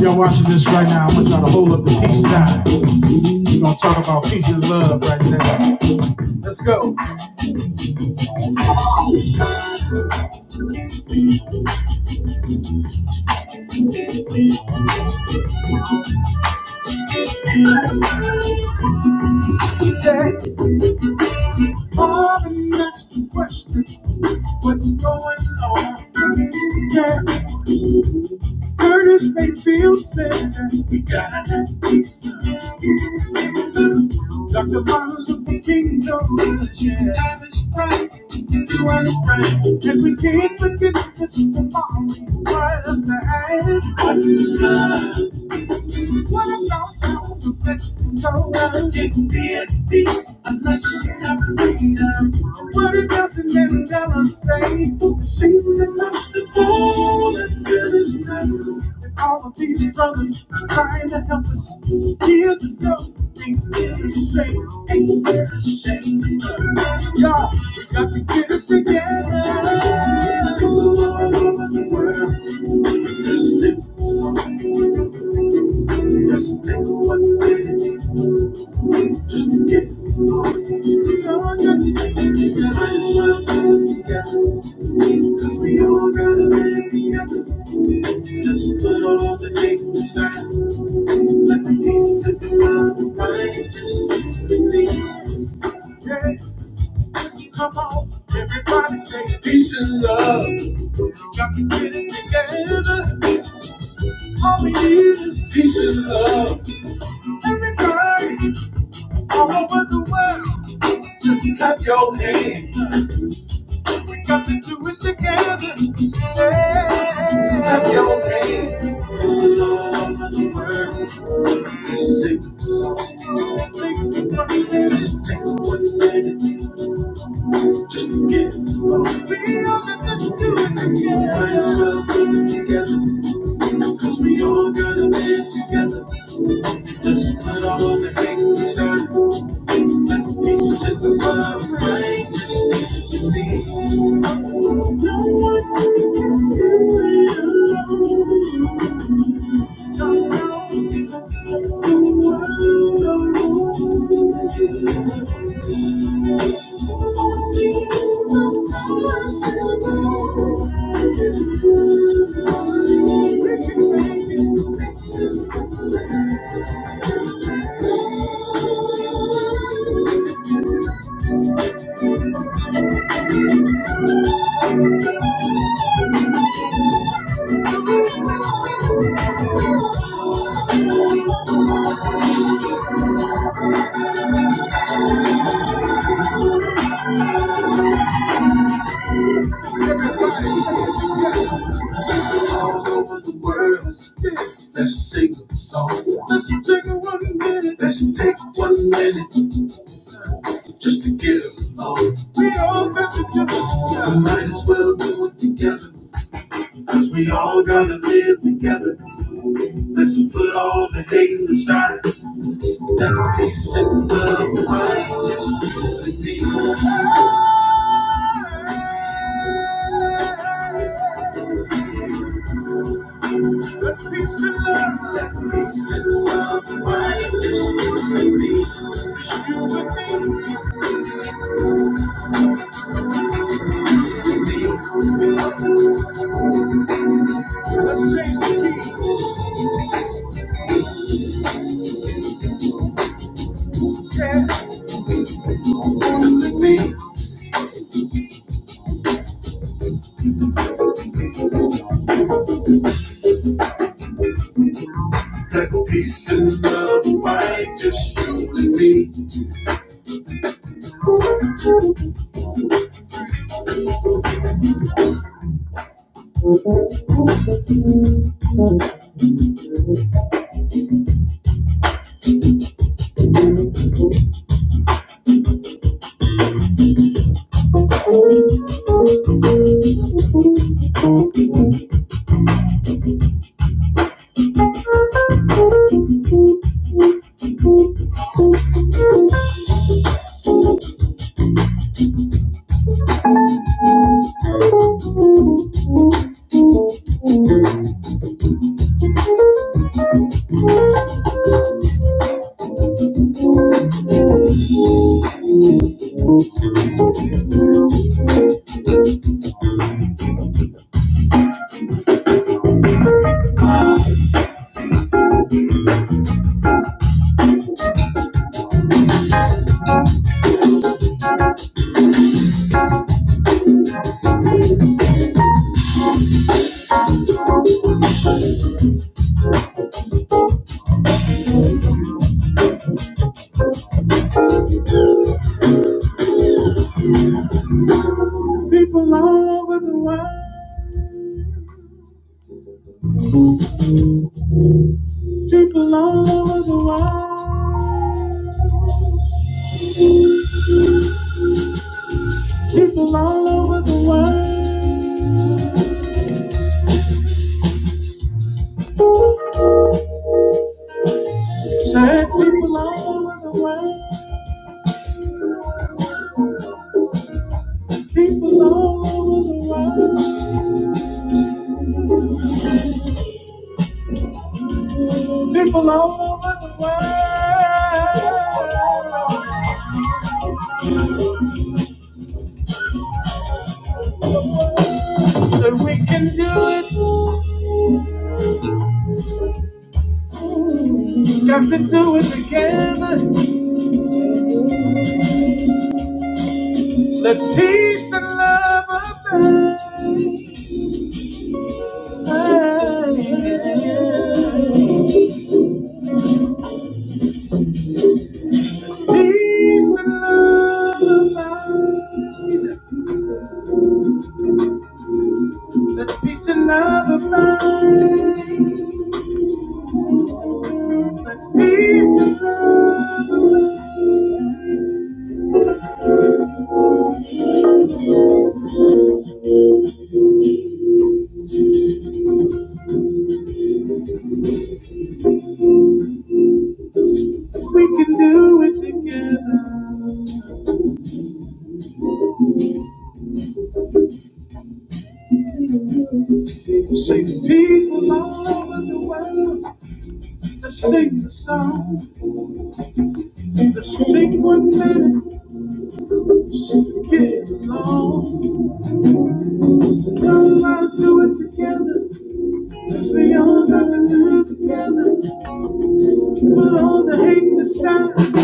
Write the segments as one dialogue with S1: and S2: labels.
S1: Y'all watching this right now, I want y'all to hold up the peace sign. We're gonna talk about peace and love right now. Let's go. Today, on the next question, what's going on? Yeah, Curtis Mayfield said we gotta have peace. Like the Martin of the kingdom, Yeah. Time is right, do and right. And we can't forget this tomorrow. Right us to have What is love, what a love, how to let you go. Well, You can't be at peace unless you have freedom. What it doesn't let it never say. Seems impossible, and it is not. And all of these brothers trying to help us. Years ago, ain't been the same. Ain't been the same. Y'all, we got to get it together. All over the world, listen, something. Just think what we just to get it. on. We all got to get it together. Might as well do it together. Cause we all gotta live together. Just put all the hate aside. Let the peace of God, the righteous, be me. Yeah, come on, everybody say peace and love. Got to get it together. All we need is peace and love. Everybody, all over the world, just clap your hands. We got to do it together. Yeah. Clap your hands. Just to get along. We all got nothing to do with it. Yeah. Might as well do it together. Cause we all gotta live together. Just put all the hate aside. Let peace in the world reign. Just the things of ourselves. We can make it. We can make it. all over the world. Let's sing a song. Let's take a one minute. Let's take one minute just to get along. We all got to do it together. We Might as well do it together. Cause we all gotta live together. Let's put all the hate aside. That peace and love might just be. That peace and love, that peace and love might just be. Let's change the key. Take a peace and love, right? Just you and me. People all over the world, people all over the world, people all over the world. Say, people all over the world, people all over the world, people all over the world. So we can do it, got to do it together. Let peace and love abound. Peace and love abound. Let peace and love abound. Let peace and love. we can do it together. Sing people all over the world. Let's sing the song. Let's take one minute just to get along. Let's do it together. Cause we all got to live together. Put all the hate aside.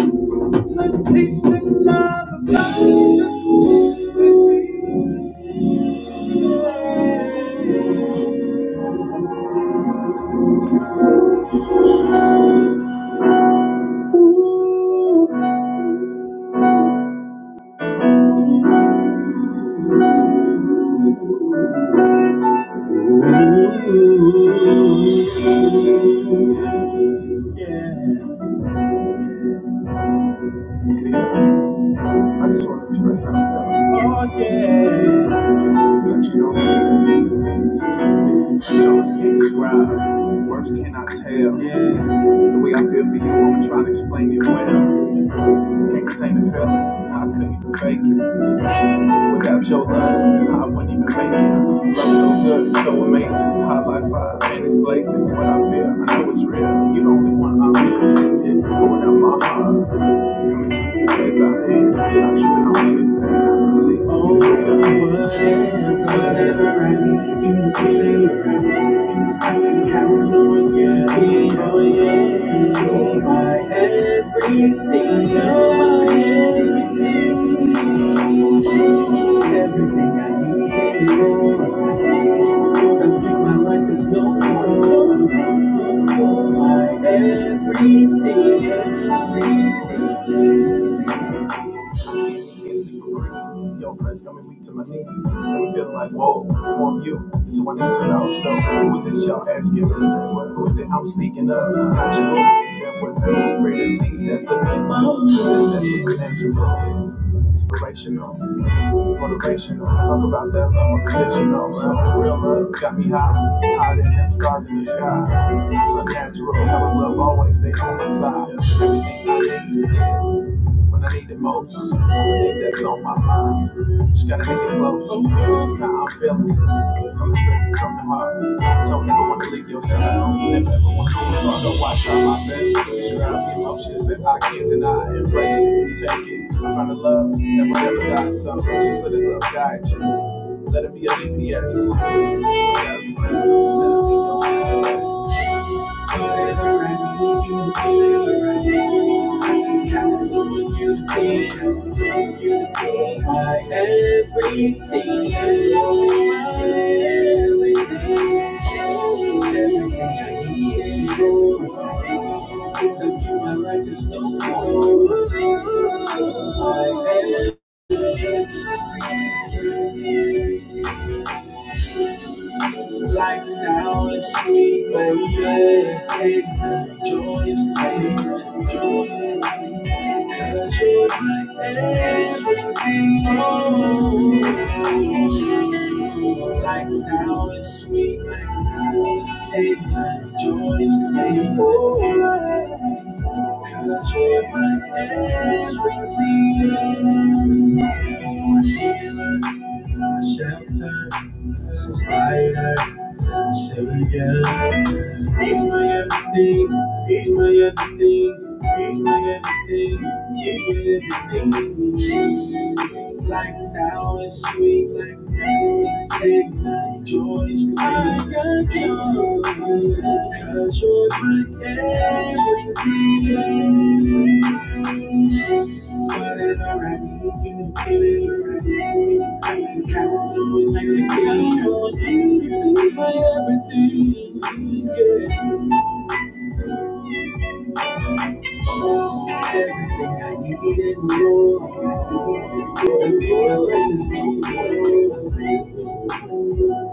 S1: Let peace and love abound. Let peace and love abound. You see, I just want to express how I'm feeling. Oh, yeah. Let you know that things Jones can't describe, words cannot tell. Yeah. The way I feel for you, I'm trying to explain it well. Can't contain the feeling, I couldn't even fake it. Without your love, I wouldn't even make it. Love so good, so amazing. High life fire, and it's blazing. What I feel, I know it's real. You are the only one I'm really tempted. Going out my heart, coming to you as I am. You're not tripping on anything. See, oh, I think my life is no more. No, no, no, no. My everything. everything. Can't sleep for real. Yo, press coming weak to my knees. And I'm feeling like, whoa, more of you. This is what I need to know. So, who is this y'all asking? Who is it, I'm speaking of? Not your Lord. See that what me? Great is He. That's the name. That's supernatural. Inspirational motivational. Talk about that love unconditional. So real love got me high, higher than them stars in the sky. It's unnatural. How is love always stay on my side? Everything I need when I need the most. Only thing that's on my mind. Just gotta make it close. This is how I'm feeling. Coming straight from the heart. Don't never want to leave your side. Never ever want to leave your heart. So I try my best to describe the emotions that I get and I embrace it. and Take it. Find the love that will never die. So just let his love guide you. Let it be a GPS. Keep that flame. Let it be your compass. Deliver me, you deliver me. You be, you be my everything. You my everything. Without you, my life is no more. My everything. Life now is sweet, oh yeah, and my joy is complete. 'Cause you're my everything. Oh, Life now is sweet. Take my joys and pain. 'Cause you're my everything my shelter, provider, a savior. He's my everything, he's my everything, he's my everything, he's my everything. Life now is sweet, and my joy is complete. I got joy, cause you're my everything. Whatever I need, you give I can count on like the count on you to be my everything. Yeah. Everything I need and more. The miracle is you.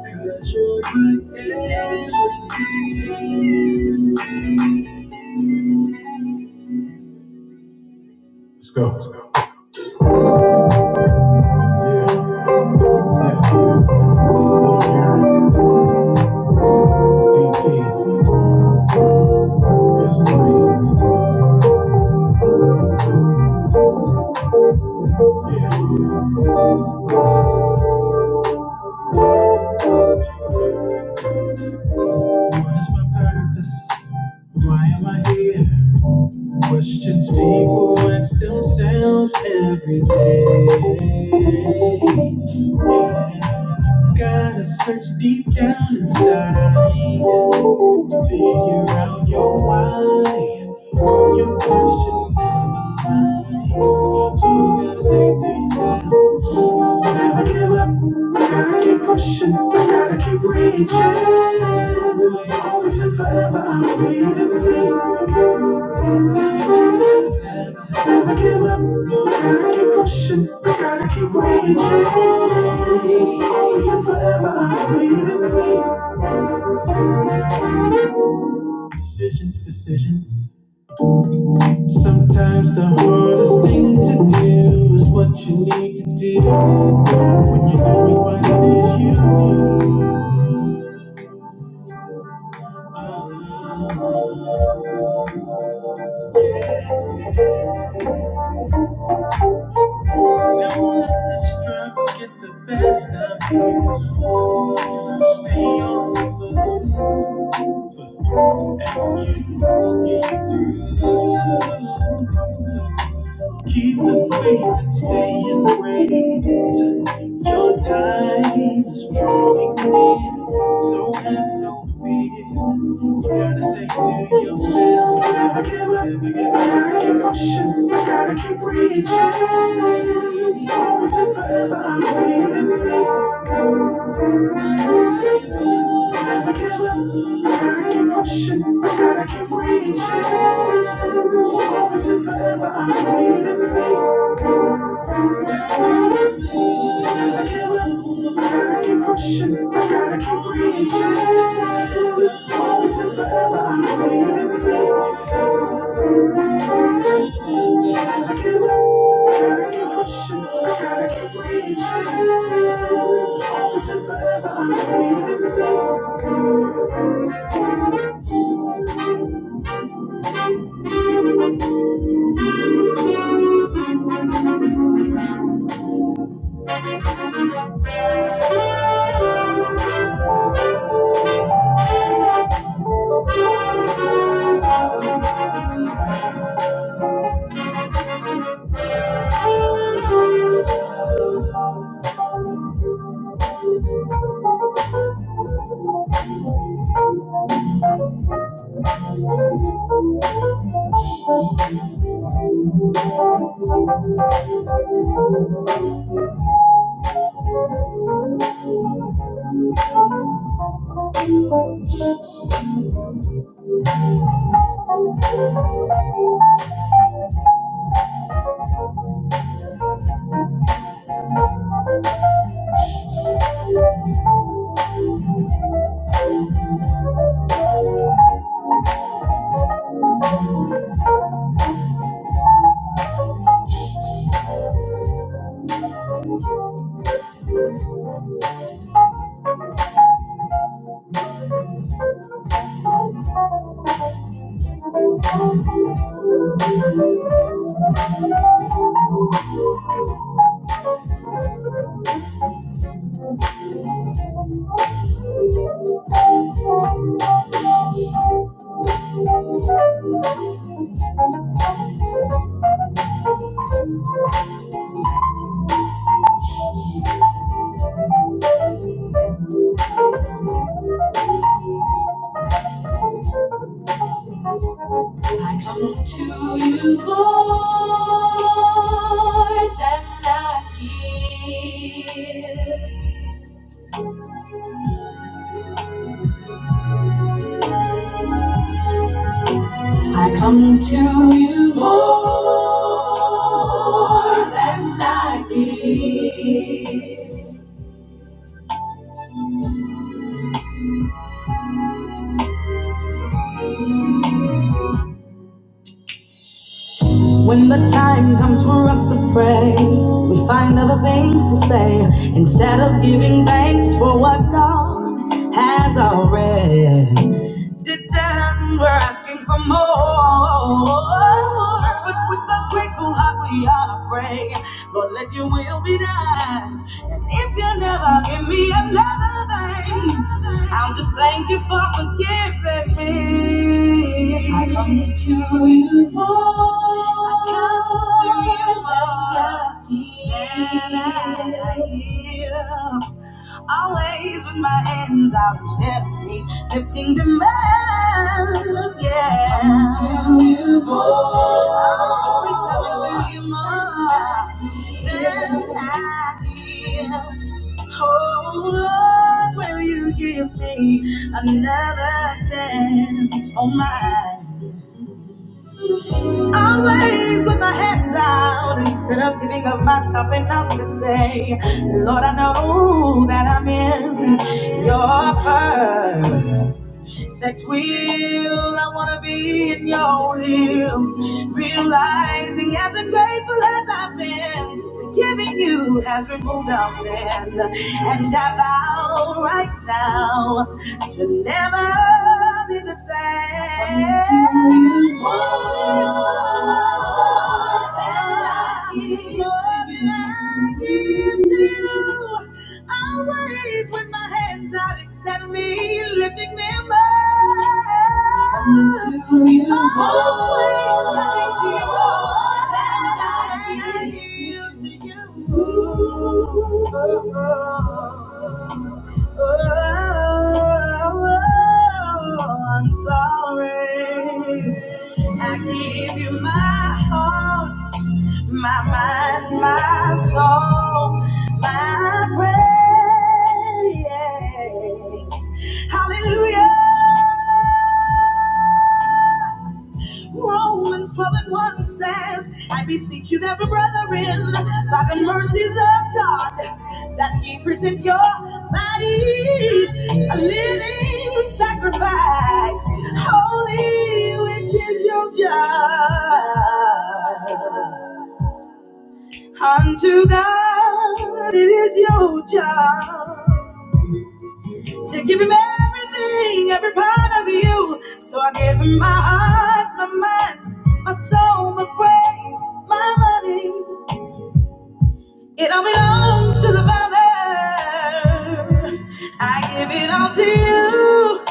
S1: Cause you're my everything. Let's go. Let's go. Yeah. Yeah. Yeah. Yeah. DP. That's three. Yeah, yeah. What is my purpose? Why am I here? Questions people ask themselves every day. Yeah. Gotta search deep down inside. to Figure out your why. Your question never lies. So you gotta say to yourself. Never give up. Gotta keep pushing. Gotta keep reaching. Always and forever, I'm breathing, breathing. Never give up. No, gotta keep pushing. Gotta keep reaching. Always and forever, I'm breathing, breathing. Decisions, decisions. Sometimes the hardest thing to do is what you need to do when you're doing what it is you do. Ah. Don't let the struggle get the best of you. Stay on the move, and you will get through. Keep the faith and stay in grace. Your time is drawing near, so have no fear. You Gotta say to yourself, never give up, never give up. Gotta keep pushing, gotta keep reaching. Always and forever, I believe in me. Never give up, gotta keep pushing, gotta keep reaching. Always and forever, I believe in me. Never give up, gotta keep pushing, gotta keep reaching. Always and forever, I believe in me. Never give up, gotta keep pushing, gotta keep reaching. Always and forever, I believe in me. I come to you, Lord, that's not here. I come to you, Lord, that's not here. When the time comes for us to pray, we find other things to say instead of giving thanks for what God has already did ten, we're asking for more. But with a grateful heart we are praying, Lord, let your will be done. And if you never give me another thing, I'll just thank you for forgiving me. I come to you, Lord. I come to you, Lord. Than I give. Always with my hands out gently lifting demand. Yeah. Coming to you more. Always coming to you more than I give. Oh Lord, will you give me another chance? Oh my. I wave with my hands out instead of giving up myself enough to say, Lord, I know that I'm in your purpose. That will, I wanna be in your will. Realizing as a graceful as I've been, giving you has removed our sin. And I vow right now to never be the same. Until you more than I give to you. I'll wave with my hands out, extend me, lifting them up. Coming to you, always coming to you, and I yield to you. Ooh, oh, oh, oh, oh, oh, I'm sorry. I give you my heart my mind, my soul, my praise. Hallelujah. Romans 12 and 1 says, I beseech you, therefore, brethren, by the mercies of God, that ye present your bodies a living sacrifice, holy, which is your just. Unto God, it is your job to give Him everything, every part of you. So I give Him my heart, my mind, my soul, my praise, my money. It all belongs to the Father. I give it all to you.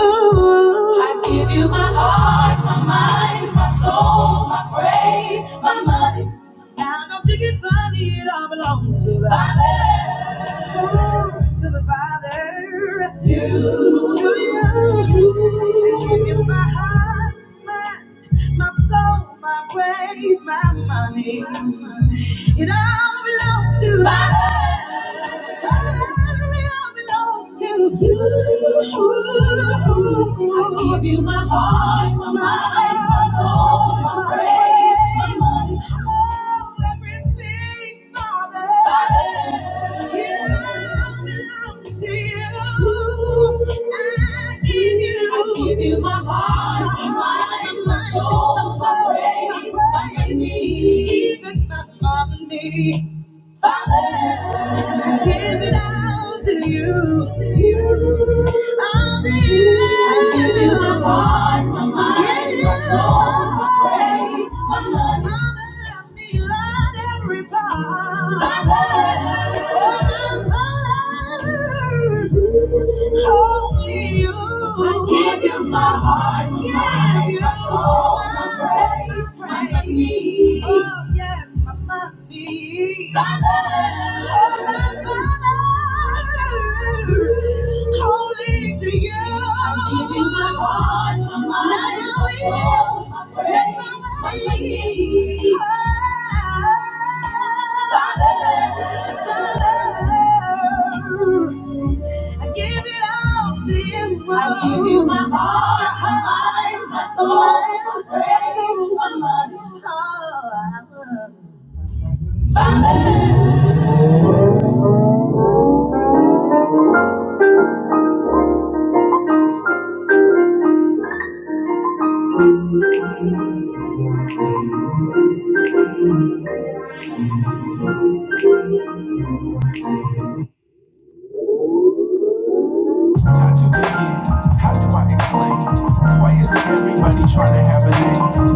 S1: Ooh. I give you my heart, my mind, my soul, my praise, my money. Now don't you get funny, it all belongs to the Father. Ooh, To the Father. You. To you. I give you my heart, my, my soul, my praise, my money. It all belongs to the Father. Father belongs to you. I give you my heart, my mind, my soul, my praise, my money, all everything, Father. Father, it belongs to you. I give you, I give you my heart, my mind, my soul, my praise, my money, even my family. Father, I give it all to you. You, I'll I give you my heart, my mind, my soul, my praise, my money. Father, I'm glad every time. Father, oh my Father, only you. I give you my heart, my mind, my soul, my praise, my money. Oh yes, my mind. Father, I give it all to you. I give you my heart, my mind, my soul, my praise, my money. Family. Tattoo again. How do I explain? Why is everybody trying to have a name?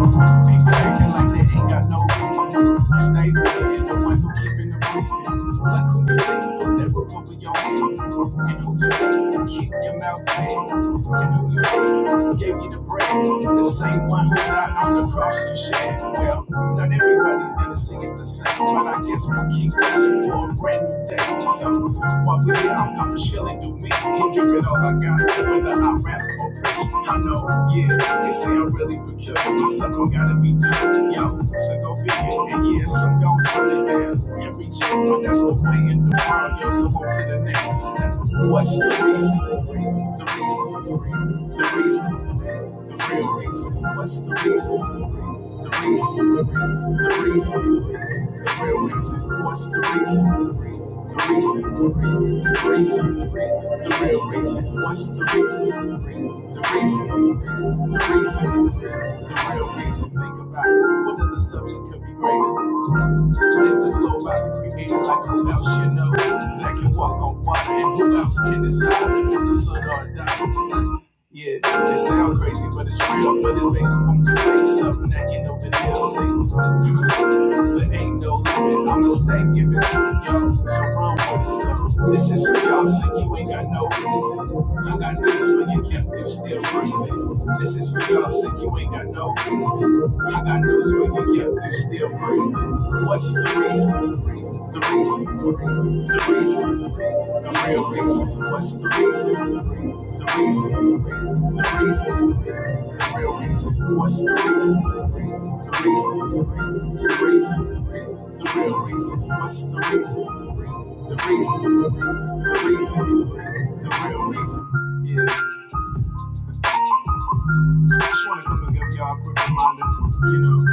S1: People acting like they ain't got no reason. Stay free and the one who keeping the reading. Like who you think put that roof over your head? And who you think keep your mouth clean. And who you think gave you the bread? The same one who died on the cross you shed. saying, Well, not everybody's gonna sing it the same, but I guess we'll keep pushing for a brand new day. So, while we're here, I'm gonna chill and do me and give it all I got, whether I rap or preach. I know, yeah, they say I'm really peculiar, but something gotta be done. Yo, so go figure, and yeah, some gon' turn it down and reject, but that's the way in the world, yo, so on to the next. What's the reason? The reason, the reason, the reason. the reason. The real reason. What's the reason? The reason. The reason. The reason. The real reason. What's the reason? The reason. The reason. The reason. The reason. The real reason. What's the reason? The reason. The reason. The reason. The real reason. Think about it. What if the subject could be greater? Get to flow about the creator like who else you know that can walk on water and who else can decide if it's a son or a daughter. Yeah, it sound crazy, but it's real. But it's based on the faith, something that you know the DLC. there ain't no limit. I'm a stay giving to y'all, so wrong with it. So this is for y'all, so you ain't got no reason. I got news for you, kept you still breathing. This is for y'all, so you ain't got no I got news for you, yeah, you still breathing. What's the reason? The reason, the reason, the reason. The real reason. What's the reason? The reason, the reason, the reason, the real reason. What's the reason? The reason, the reason, the reason, the real reason. What's the reason? The reason, the reason, the reason, the real reason. Yeah, I just wanna come and give y'all a quick reminder, you know.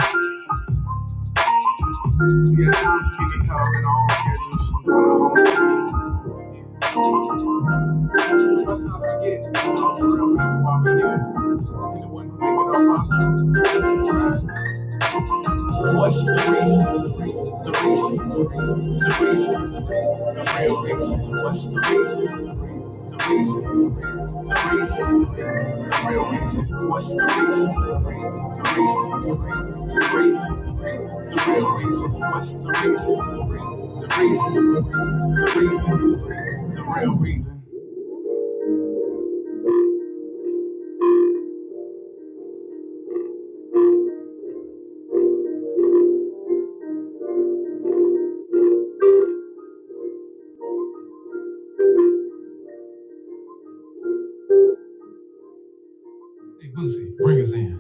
S1: See, at times you can get caught up in our own schedules, doing our own thing. Let's not forget, you know, the real reason why we're here, and the ones who make it all possible. right? What's the reason? The reason, the reason, the reason, the reason, the real reason. What's the reason? The reason, the reason, the reason, the reason, the real reason. What's the reason? The reason, the reason, the reason, the reason, the reason, the real reason. What's the reason? The reason, the reason, the reason, the reason, the real reason. Hey, Boosie, bring us in.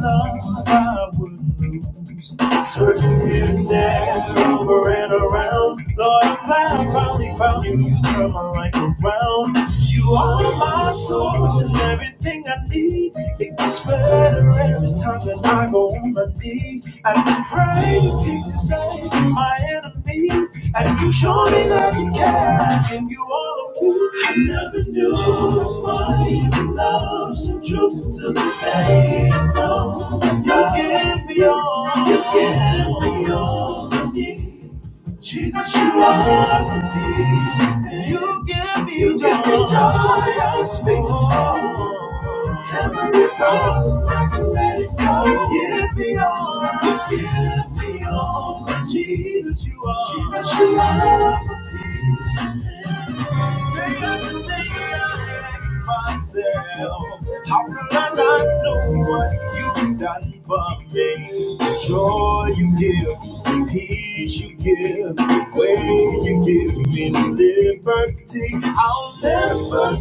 S1: love I would lose. Searching here and there, over and around. Lord, i I finally found you. You turn my life around. You are my source and everything I need. It gets better every time that I go on my knees. I Praise you save my enemies, and you show me that you care, and you all of me. I never knew why you love so true to the faithful. You give me all, you give me all. I need. Jesus, you are the peace within. You give me you joy. give me joy unspeakable. Every thought I can let it go. You give me all. You give me all. Jesus, you are. Jesus, you are the peace. within. Myself. How could I not know what you've done for me? The Joy you give, the peace you give, the way you give me liberty. I'll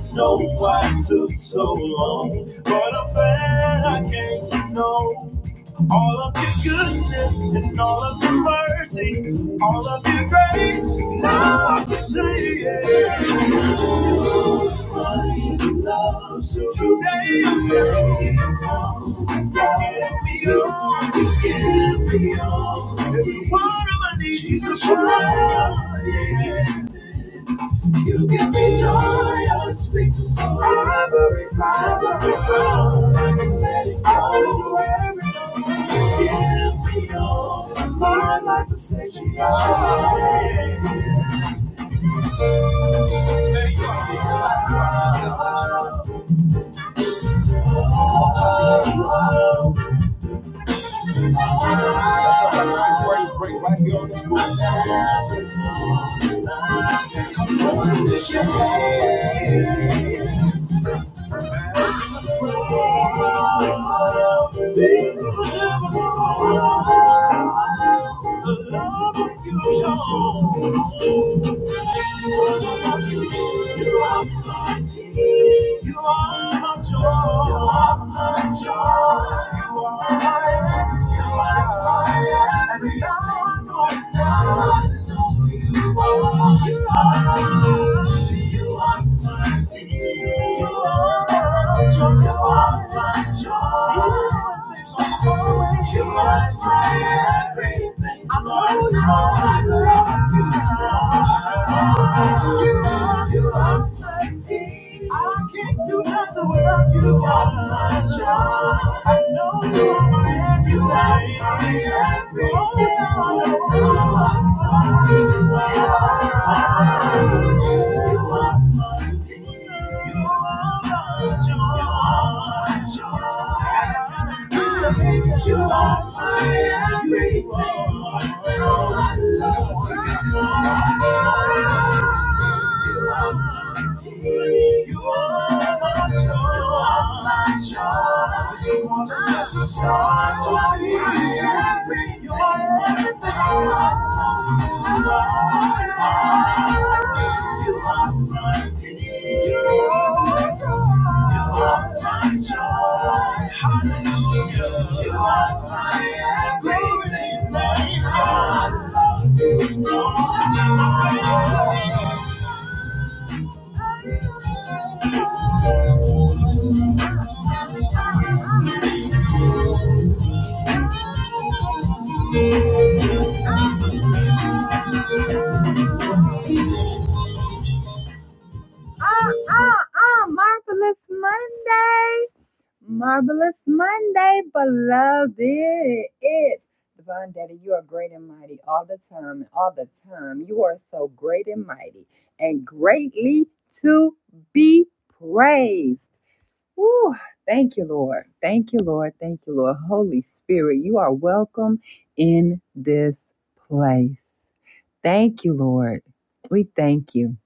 S1: never know why it took so long, but I'm glad I came to know. All of your goodness and all of your mercy, all of your grace, now I can see it loves you today. you Give me all, you give me all. Every part of my need, Jesus Christ. You give me joy, unspeakable. Every cloud, every crown, I can let it go. Every give me all. My life is safe, Jesus I trust you, salvation. That's how I can praise break right here on this groove. You are my I can't do nothing without you. You are my joy. I know you are my everything. You are my everything. You are my love. You are my joy. You are my joy. This is more than just a song to me. You are everything I want. You are my peace. You are my joy. You are my joy. Hallelujah. You are my everything, my God. in this place. Thank you, Lord. We thank you.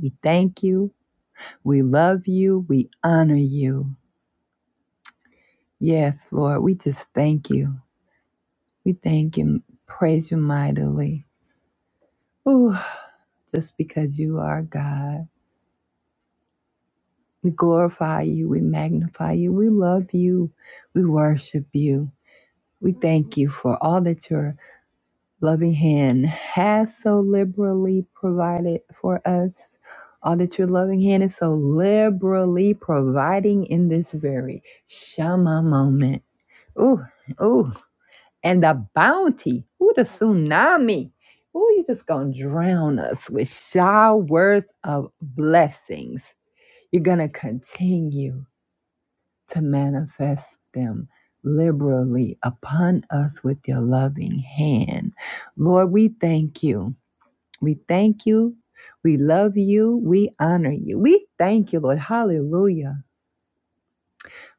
S1: We thank you. We love you. We honor you. Yes, Lord, we just thank you. We thank you. Praise you mightily. Ooh, just because you are God. We glorify you. We magnify you. We love you. We worship you. We thank you for all that your loving hand has so liberally provided for us. All that your loving hand is so liberally providing in this very Shema moment. Ooh, ooh. And the bounty. Ooh, the tsunami. Ooh, you're just going to drown us with showers of blessings. You're going to continue to manifest them liberally upon us with your loving hand. Lord, we thank you. We thank you. We love you. We honor you. We thank you, Lord. Hallelujah.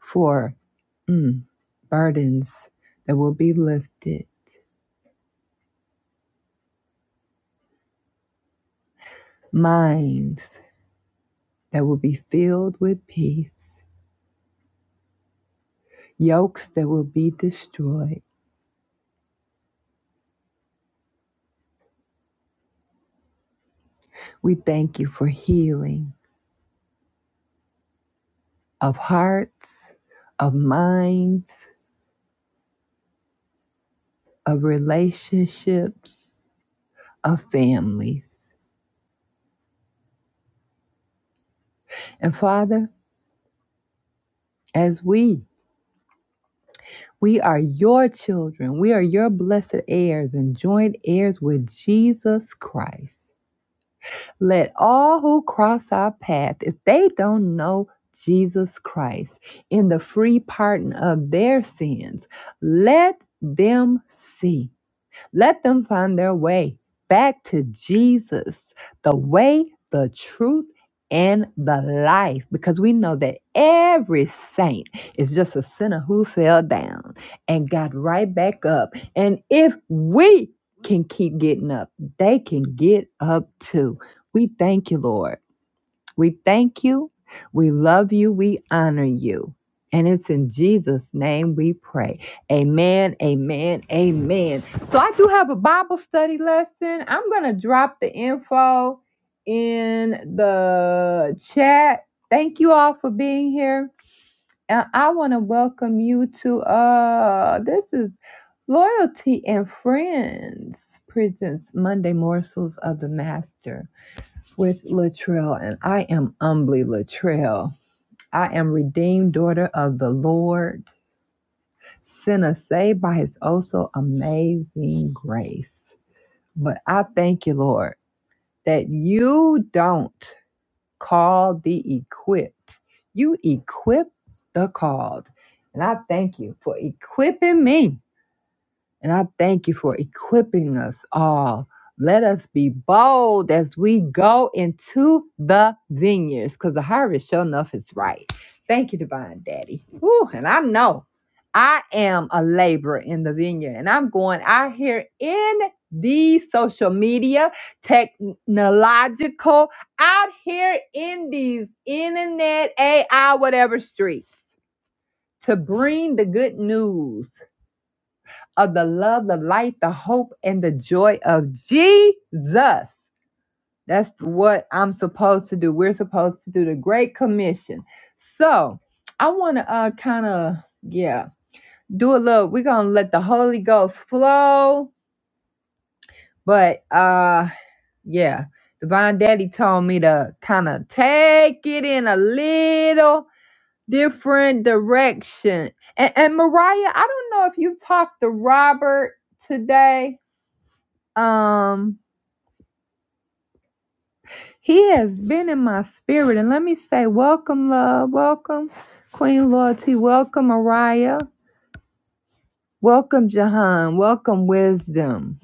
S1: For mm, burdens that will be lifted, minds that will be filled with peace, yokes that will be destroyed. We thank you for healing of hearts, of minds, of relationships, of families. And Father, as we We are your children. We are your blessed heirs and joint heirs with Jesus Christ. Let all who cross our path, if they don't know Jesus Christ in the free pardon of their sins, let them see let them find their way back to Jesus, the way, the truth, and the life, because we know that every saint is just a sinner who fell down and got right back up. And if we can keep getting up, they can get up too. We thank you, Lord. We thank you. We love you. We honor you. And it's in Jesus' name we pray. Amen, amen, amen. So I do have a Bible study lesson. I'm going to drop the info in the chat. Thank you all for being here. And I want to welcome you to uh this is Loyalty and Friends presents Monday Morsels of the Master with Latrell, and I am humbly Latrell. I am redeemed daughter of the Lord, sinner saved by his also amazing grace. But I thank you, Lord, that you don't call the equipped. You equip the called. And I thank you for equipping me And I thank you for equipping us all. Let us be bold as we go into the vineyards because the harvest, sure enough, is right. Thank you, Divine Daddy. Woo, and I know I am a laborer in the vineyard, and I'm going out here in the social media, technological, out here in these internet, AI, whatever streets to bring the good news of the love, the light, the hope, and the joy of Jesus. That's what I'm supposed to do. We're supposed to do the Great Commission. So I want to uh, kind of, yeah, do a little. We're going to let the Holy Ghost flow. But uh, yeah, Divine Daddy told me to kind of take it in a little different direction. And, and Mariah, I don't know if you talked to Robert today Um, he has been in my spirit, and let me say, welcome, love, welcome, Queen Loyalty, welcome, Mariah, welcome, Jahan, welcome, Wisdom,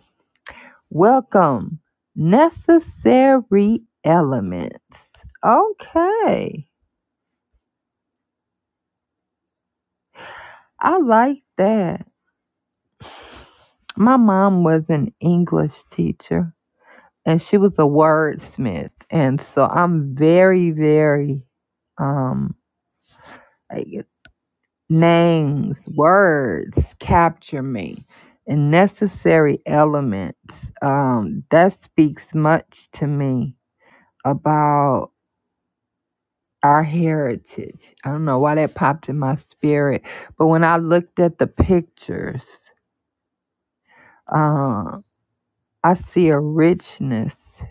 S1: welcome, Necessary Elements. Okay, I like that. My mom was an English teacher, and she was a wordsmith, and so I'm very, very um Names, words capture me, and necessary elements. Um, that speaks much to me about our heritage. I don't know why that popped in my spirit, but when I looked at the pictures, um, I see a richness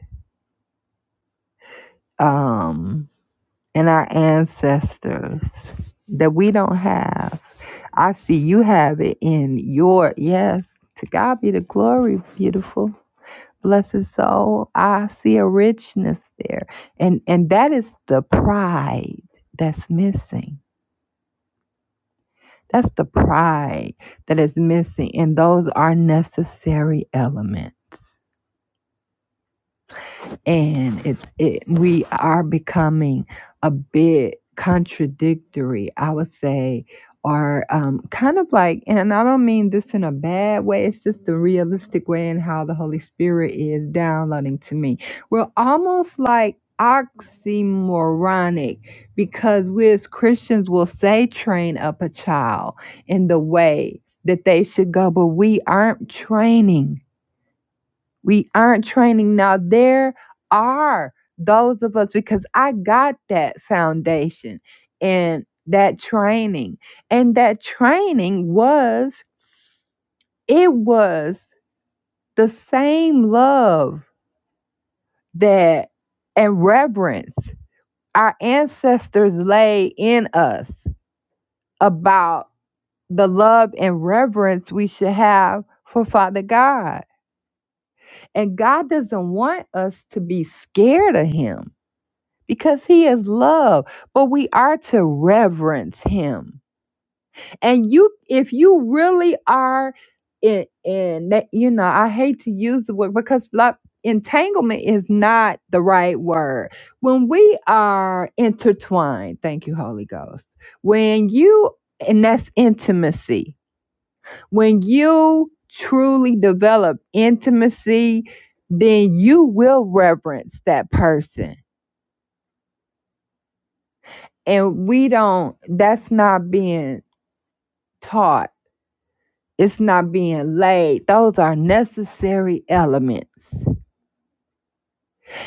S1: um, in our ancestors that we don't have. I see you have it in your, yes, to God be the glory, beautiful. bless his soul i see a richness there and and that is the pride that's missing that's the pride that is missing and those are necessary elements and it's it we are becoming a bit contradictory i would say or um, kind of like and i don't mean this in a bad way it's just the realistic way in how the holy spirit is downloading to me we're almost like oxymoronic because we as christians will say train up a child in the way that they should go but we aren't training we aren't training. Now, there are those of us because I got that foundation and that training. And that training was, it was the same love that and reverence our ancestors lay in us about the love and reverence we should have for Father God. And God doesn't want us to be scared of Him. because he is love but we are to reverence him and you if you really are in in that you know i hate to use the word because like entanglement is not the right word when we are intertwined thank you holy ghost when you and that's intimacy when you truly develop intimacy then you will reverence that person and we don't that's not being taught it's not being laid those are necessary elements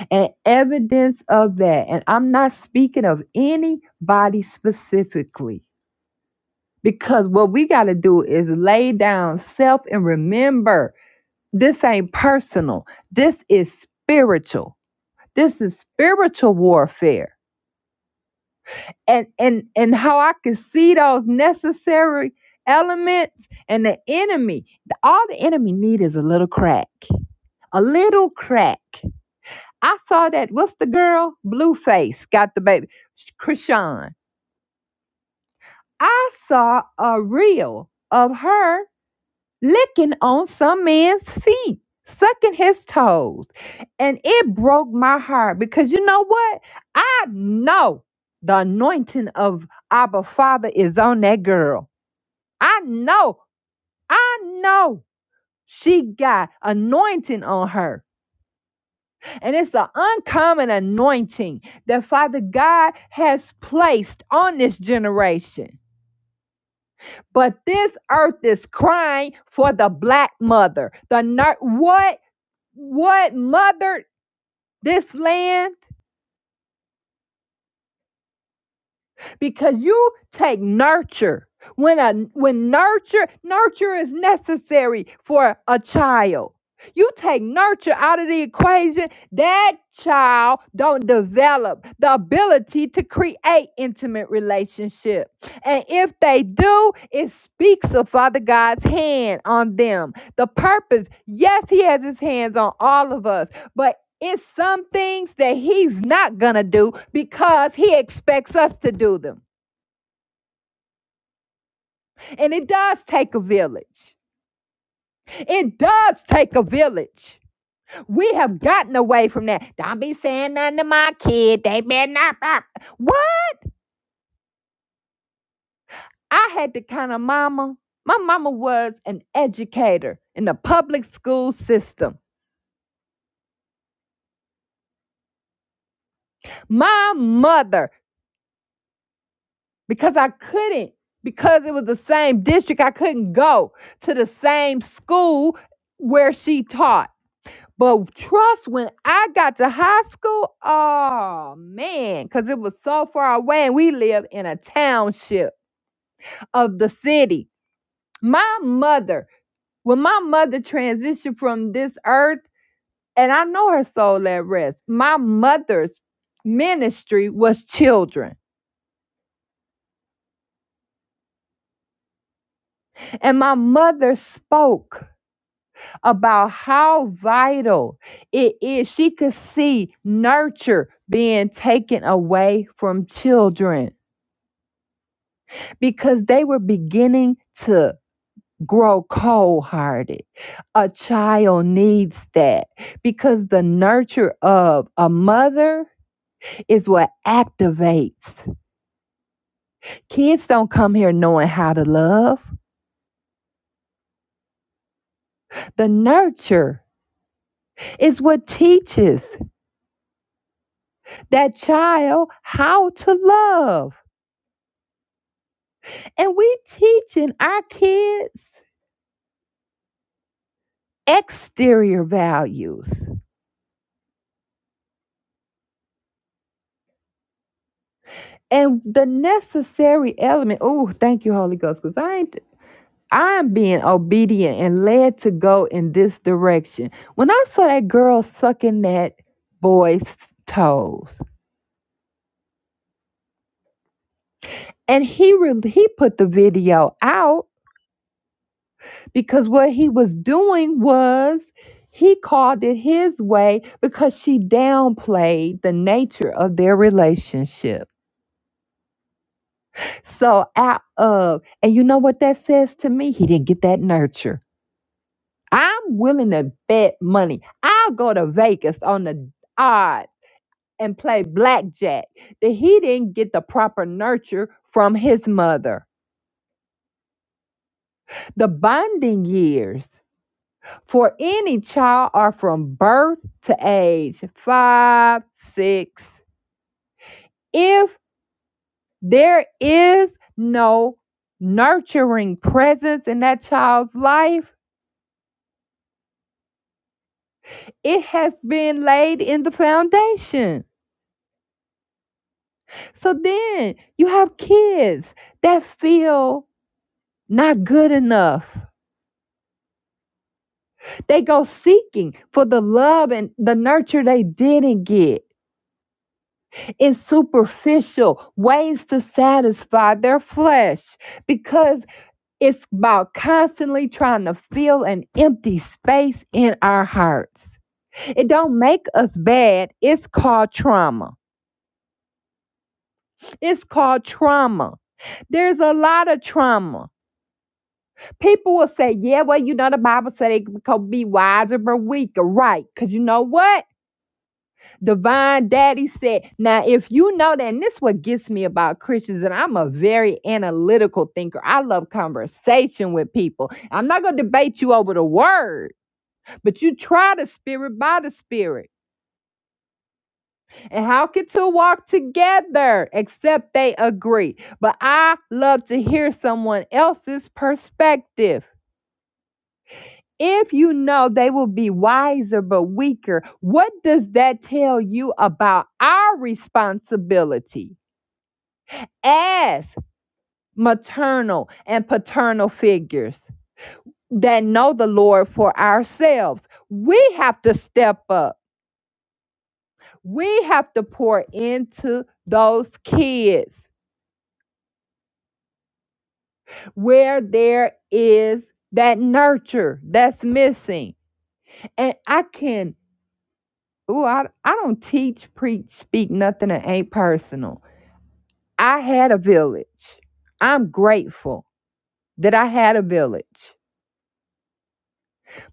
S1: and evidence of that and i'm not speaking of anybody specifically because what we got to do is lay down self and remember this ain't personal this is spiritual this is spiritual warfare and and and how I could see those necessary elements and the enemy. All the enemy need is a little crack, a little crack. I saw that. What's the girl? Blueface got the baby. Krishan. I saw a reel of her licking on some man's feet, sucking his toes, and it broke my heart because you know what? I know the anointing of Abba Father is on that girl. I know, I know she got anointing on her. And it's an uncommon anointing that Father God has placed on this generation. But this earth is crying for the black mother. The nar- what what mothered this land? because you take nurture when a when nurture nurture is necessary for a child you take nurture out of the equation that child don't develop the ability to create intimate relationship and if they do it speaks of father god's hand on them the purpose yes he has his hands on all of us but it's some things that he's not going to do because he expects us to do them. And it does take a village. It does take a village. We have gotten away from that. Don't be saying nothing to my kid. They better not. not- What? I had the kind of mama. My mama was an educator in the public school system. My mother because I couldn't because it was the same district. I couldn't go to the same school where she taught. But trust when I got to high school, oh man, because it was so far away and we live in a township of the city. My mother, when my mother transitioned from this earth, and I know her soul at rest, my mother's ministry was children. And my mother spoke about how vital it is. She could see nurture being taken away from children because they were beginning to grow cold hearted. A child needs that because the nurture of a mother is what activates. Kids don't come here knowing how to love. The nurture is what teaches that child how to love. And we teaching our kids exterior values and the necessary element. Oh, thank you, Holy Ghost, because I ain't I'm being obedient and led to go in this direction. When I saw that girl sucking that boy's toes, and he re- he put the video out because what he was doing was he called it his way because she downplayed the nature of their relationship So out of, and you know what that says to me? He didn't get that nurture. I'm willing to bet money. I'll go to Vegas on the odd and play blackjack that he didn't get the proper nurture from his mother. The bonding years for any child are from birth to age five, six. If there is no nurturing presence in that child's life, it has been laid in the foundation. So then you have kids that feel not good enough. They go seeking for the love and the nurture they didn't get in superficial ways to satisfy their flesh because it's about constantly trying to fill an empty space in our hearts. It don't make us bad, it's called trauma. It's called trauma. There's a lot of trauma. People will say, yeah, well, you know, the Bible said they could be wiser but weaker. Right. Because you know what? Divine Daddy said, now, if you know that, and this is what gets me about Christians, and I'm a very analytical thinker. I love conversation with people. I'm not going to debate you over the word, but you try the spirit by the spirit. And how can two walk together except they agree? But I love to hear someone else's perspective. If you know they will be wiser but weaker, what does that tell you about our responsibility as maternal and paternal figures that know the Lord for ourselves? We have to step up, we have to pour into those kids where there is that nurture that's missing. And I can, ooh, I, I don't teach, preach, speak nothing that ain't personal. I had a village. I'm grateful that I had a village.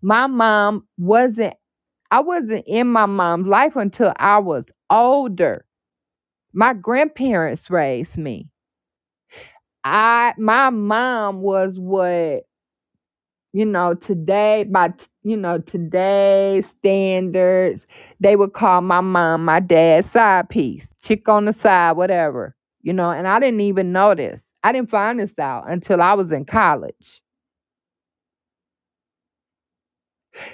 S1: My mom wasn't, I wasn't in my mom's life until I was older. My grandparents raised me. I my mom was what you know, today, by, t- you know, today's standards, they would call my mom my dad's side piece, chick on the side, whatever, you know, and I didn't even know this. I didn't find this out until I was in college.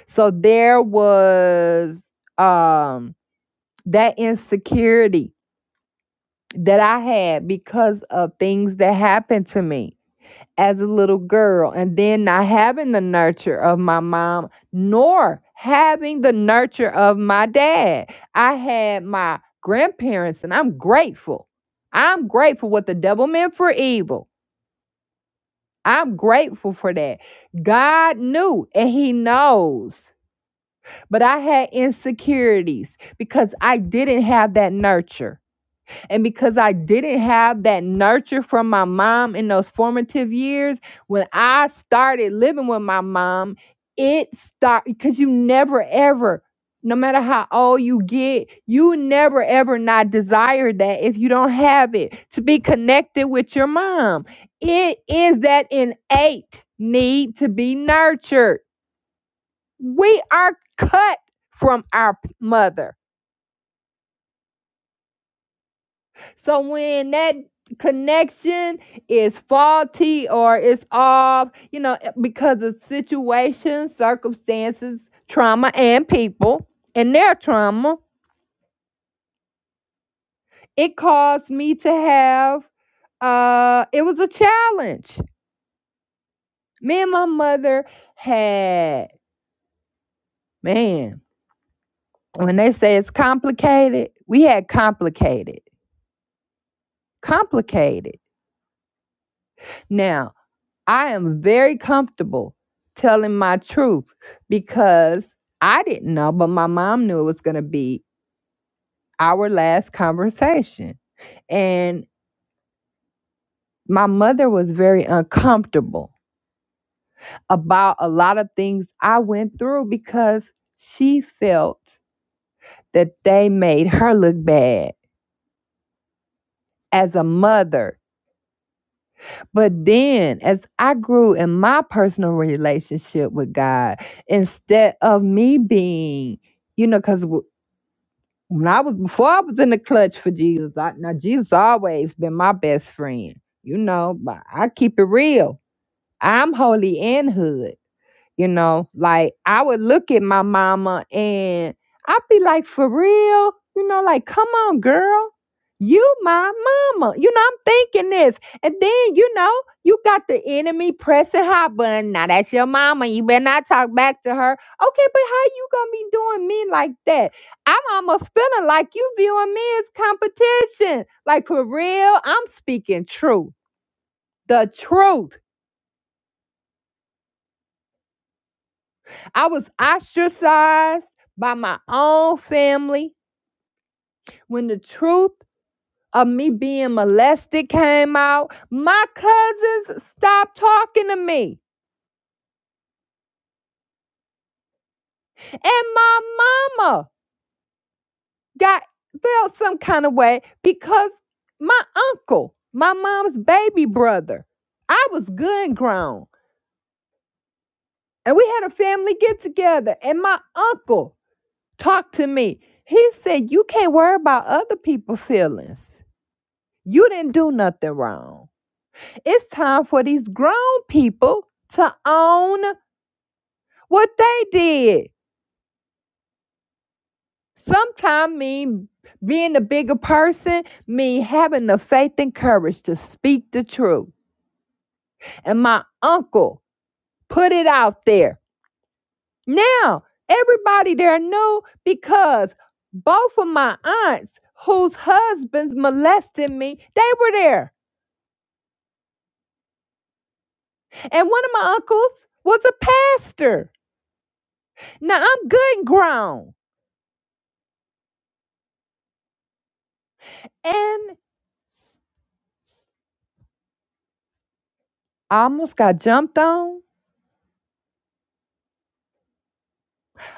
S1: So there was um, that insecurity that I had because of things that happened to me. as a little girl and then not having the nurture of my mom nor having the nurture of my dad. I had my grandparents and I'm grateful. I'm grateful what the devil meant for evil. I'm grateful for that. God knew and he knows. But I had insecurities because I didn't have that nurture. And because I didn't have that nurture from my mom in those formative years, when I started living with my mom, it started because you never ever, no matter how old you get, you never ever not desire that if you don't have it to be connected with your mom. It is that innate need to be nurtured. We are cut from our mother So when that connection is faulty or it's off, you know, eh, because of situations, circumstances, trauma, and people and their trauma, it caused me to have uh it was a challenge. Me and my mother had man, when they say it's complicated, we had complicated. Complicated. Now, I am very comfortable telling my truth because I didn't know, but my mom knew it was going to be our last conversation. And my mother was very uncomfortable about a lot of things I went through because she felt that they made her look bad as a mother. But then, as I grew in my personal relationship with God, instead of me being you know, because When I was before I was in the clutch for Jesus, I now Jesus always been my best friend, you know. But I keep it real. I'm holy and hood. You know, like I would look at my mama and I'd be like, for real? You know, like, come on, girl. You my mama. You know, I'm thinking this. And then, you know, you got the enemy pressing hot button. Now that's your mama. You better not talk back to her. Okay, but how you gonna be doing me like that? I'm almost feeling like you viewing me as competition. Like for real, I'm speaking truth. The truth. I was ostracized by my own family when the truth of me being molested came out. My cousins stopped talking to me, and my mama got felt some kind of way because my uncle, my mom's baby brother, I was good and grown, and we had a family get together, and my uncle talked to me. He said, "You can't worry about other people's feelings." You didn't do nothing wrong. It's time for these grown people to own what they did. Sometimes mean being the bigger person mean having the faith and courage to speak the truth. And my uncle put it out there. Now everybody there knew because both of my aunts whose husbands molested me, they were there. And one of my uncles was a pastor. Now I'm good and grown. and I almost got jumped on.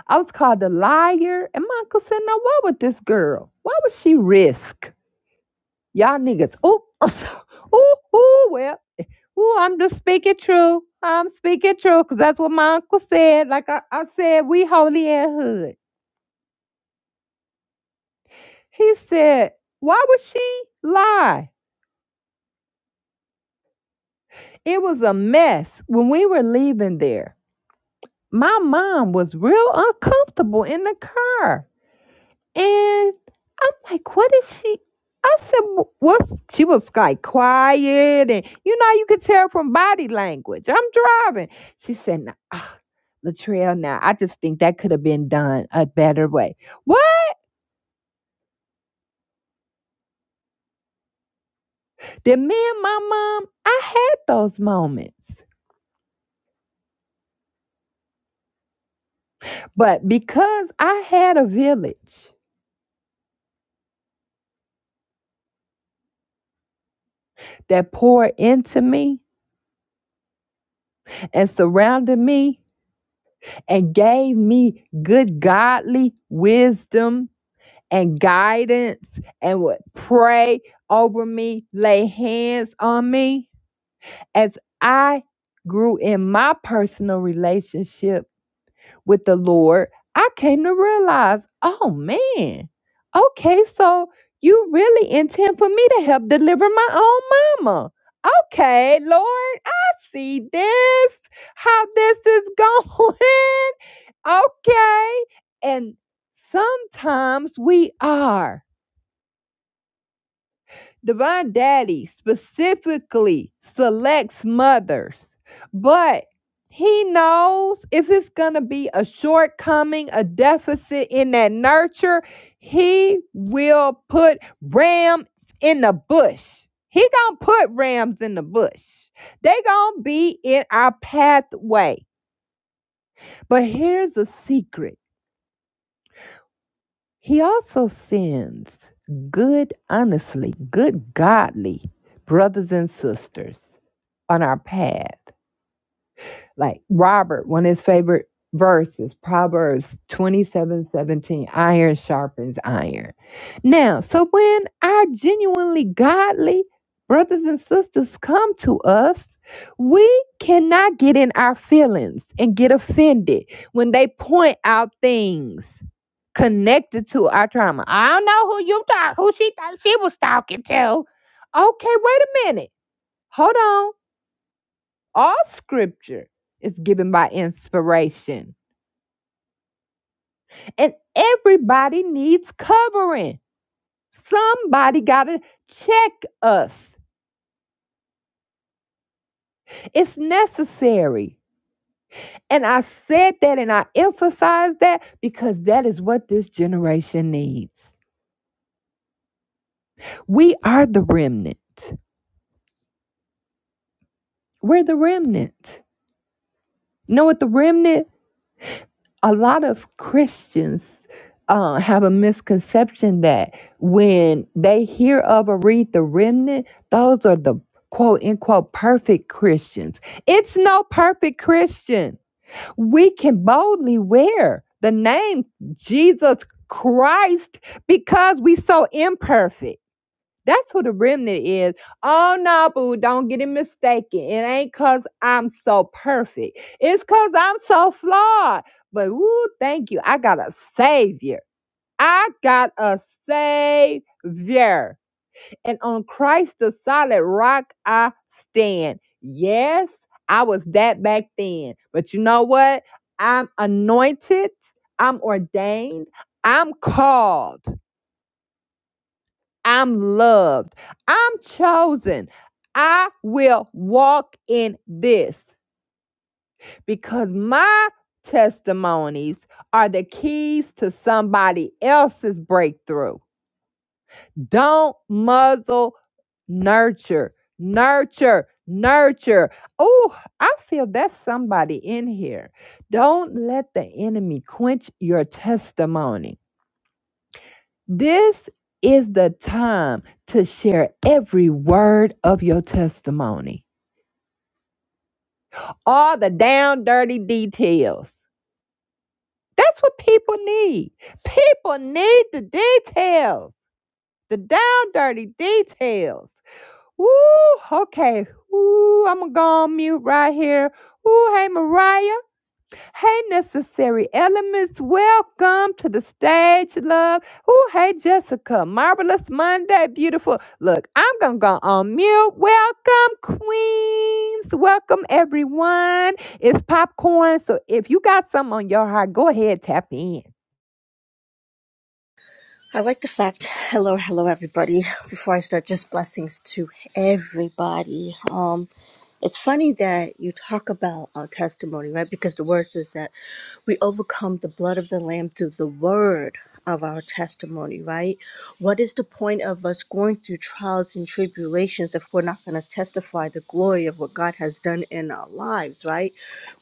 S1: I was called a liar. And my uncle said, Now, what would this girl? What would she risk? Y'all niggas. Oh, I'm so, ooh, ooh, well, ooh, I'm just speaking true. I'm speaking true because that's what my uncle said. Like I, I said, we holy and hood. He said, Why would she lie? It was a mess when we were leaving there. My mom was real uncomfortable in the car. And I'm like, what is she? I said, "Wh- what's she was like quiet and you know you could tell from body language. I'm driving. She said, nah, ah, Latrell, now I just think that could have been done a better way. What? Then me and my mom, I had those moments. But because I had a village that poured into me and surrounded me and gave me good godly wisdom and guidance and would pray over me, lay hands on me. As I grew in my personal relationship with the Lord, I came to realize, oh man, okay, so you really intend for me to help deliver my own mama. Okay, Lord, I see this, how this is going. Okay. And sometimes we are. Divine Daddy specifically selects mothers, but he knows if it's going to be a shortcoming, a deficit in that nurture, he will put rams in the bush. He going to put rams in the bush. They going to be in our pathway. But here's a secret. He also sends good, honestly, good, godly brothers and sisters on our path. Like Robert, one of his favorite verses, Proverbs twenty-seven seventeen: iron sharpens iron. Now, so when our genuinely godly brothers and sisters come to us, we cannot get in our feelings and get offended when they point out things connected to our trauma. I don't know who you thought who she thought she was talking to. Okay, wait a minute. Hold on. All scripture is given by inspiration. And everybody needs covering. Somebody gotta check us. It's necessary. And I said that and I emphasized that because that is what this generation needs. We are the remnant. We're the remnant. You know what the remnant a lot of Christians uh, have a misconception that when they hear of or read the remnant, those are the quote unquote perfect Christians. It's no perfect Christian. We can boldly wear the name Jesus Christ because we so imperfect. That's who the remnant is. Oh no, boo, don't get it mistaken. It ain't cause I'm so perfect. It's cause I'm so flawed. But woo, thank you. I got a savior. I got a savior. And on Christ the solid rock I stand. Yes, I was that back then. But you know what? I'm anointed. I'm ordained. I'm called. I'm loved. I'm chosen. I will walk in this because my testimonies are the keys to somebody else's breakthrough. Don't muzzle, nurture, nurture, nurture. Oh, I feel that's somebody in here. Don't let the enemy quench your testimony This is the time to share every word of your testimony, all the down dirty details. That's what people need. People need the details, the down dirty details. Woo, okay. Ooh, I'm gonna go on mute right here. Ooh, hey, Mariah. Hey, necessary elements, welcome to the stage, love. Oh, hey, Jessica, marvelous Monday, beautiful. Look, I'm gonna go on mute. Welcome, queens. Welcome, everyone. It's popcorn, so if you got something on your heart, go ahead, tap in.
S2: I like the fact, hello, hello, everybody. Before I start, just blessings to everybody. Um, it's funny that you talk about our testimony, right? Because the word says that we overcome the blood of the Lamb through the word of our testimony, right? What is the point of us going through trials and tribulations if we're not going to testify the glory of what God has done in our lives, right?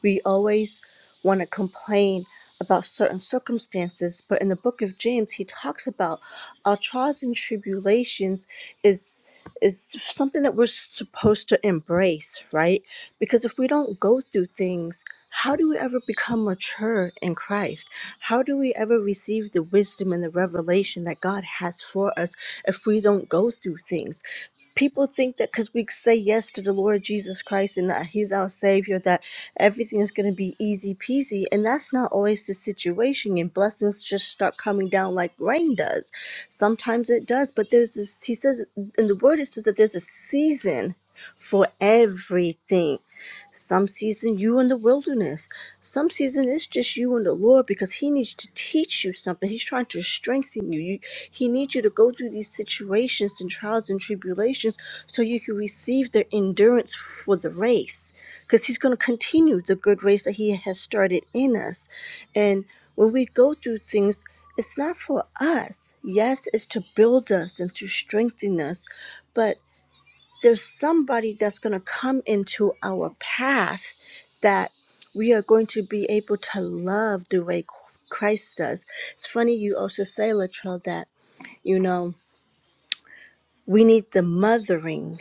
S2: We always want to complain about certain circumstances, but in the book of James, he talks about our trials and tribulations is is something that we're supposed to embrace, right? Because if we don't go through things, how do we ever become mature in Christ? How do we ever receive the wisdom and the revelation that God has for us if we don't go through things? people think that because we say yes to the Lord Jesus Christ and that He's our Savior, that everything is going to be easy peasy. And that's not always the situation. And blessings just start coming down like rain does. Sometimes it does, but there's this, He says, in the Word, it says that there's a season for everything. Some season you in the wilderness. Some season it's just you and the Lord because He needs to teach you something. He's trying to strengthen you. you he needs you to go through these situations and trials and tribulations so you can receive the endurance for the race. Because He's going to continue the good race that He has started in us. And when we go through things, it's not for us. Yes, it's to build us and to strengthen us. but there's somebody that's going to come into our path that we are going to be able to love the way Christ does. It's funny you also say, Latrell, that, you know, we need the mothering,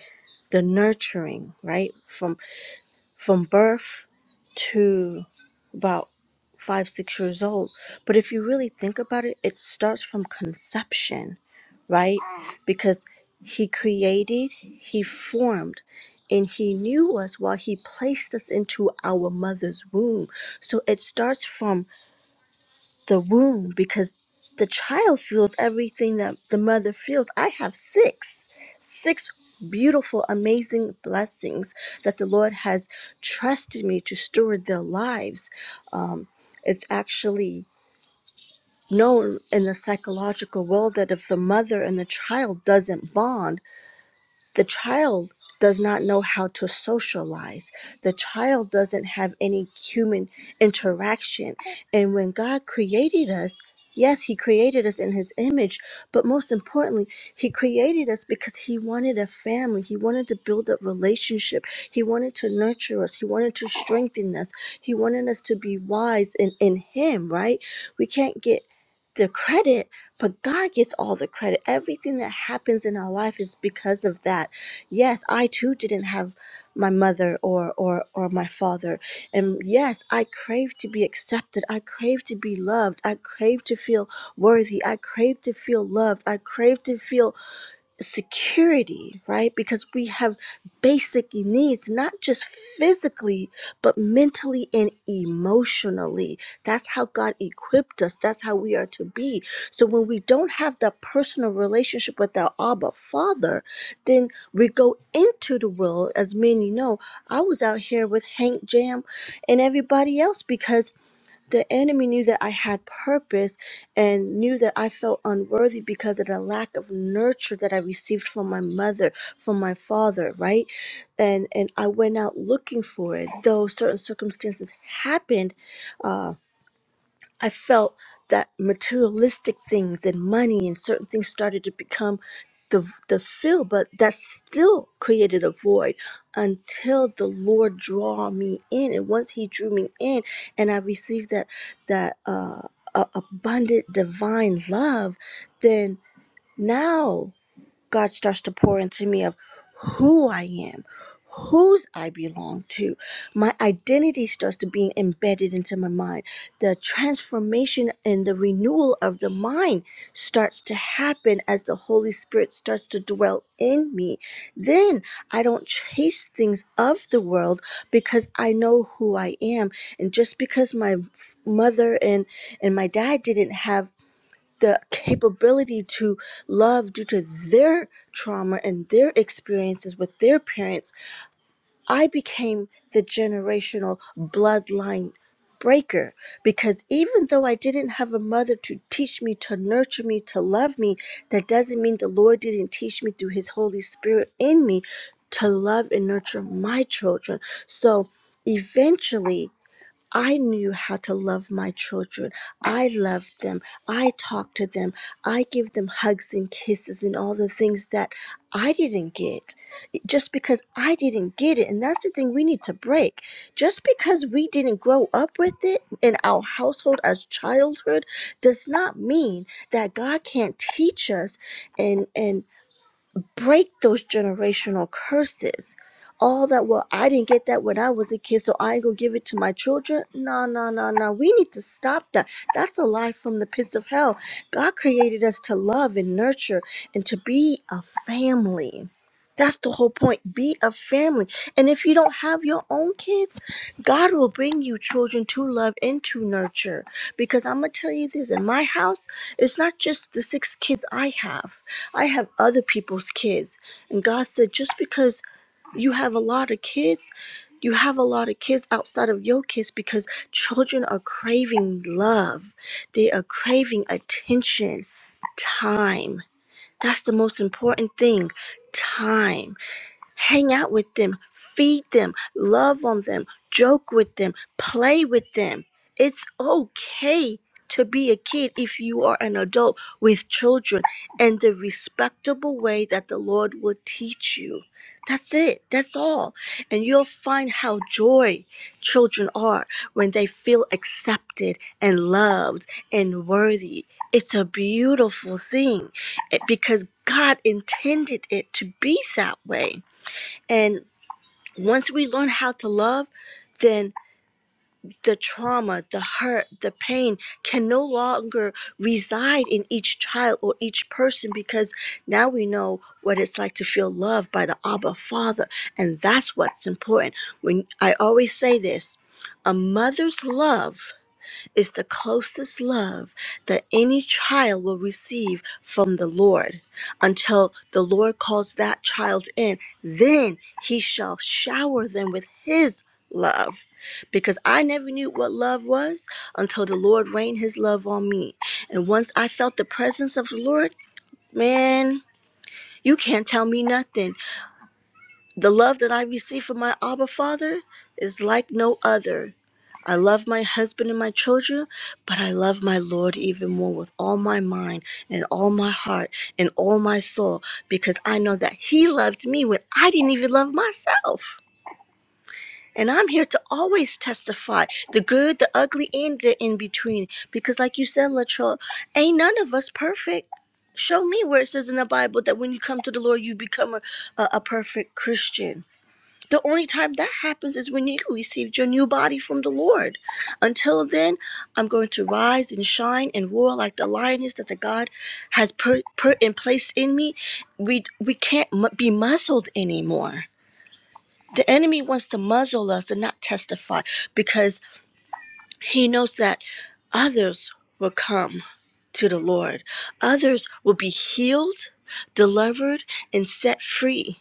S2: the nurturing, right? from from birth to about five, six years old. But if you really think about it, it starts from conception, right? Because he created, he formed, and he knew us while he placed us into our mother's womb. So it starts from the womb because the child feels everything that the mother feels. I have six, six beautiful, amazing blessings that the Lord has trusted me to steward their lives. Um, it's actually known in the psychological world that if the mother and the child doesn't bond, the child does not know how to socialize. The child doesn't have any human interaction. And when God created us, yes, He created us in His image, but most importantly, He created us because He wanted a family. He wanted to build up relationship. He wanted to nurture us. He wanted to strengthen us. He wanted us to be wise in, in Him, right? We can't get the credit, but God gets all the credit. Everything that happens in our life is because of that. Yes, I too didn't have my mother or or or my father. And yes, I crave to be accepted. I crave to be loved. I crave to feel worthy. I crave to feel loved. I crave to feel security, right? Because we have basic needs, not just physically, but mentally and emotionally. That's how God equipped us. That's how we are to be. So when we don't have that personal relationship with our Abba Father, then we go into the world. As many know, I was out here with Hank Jam and everybody else because the enemy knew that I had purpose and knew that I felt unworthy because of the lack of nurture that I received from my mother, from my father, right? And and I went out looking for it, though certain circumstances happened. uh, I felt that materialistic things and money and certain things started to become the the fill, but that still created a void until the Lord draw me in. And once He drew me in, and I received that that uh, a- abundant divine love, then now. God starts to pour into me of who I am, whose I belong to. My identity starts to be embedded into my mind. The transformation and the renewal of the mind starts to happen as the Holy Spirit starts to dwell in me. Then I don't chase things of the world because I know who I am. And just because my mother and, and my dad didn't have the capability to love due to their trauma and their experiences with their parents, I became the generational bloodline breaker because even though I didn't have a mother to teach me, to nurture me, to love me, that doesn't mean the Lord didn't teach me through His Holy Spirit in me to love and nurture my children. So eventually, I knew how to love my children. I loved them. I talked to them. I give them hugs and kisses and all the things that I didn't get just because I didn't get it. And that's the thing we need to break. Just because we didn't grow up with it in our household as childhood does not mean that God can't teach us and and break those generational curses. All that, well, I didn't get that when I was a kid, so I ain't gonna give it to my children. No, no, no, no. We need to stop that. That's a lie from the pits of hell. God created us to love and nurture and to be a family. That's the whole point. Be a family. And if you don't have your own kids, God will bring you children to love and to nurture. Because I'm going to tell you this in my house, it's not just the six kids I have, I have other people's kids. And God said, just because you have a lot of kids, you have a lot of kids outside of your kids because children are craving love, they are craving attention, time. That's the most important thing time Hang out with them, feed them, love on them, joke with them, play with them. It's okay to be a kid if you are an adult with children and the respectable way that the Lord will teach you. That's it. That's all. And you'll find how joy children are when they feel accepted and loved and worthy. It's a beautiful thing eh, because God intended it to be that way. And once we learn how to love, then the trauma, the hurt, the pain can no longer reside in each child or each person because now we know what it's like to feel loved by the Abba Father. And that's what's important. When I always say this, a mother's love is the closest love that any child will receive from the Lord until the Lord calls that child in. Then he shall shower them with his love. Because I never knew what love was until the Lord rained his love on me. And once I felt the presence of the Lord, man, you can't tell me nothing. The love that I receive from my Abba Father is like no other I love my husband and my children, but I love my Lord even more with all my mind and all my heart and all my soul because I know that He loved me when I didn't even love myself. And I'm here to always testify the good, the ugly, and the in between because, like you said, Latrell, ain't none of us perfect. Show me where it says in the Bible that when you come to the Lord, you become a, a, a perfect Christian the only time that happens is when you receive your new body from the Lord. Until then, I'm going to rise and shine and roar like the lioness that the God has put put and placed in me. We we can't mu- be muzzled anymore. The enemy wants to muzzle us and not testify because he knows that others will come to the Lord. Others will be healed, delivered, and set free.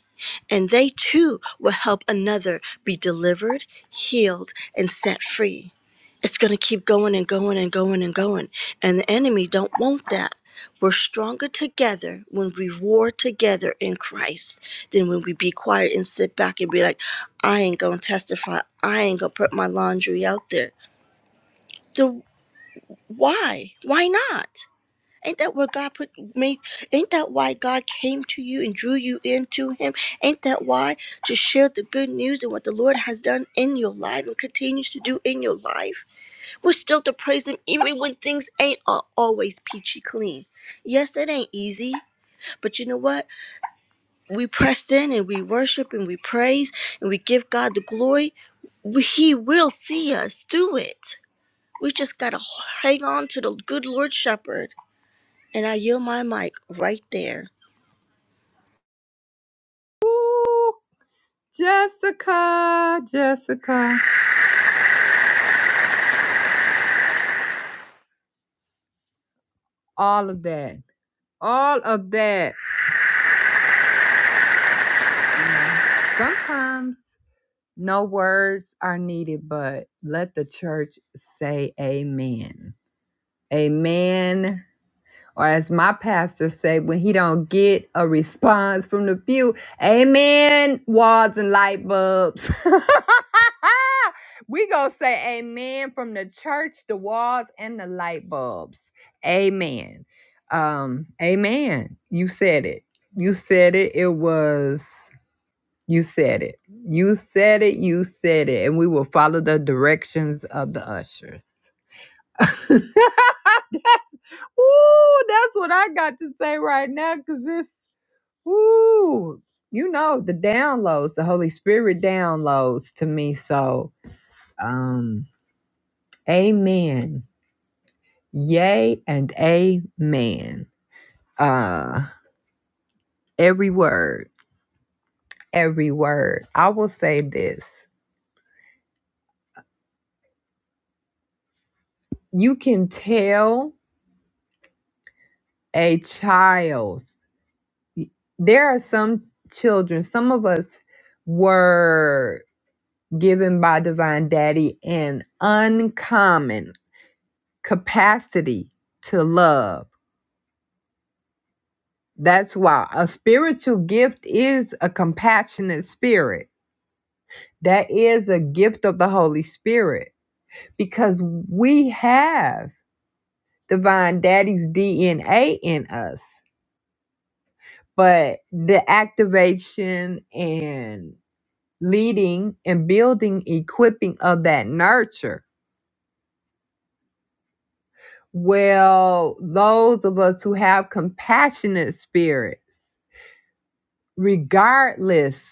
S2: And they too will help another be delivered, healed, and set free. It's going to keep going and going and going and going. And the enemy don't want that. We're stronger together when we war together in Christ than when we be quiet and sit back and be like, I ain't going to testify. I ain't going to put my laundry out there The why? Why not? Ain't that where God put me? Ain't that why God came to you and drew you into Him? Ain't that why to share the good news and what the Lord has done in your life and continues to do in your life? We're still to praise Him even when things ain't a- always peachy clean. Yes, it ain't easy, but you know what? We press in and we worship and we praise and we give God the glory. We- He will see us through it. We just got to hang on to the good Lord Shepherd and I yield my mic right there.
S1: Ooh, Jessica, Jessica, all of that, all of that. Sometimes. No words are needed, but let the church say amen. Amen. Or as my pastor say, when he don't get a response from the pew, amen, walls and light bulbs. we gonna say amen from the church, the walls, and the light bulbs. Amen. Um, amen. You said it. You said it. It was. You said it. You said it. You said it. And we will follow the directions of the ushers. Ooh, that's what I got to say right now because it's, ooh, you know, the downloads, the Holy Spirit downloads to me. So, um, amen. Yay and amen. Uh, every word, every word. I will say this. You can tell a child there are some children, some of us were given by Divine Daddy an uncommon capacity to love. That's why a spiritual gift is a compassionate spirit. That is a gift of the Holy Spirit because we have Divine Daddy's DNA in us. But the activation and leading and building, equipping of that nurture. Well, those of us who have compassionate spirits, regardless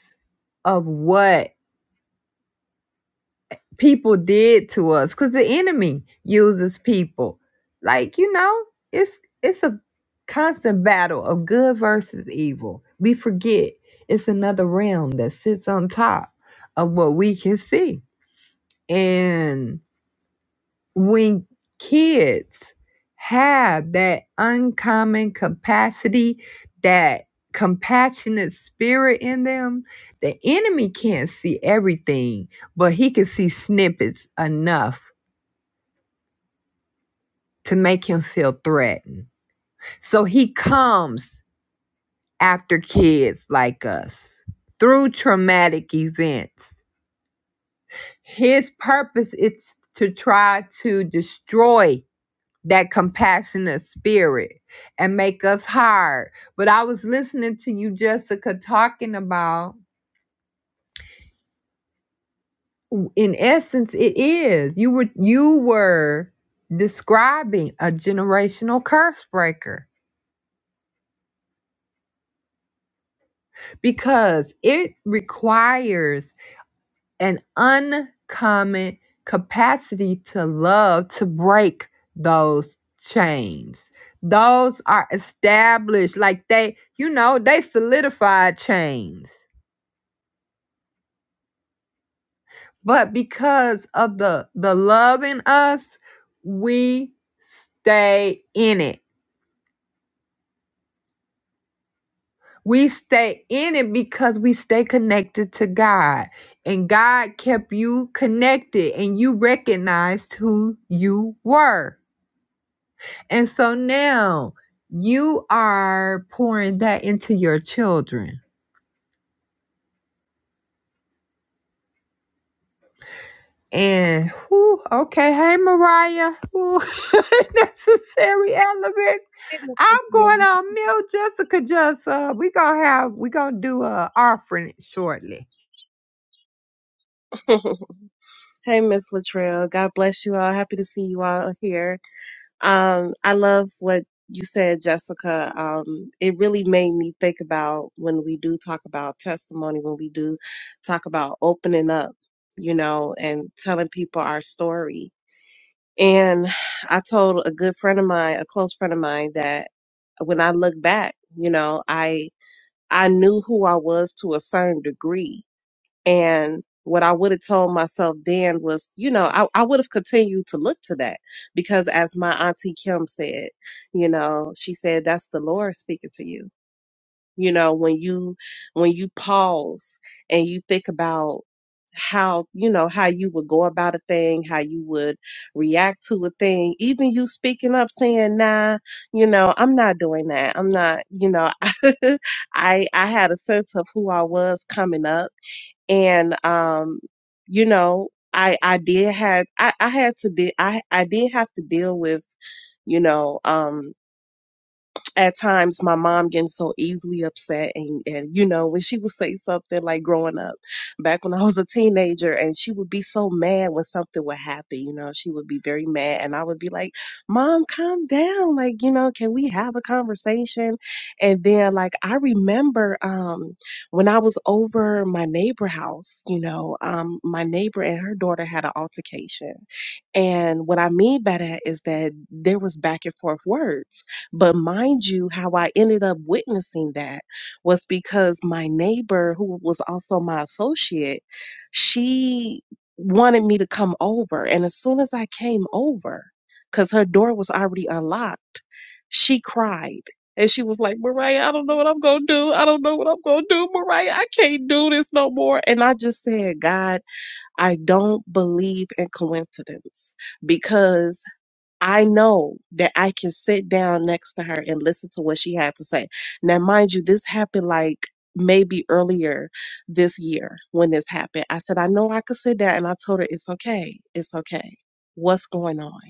S1: of what people did to us, because the enemy uses people. Like, you know, it's it's a constant battle of good versus evil. We forget it's another realm that sits on top of what we can see. and. when kids have that uncommon capacity, that compassionate spirit in them, the enemy can't see everything, but he can see snippets enough to make him feel threatened. So he comes after kids like us through traumatic events. His purpose is to try to destroy that compassionate spirit and make us hard. But I was listening to you, Jessica, talking about in essence it is. You were you were describing a generational curse breaker because it requires an uncommon capacity to love to break those chains. Those are established like they, you know, they solidified chains But because of the the love in us, we stay in it. We stay in it because we stay connected to God. And God kept you connected and you recognized who you were. And so now you are pouring that into your children And whew, okay, hey Mariah, Ooh, necessary element.
S3: Hey, Miss
S1: I'm
S3: Latrell.
S1: going on mute, Jessica. Just uh, we gonna have we gonna do a offering shortly.
S3: Hey, Miss Latrell. God bless you all. Happy to see you all here. Um, I love what you said, Jessica. Um, it really made me think about when we do talk about testimony, when we do talk about opening up, you know, and telling people our story. And I told a good friend of mine, a close friend of mine, that when I look back, you know, I I knew who I was to a certain degree, And what I would have told myself then was, you know, I, I would have continued to look to that because as my auntie Kim said, you know, she said, that's the Lord speaking to you. You know, when you, when you pause and you think about how, you know, how you would go about a thing, how you would react to a thing, even you speaking up saying, nah, you know, I'm not doing that. I'm not, you know, I, I had a sense of who I was coming up and um you know i i did have i i had to de- i i did have to deal with you know um at times my mom getting so easily upset and, and you know when she would say something like growing up back when i was a teenager and she would be so mad when something would happen you know she would be very mad and i would be like mom calm down like you know can we have a conversation and then like i remember um when i was over my neighbor house you know um my neighbor and her daughter had an altercation and what i mean by that is that there was back and forth words but mind you, how I ended up witnessing that was because my neighbor, who was also my associate, she wanted me to come over. And as soon as I came over, because her door was already unlocked, she cried. And she was like, Mariah, I don't know what I'm going to do. I don't know what I'm going to do. Mariah, I can't do this no more. And I just said, God, I don't believe in coincidence because I know that I can sit down next to her and listen to what she had to say. Now, mind you, this happened like maybe earlier this year when this happened. I said, I know I could sit down. And I told her, it's okay. It's okay. What's going on?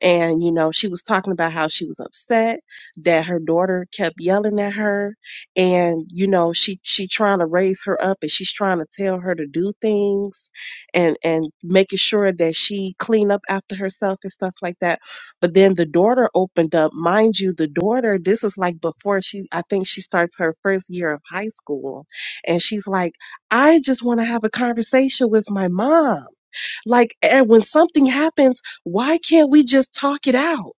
S3: And, you know, she was talking about how she was upset that her daughter kept yelling at her. And, you know, she, she trying to raise her up and she's trying to tell her to do things and, and making sure that she clean up after herself and stuff like that. But then the daughter opened up, mind you, the daughter, this is like before she, I think she starts her first year of high school and she's like, I just want to have a conversation with my mom. Like, and when something happens, why can't we just talk it out?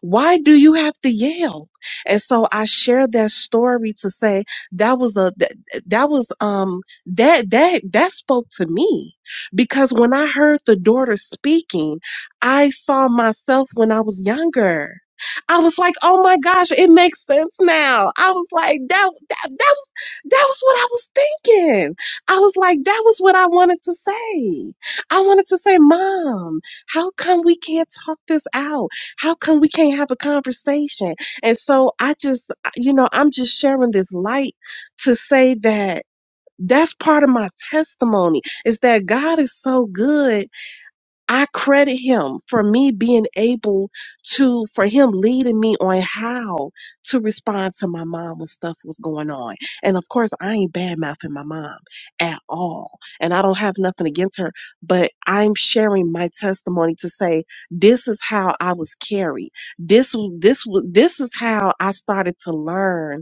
S3: Why do you have to yell? And so I share that story to say that was a that, that was um that that that spoke to me because when I heard the daughter speaking, I saw myself when I was younger. I was like, "Oh my gosh, it makes sense now." I was like, "That that that was that was what I was thinking." I was like, "That was what I wanted to say." I wanted to say, "Mom, how come we can't talk this out? How come we can't have a conversation? And so I just, you know, I'm just sharing this light to say that that's part of my testimony is that God is so good I credit him for me being able to, for him leading me on how to respond to my mom when stuff was going on. And of course, I ain't bad mouthing my mom at all. And I don't have nothing against her, but I'm sharing my testimony to say, this is how I was carried. This, w- this was, this is how I started to learn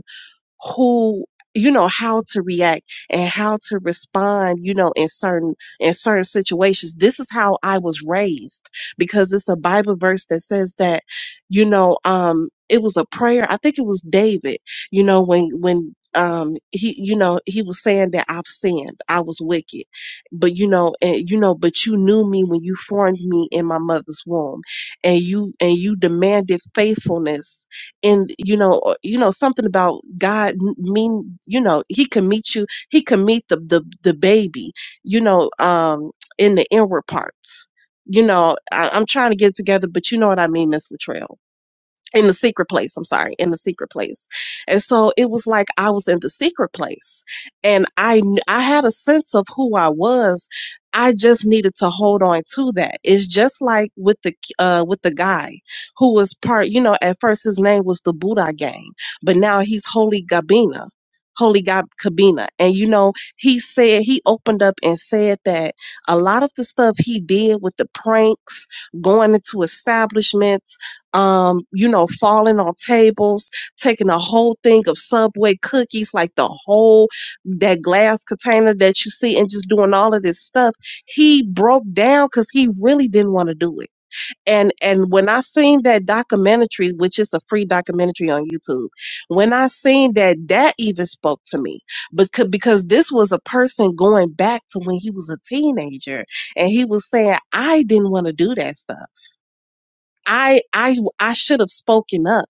S3: who you know how to react and how to respond you know in certain in certain situations this is how i was raised because it's a bible verse that says that you know um it was a prayer i think it was david you know when when um he you know he was saying that i've sinned i was wicked but you know and you know but you knew me when you formed me in my mother's womb and you and you demanded faithfulness and you know or- you know something about god m- mean you know he can meet you he can meet the the, the baby you know um in the inward parts you know I, i'm trying to get it together but you know what i mean miss Latrell in the secret place i'm sorry in the secret place and so it was like i was in the secret place and i kn- i had a sense of who i was i just needed to hold on to that it's just like with the uh with the guy who was part you know at first his name was the buddha gang but now he's holy gabina holy Gab cabina and you know he said he opened up and said that a lot of the stuff he did with the pranks going into establishments um, you know, falling on tables, taking a whole thing of Subway cookies, like the whole that glass container that you see, and just doing all of this stuff. He broke down because he really didn't want to do it. And and when I seen that documentary, which is a free documentary on YouTube, when I seen that, that even spoke to me, because because this was a person going back to when he was a teenager, and he was saying, I didn't want to do that stuff. I I I should have spoken up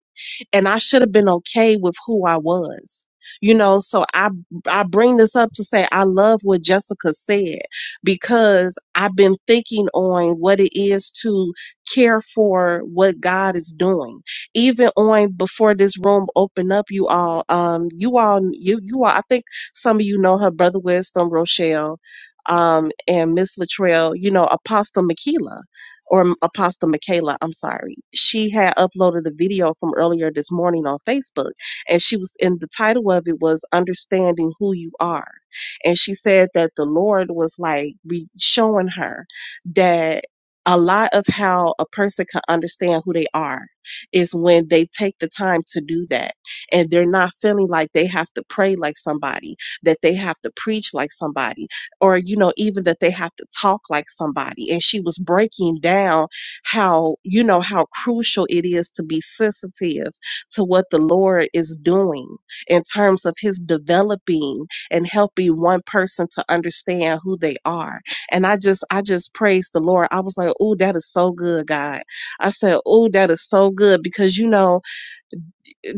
S3: and I should have been okay with who I was. You know, so I I bring this up to say I love what Jessica said because I've been thinking on what it is to care for what God is doing. Even on before this room opened up, you all, um, you all, you you all. I think some of you know her, brother Wisdom, Rochelle, um, and Miss Latrell. You know, Apostle Makila or Apostle Michaela, I'm sorry, she had uploaded a video from earlier this morning on Facebook, and she was in the title of it was Understanding Who You Are. And she said that the Lord was like re- showing her that a lot of how a person can understand who they are is when they take the time to do that and they're not feeling like they have to pray like somebody, that they have to preach like somebody or you know even that they have to talk like somebody and she was breaking down how you know how crucial it is to be sensitive to what the lord is doing in terms of his developing and helping one person to understand who they are and i just i just praise the lord i was like oh that is so good god i said oh that is so good because you know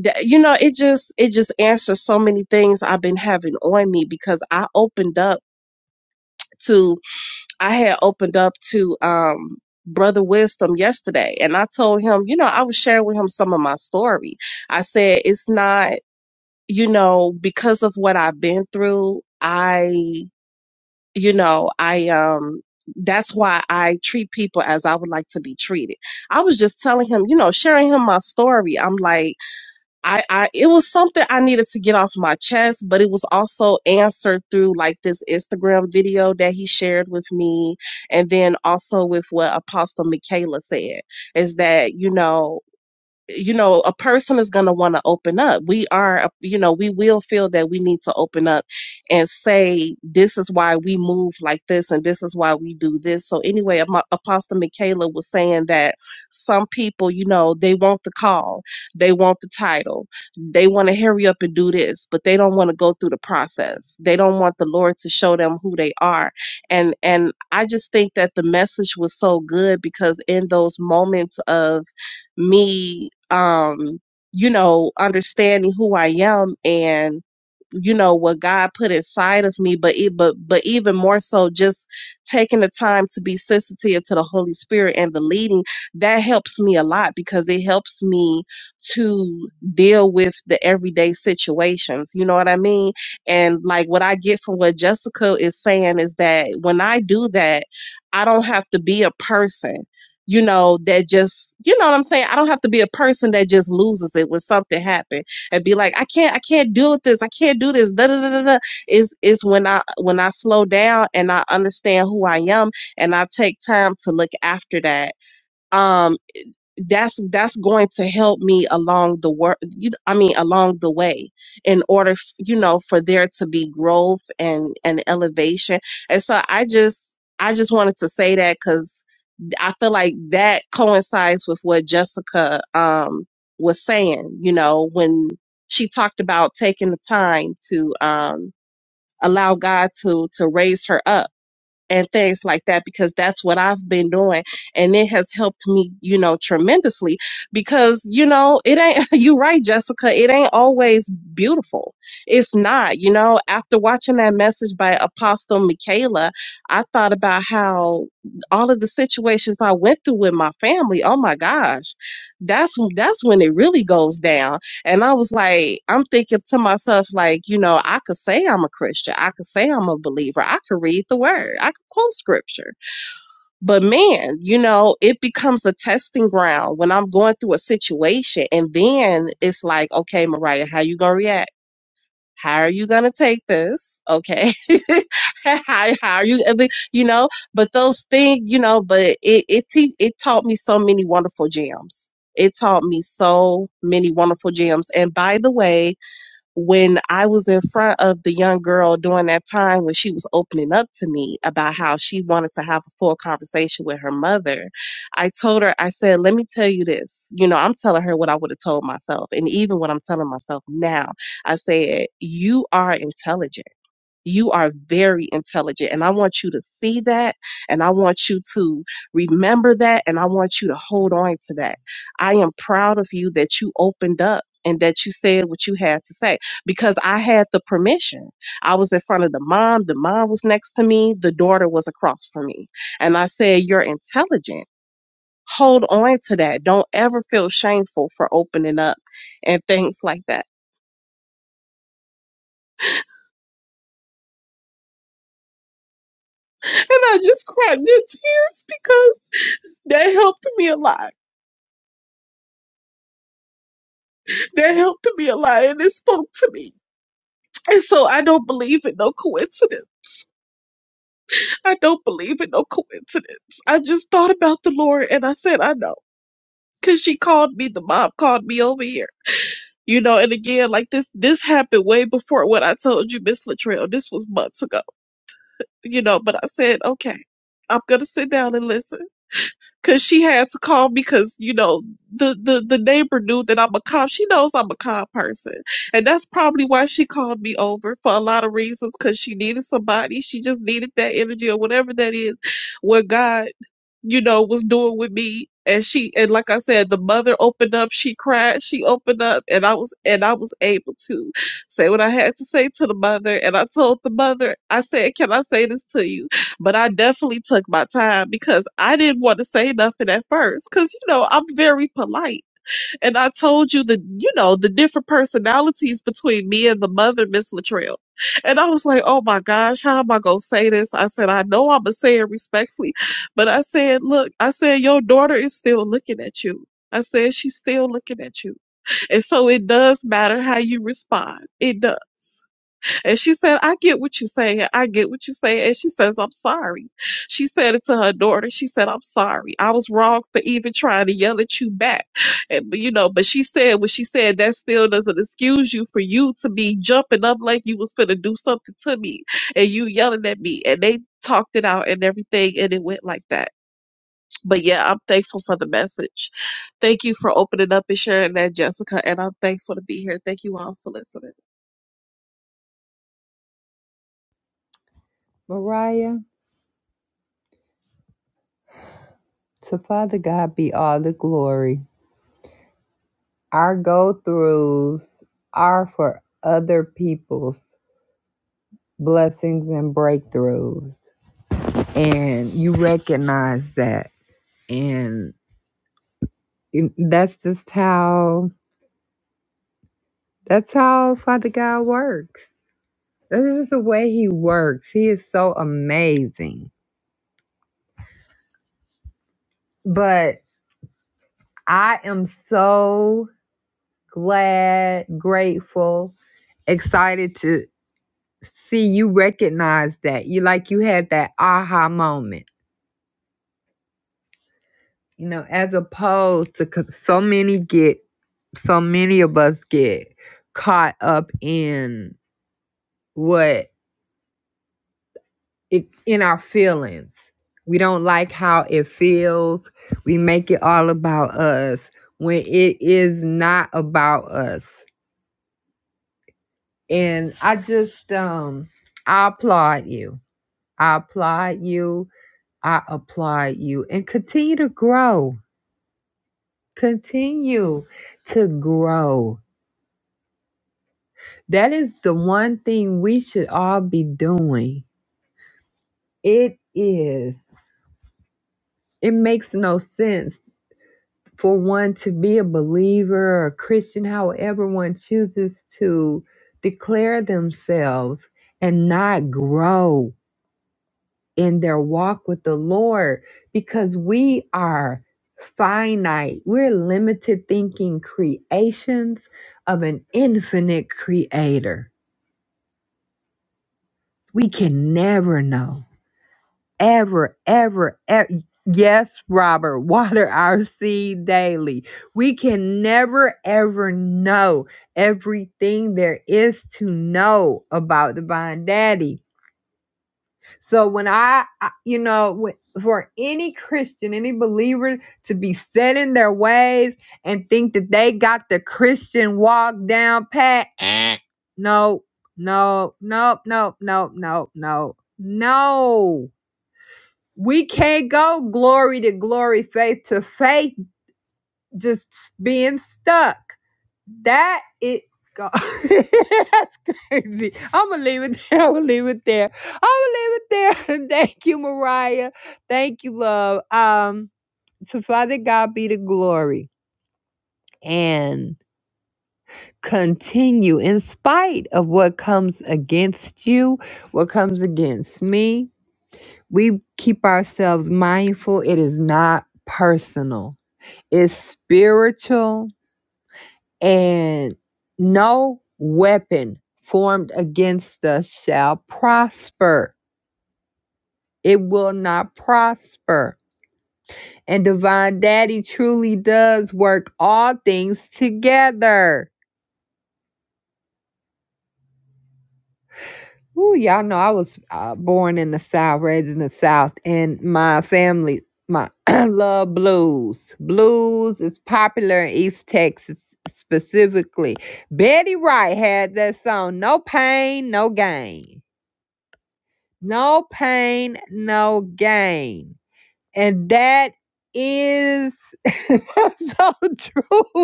S3: that, you know it just it just answers so many things i've been having on me because i opened up to. I had opened up to um Brother Wisdom yesterday and I told him, you know, I was sharing with him some of my story. I said it's not, you know, because of what I've been through, I you know, I um that's why I treat people as I would like to be treated. I was just telling him, you know, sharing him my story. I'm like I, I it was something I needed to get off my chest, but it was also answered through like this Instagram video that he shared with me, and then also with what Apostle Michaela said is that you know you know a person is going to want to open up we are you know we will feel that we need to open up and say this is why we move like this and this is why we do this so anyway Amo- apostle michaela was saying that some people you know they want the call they want the title they want to hurry up and do this but they don't want to go through the process they don't want the lord to show them who they are and and i just think that the message was so good because in those moments of me um you know understanding who i am and you know what god put inside of me but e- but but even more so just taking the time to be sensitive to the holy spirit and the leading that helps me a lot because it helps me to deal with the everyday situations you know what i mean and like what i get from what jessica is saying is that when i do that i don't have to be a person you know, that just, you know what I'm saying? I don't have to be a person that just loses it when something happen and be like, I can't, I can't deal with this. I can't do this. Da, da, da, da, da. Is is when I when I slow down and I understand who I am and I take time to look after that. Um, that's that's going to help me along the work. I mean, along the way, in order, f- you know, for there to be growth and and elevation. And so I just I just wanted to say that because. I feel like that coincides with what Jessica um, was saying, you know, when she talked about taking the time to um, allow God to to raise her up and things like that because that's what I've been doing and it has helped me, you know, tremendously because you know, it ain't you right Jessica, it ain't always beautiful. It's not, you know, after watching that message by Apostle Michaela, I thought about how all of the situations I went through with my family, oh my gosh. That's that's when it really goes down and I was like, I'm thinking to myself, like, you know, I could say I'm a Christian. I could say I'm a believer. I could read the word. I could quote scripture. But man, you know, it becomes a testing ground when I'm going through a situation. And then it's like, okay, Mariah, how you gonna react? How are you gonna take this? Okay. how, how are you I mean, you know, but those things, you know, but it it te- it taught me so many wonderful gems it taught me so many wonderful gems. And by the way, when I was in front of the young girl during that time when she was opening up to me about how she wanted to have a full conversation with her mother, I told her, I said, let me tell you this. You know, I'm telling her what I would have told myself. And even what I'm telling myself now, I said, you are intelligent you are very intelligent, and I want you to see that, and I want you to remember that, and I want you to hold on to that. I am proud of you that you opened up and that you said what you had to say because I had the permission. I was in front of the mom, the mom was next to me, the daughter was across from me, and I said, You're intelligent. Hold on to that. Don't ever feel shameful for opening up and things like that. And I just cried in tears because. That helped me a lot. That helped me a lot and it spoke to me. And so I don't believe in no coincidence. I don't believe in no coincidence. I just thought about the Lord and I said, I know. Cause she called me, the mom called me over here. You know, and again, like this, this happened way before what I told you, Miss Latrell. This was months ago, you know, but I said, okay, I'm going to sit down and listen Cause she had to call me because, you know, the, the, the neighbor knew that I'm a calm. She knows I'm a calm person. And that's probably why she called me over for a lot of reasons. Cause she needed somebody. She just needed that energy or whatever that is where God you know, was doing with me. And she, and like I said, the mother opened up, she cried, she opened up, and I was, and I was able to say what I had to say to the mother. And I told the mother, I said, can I say this to you? But I definitely took my time because I didn't want to say nothing at first. Cause, you know, I'm very polite. And I told you the, you know, the different personalities between me and the mother, Miss Latrell. And I was like, oh my gosh, how am I going to say this? I said, I know I'm going to say it respectfully, but I said, look, I said, your daughter is still looking at you. I said, she's still looking at you. And so it does matter how you respond. It does. And she said, I get what you say. I get what you say. And she says, I'm sorry. She said it to her daughter. She said, I'm sorry. I was wrong for even trying to yell at you back. And, but, you know, but she said what she said, that still doesn't excuse you for you to be jumping up like you was finna do something to me and you yelling at me. And they talked it out and everything and it went like that. But yeah, I'm thankful for the message. Thank you for opening up and sharing that, Jessica. And I'm thankful to be here. Thank you all for listening.
S1: Mariah, to Father God be all the glory. Our go throughs are for other people's blessings and breakthroughs, and you recognize that, and that's just how that's how Father God works This is the way he works. He is so amazing. But I am so glad, grateful, excited to see you recognize that. You like you had that aha moment. You know, as opposed to 'cause so many get so many of us get caught up in what it, in our feelings. We don't like how it feels. We make it all about us when it is not about us. And I just um I applaud you. I applaud you. I applaud you and continue to grow. Continue to grow. That is the one thing we should all be doing. It is. It makes no sense for one to be a believer or a Christian, however one chooses to declare themselves and not grow in their walk with the Lord because we are finite. We're limited thinking creations of an infinite creator. We can never know. ever, ever, ever. Yes, Robert, water our seed daily. We can never, ever know everything there is to know about Divine Daddy. So when I, I- you know, when, for any Christian, any believer to be set in their ways and think that they got the Christian walk down pat, no, no, no, no, no, no, no, no. We can't go glory to glory, faith to faith, just being stuck. That it go. That's crazy. I'm gonna leave it there. I'm gonna leave it there. I'm gonna leave it there. Thank you, Mariah. Thank you, love. Um, to Father God be the glory and continue in spite of what comes against you, what comes against me. We keep ourselves mindful. It is not personal is spiritual, and no weapon formed against us shall prosper. It will not prosper. And Divine Daddy truly does work all things together Ooh, y'all know I was uh, born in the South, raised in the South, and my family, my love blues. Blues is popular in East Texas specifically. Betty Wright had that song, No Pain, No Gain. No Pain, No Gain. And that is so true.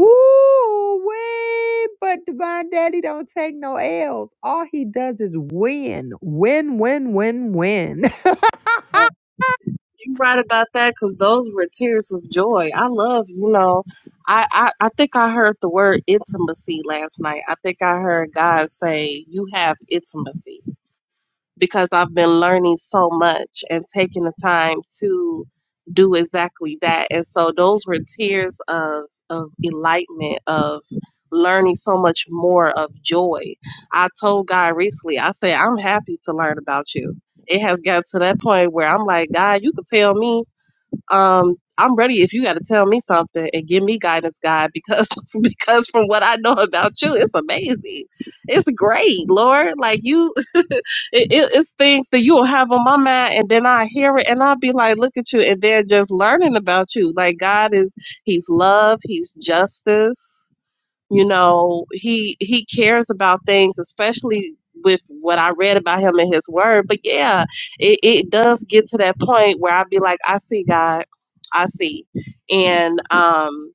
S1: Ooh, win! But Divine Daddy don't take no L's. All he does is win. Win, win, win, win.
S3: you are right about that because those were tears of joy. I love, you know, I, I I think I heard the word intimacy last night. I think I heard God say, "You have intimacy," because I've been learning so much and taking the time to do exactly that. And so those were tears of of enlightenment of learning so much more of joy. I told God recently, I said, "I'm happy to learn about you." It has got to that point where I'm like, God, you could tell me um, I'm ready if you got to tell me something and give me guidance, God, because because from what I know about you, it's amazing. It's great, Lord. Like you, it, it, it's things that you will have on my mind, and then I hear it, and I'll be like, look at you, and then just learning about you. Like God is, He's love, He's justice you know he he cares about things especially with what i read about him in his word but yeah it, it does get to that point where i'd be like i see god i see and um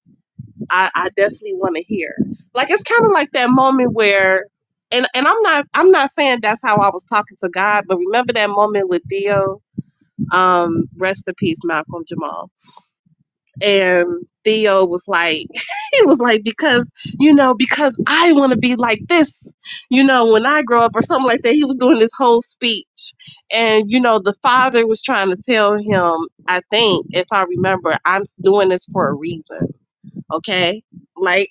S3: i i definitely want to hear like it's kind of like that moment where and and i'm not i'm not saying that's how i was talking to god but remember that moment with theo um rest in peace malcolm jamal and Theo was like, he was like, because, you know, because I want to be like this, you know, when I grow up or something like that. He was doing this whole speech. And, you know, the father was trying to tell him, I think, if I remember, I'm doing this for a reason. Okay. Like,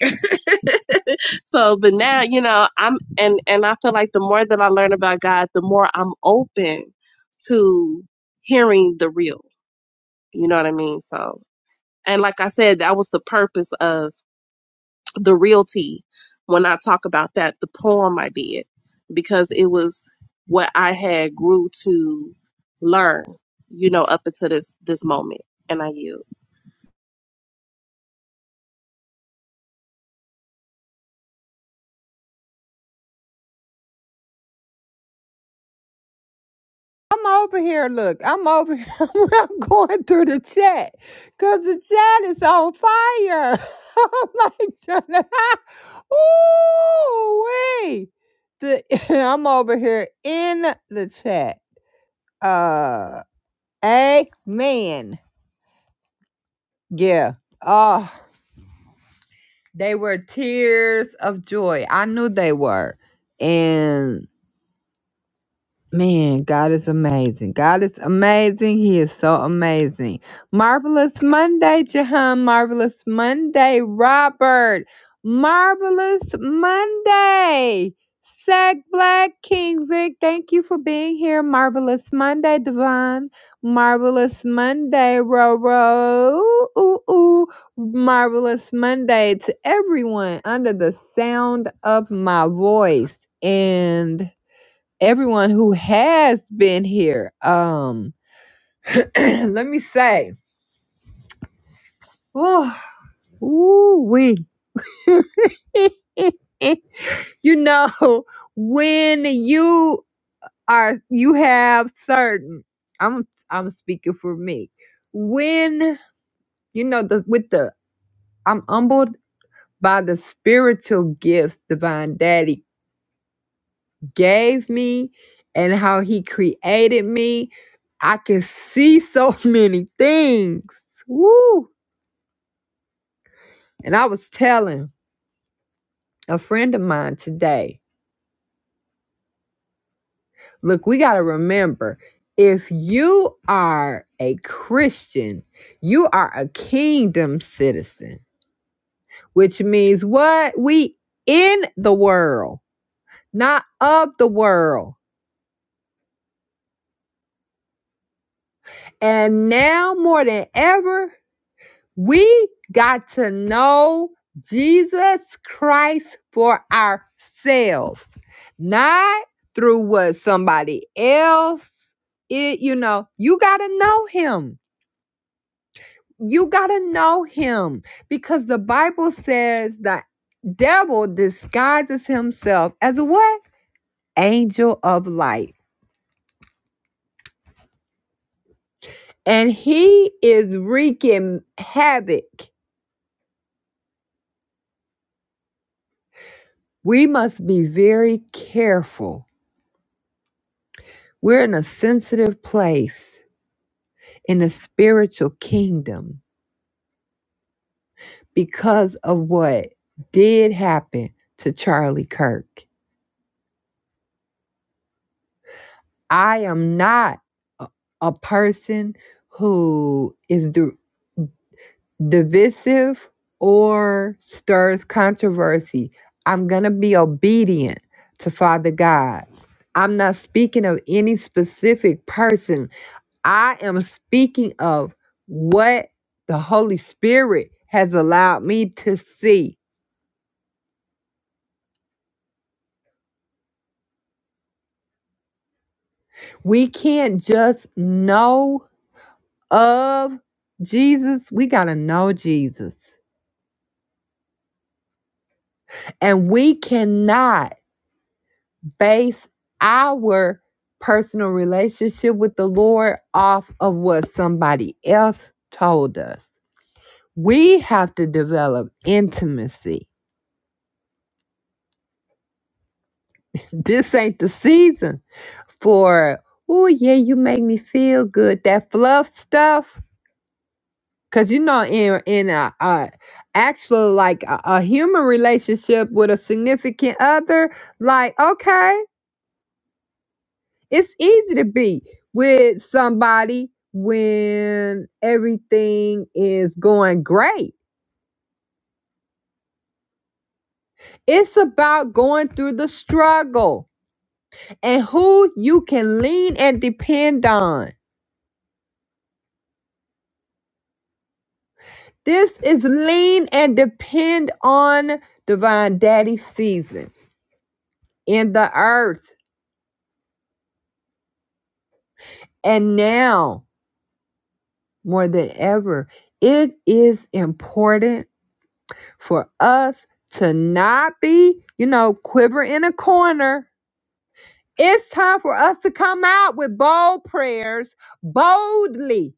S3: so, but now, you know, I'm, and, and I feel like the more that I learn about God, the more I'm open to hearing the real. You know what I mean? So, and like I said, that was the purpose of the realty when I talk about that, the poem I did, because it was what I had grew to learn, you know, up until this this moment. And I yield.
S1: I'm over here, look. I'm over here. I'm going through the chat. Cause the chat is on fire. oh my god. Ooh wee. The I'm over here in the chat. Uh amen. Yeah. Oh. They were tears of joy. I knew they were. And Man, God is amazing. God is amazing. He is so amazing. Marvelous Monday, Jahan. Marvelous Monday, Robert. Marvelous Monday. Sag Black King Vic, thank you for being here. Marvelous Monday, Devon. Marvelous Monday, Roro. Ooh, ooh. Marvelous Monday to everyone under the sound of my voice. And everyone who has been here. Um, let me say, ooh, ooh we, you know, when you are, you have certain. I'm, I'm speaking for me. When you know the with the, I'm humbled by the spiritual gifts, Divine Daddy gave me and how he created me. I could see so many things. Woo! And I was telling a friend of mine today look, we got to remember if you are a Christian, you are a kingdom citizen, which means what? We in the world, not of the world. And now more than ever, We got to know Jesus Christ for ourselves, not through what somebody else. It, you know, you got to know him. You got to know him because the Bible says the devil disguises himself as a what? Angel of light. And he is wreaking havoc. We must be very careful We're in a sensitive place in the spiritual kingdom because of what did happen to Charlie Kirk. I am not a, a person who is d- divisive or stirs controversy. I'm going to be obedient to Father God. I'm not speaking of any specific person I am speaking of what the Holy Spirit has allowed me to see. We can't just know of Jesus, we got to know Jesus. And we cannot base our personal relationship with the Lord off of what somebody else told us. We have to develop intimacy. This ain't the season for oh yeah you make me feel good that fluff stuff because you know in in a, a actual like a, a human relationship with a significant other like okay it's easy to be with somebody when everything is going great it's about going through the struggle and who you can lean and depend on This is lean and depend on divine daddy season in the earth. And now, more than ever, it is important for us to not be, you know, quiver in a corner. It's time for us to come out with bold prayers, boldly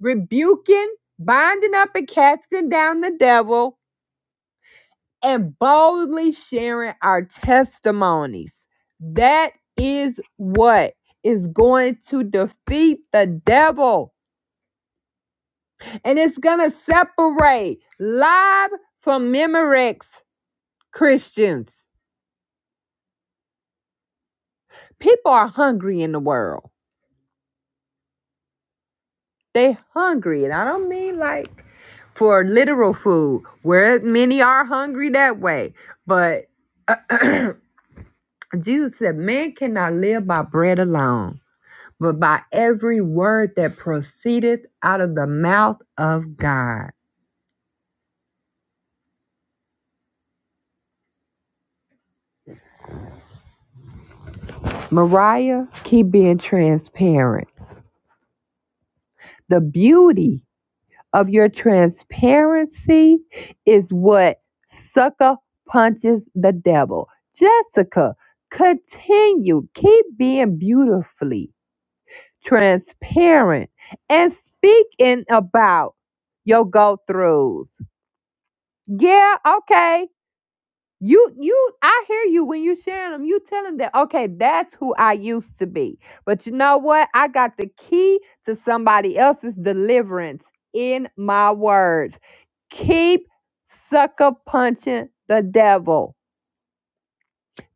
S1: rebuking, binding up, and casting down the devil and boldly sharing our testimonies. That is what is going to defeat the devil. And it's going to separate live from Memorex Christians. People are hungry in the world. They hungry. And I don't mean like for literal food, where many are hungry that way. But Jesus said, man cannot live by bread alone but by every word that proceedeth out of the mouth of God. Mariah, keep being transparent. The beauty of your transparency is what sucker punches the devil. Jessica, continue. Keep being beautifully transparent and speaking about your go throughs. Yeah, okay You you I hear you when you sharing them. You telling them, okay, that's who I used to be. But you know what? I got the key to somebody else's deliverance in my words. Keep sucker punching the devil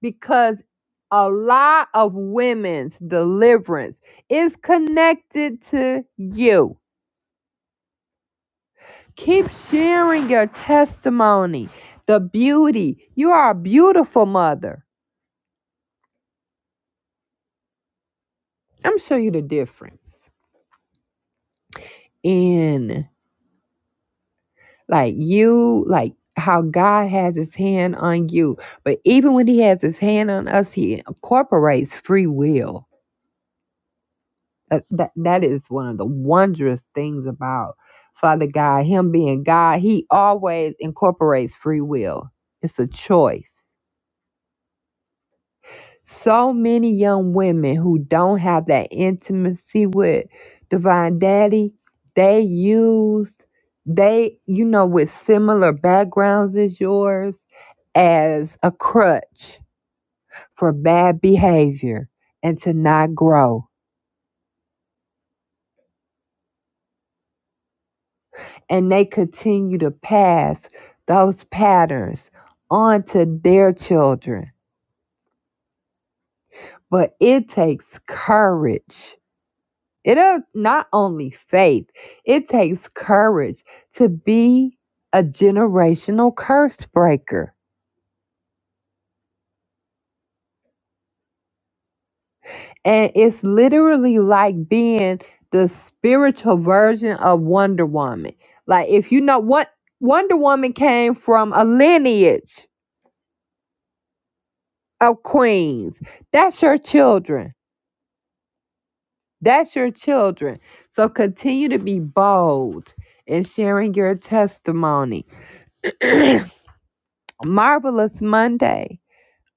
S1: because a lot of women's deliverance is connected to you. Keep sharing your testimony, the beauty. You are a beautiful mother. I'm sure you the difference. in like you like how god has his hand on you but even when he has his hand on us he incorporates free will that, that, that is one of the wondrous things about father god him being god he always incorporates free will it's a choice so many young women who don't have that intimacy with divine daddy they use they you know with similar backgrounds as yours as a crutch for bad behavior and to not grow and they continue to pass those patterns on to their children but it takes courage It'll not only faith, it takes courage to be a generational curse breaker. And it's literally like being the spiritual version of Wonder Woman. Like if you know what Wonder Woman came from a lineage of queens. That's your children. That's your children. So continue to be bold in sharing your testimony. Marvelous Monday.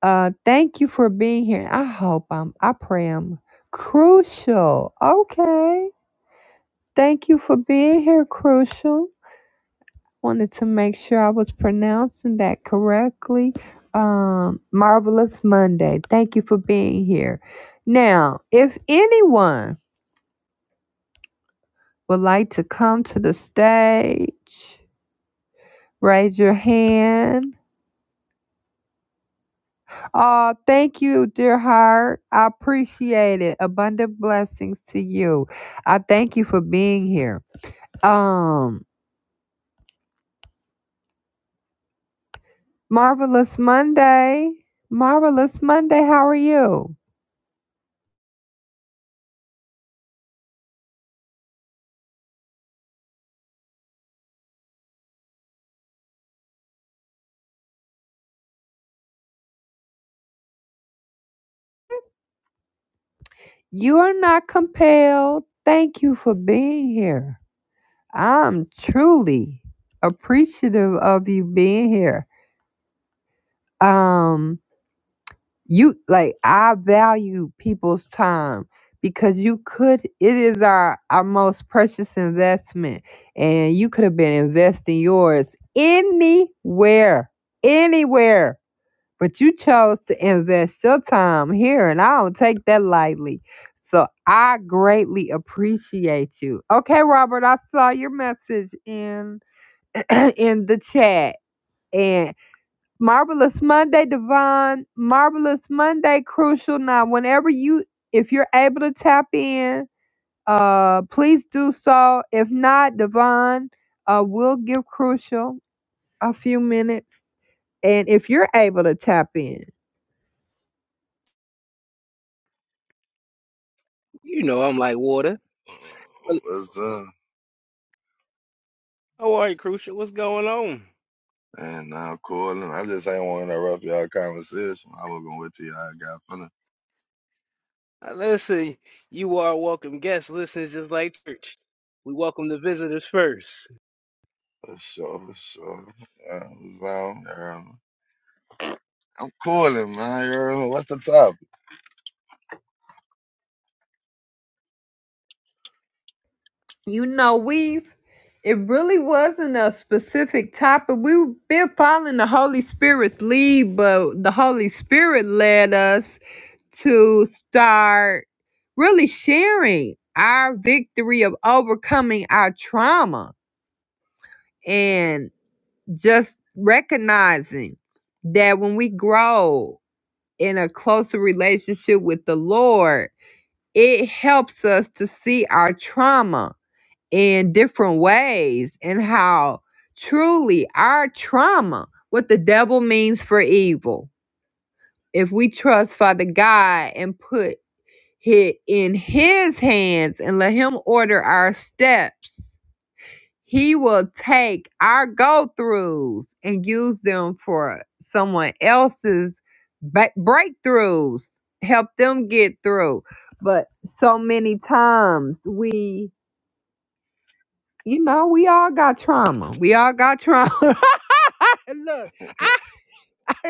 S1: Uh, thank you for being here. I hope I'm, I pray I'm crucial. Okay. Thank you for being here, crucial. Wanted to make sure I was pronouncing that correctly. Um, Marvelous Monday. Thank you for being here. Now, if anyone would like to come to the stage, raise your hand Oh, thank you, dear heart. I appreciate it. Abundant blessings to you. I thank you for being here. Um, marvelous Monday. Marvelous Monday. How are you? You are not compelled. Thank you for being here. I'm truly appreciative of you being here. Um, you like I value people's time because you could it is our our most precious investment and you could have been investing yours anywhere anywhere but you chose to invest your time here and I don't take that lightly so I greatly appreciate you okay Robert I saw your message in in the chat and. Marvelous Monday, Divine. Marvelous Monday, Crucial. Now, whenever you, if you're able to tap in, uh, please do so. If not, Divine, uh, we'll give Crucial a few minutes. And if you're able to tap in,
S4: You know I'm like water. Hel-
S5: What's done?
S4: How are you, Crucial? What's going on?
S5: And I'm calling. I just ain't want to interrupt y'all conversation. I was gonna wait till y'all got finished.
S4: Uh, Listen, you are a welcome guest. Listen, it's just like church. We welcome the visitors first.
S5: For sure, for sure. Yeah, what's on, Earl? I'm calling, man. Earl, what's the topic?
S1: you know, we it really wasn't a specific topic. We've been following the Holy Spirit's lead, but the Holy Spirit led us. to start really sharing our victory of overcoming our trauma
S5: Mm,
S1: and just recognizing that when we grow in a closer relationship with the Lord, it helps us to see our trauma in different ways and how truly our trauma, what the devil means for evil, if we trust Father God and put hit in his hands and let him order our steps. He will take our go throughs and use them for someone else's ba- breakthroughs, help them get through. But so many times we, you know, we all got trauma. We all got trauma. Look, I.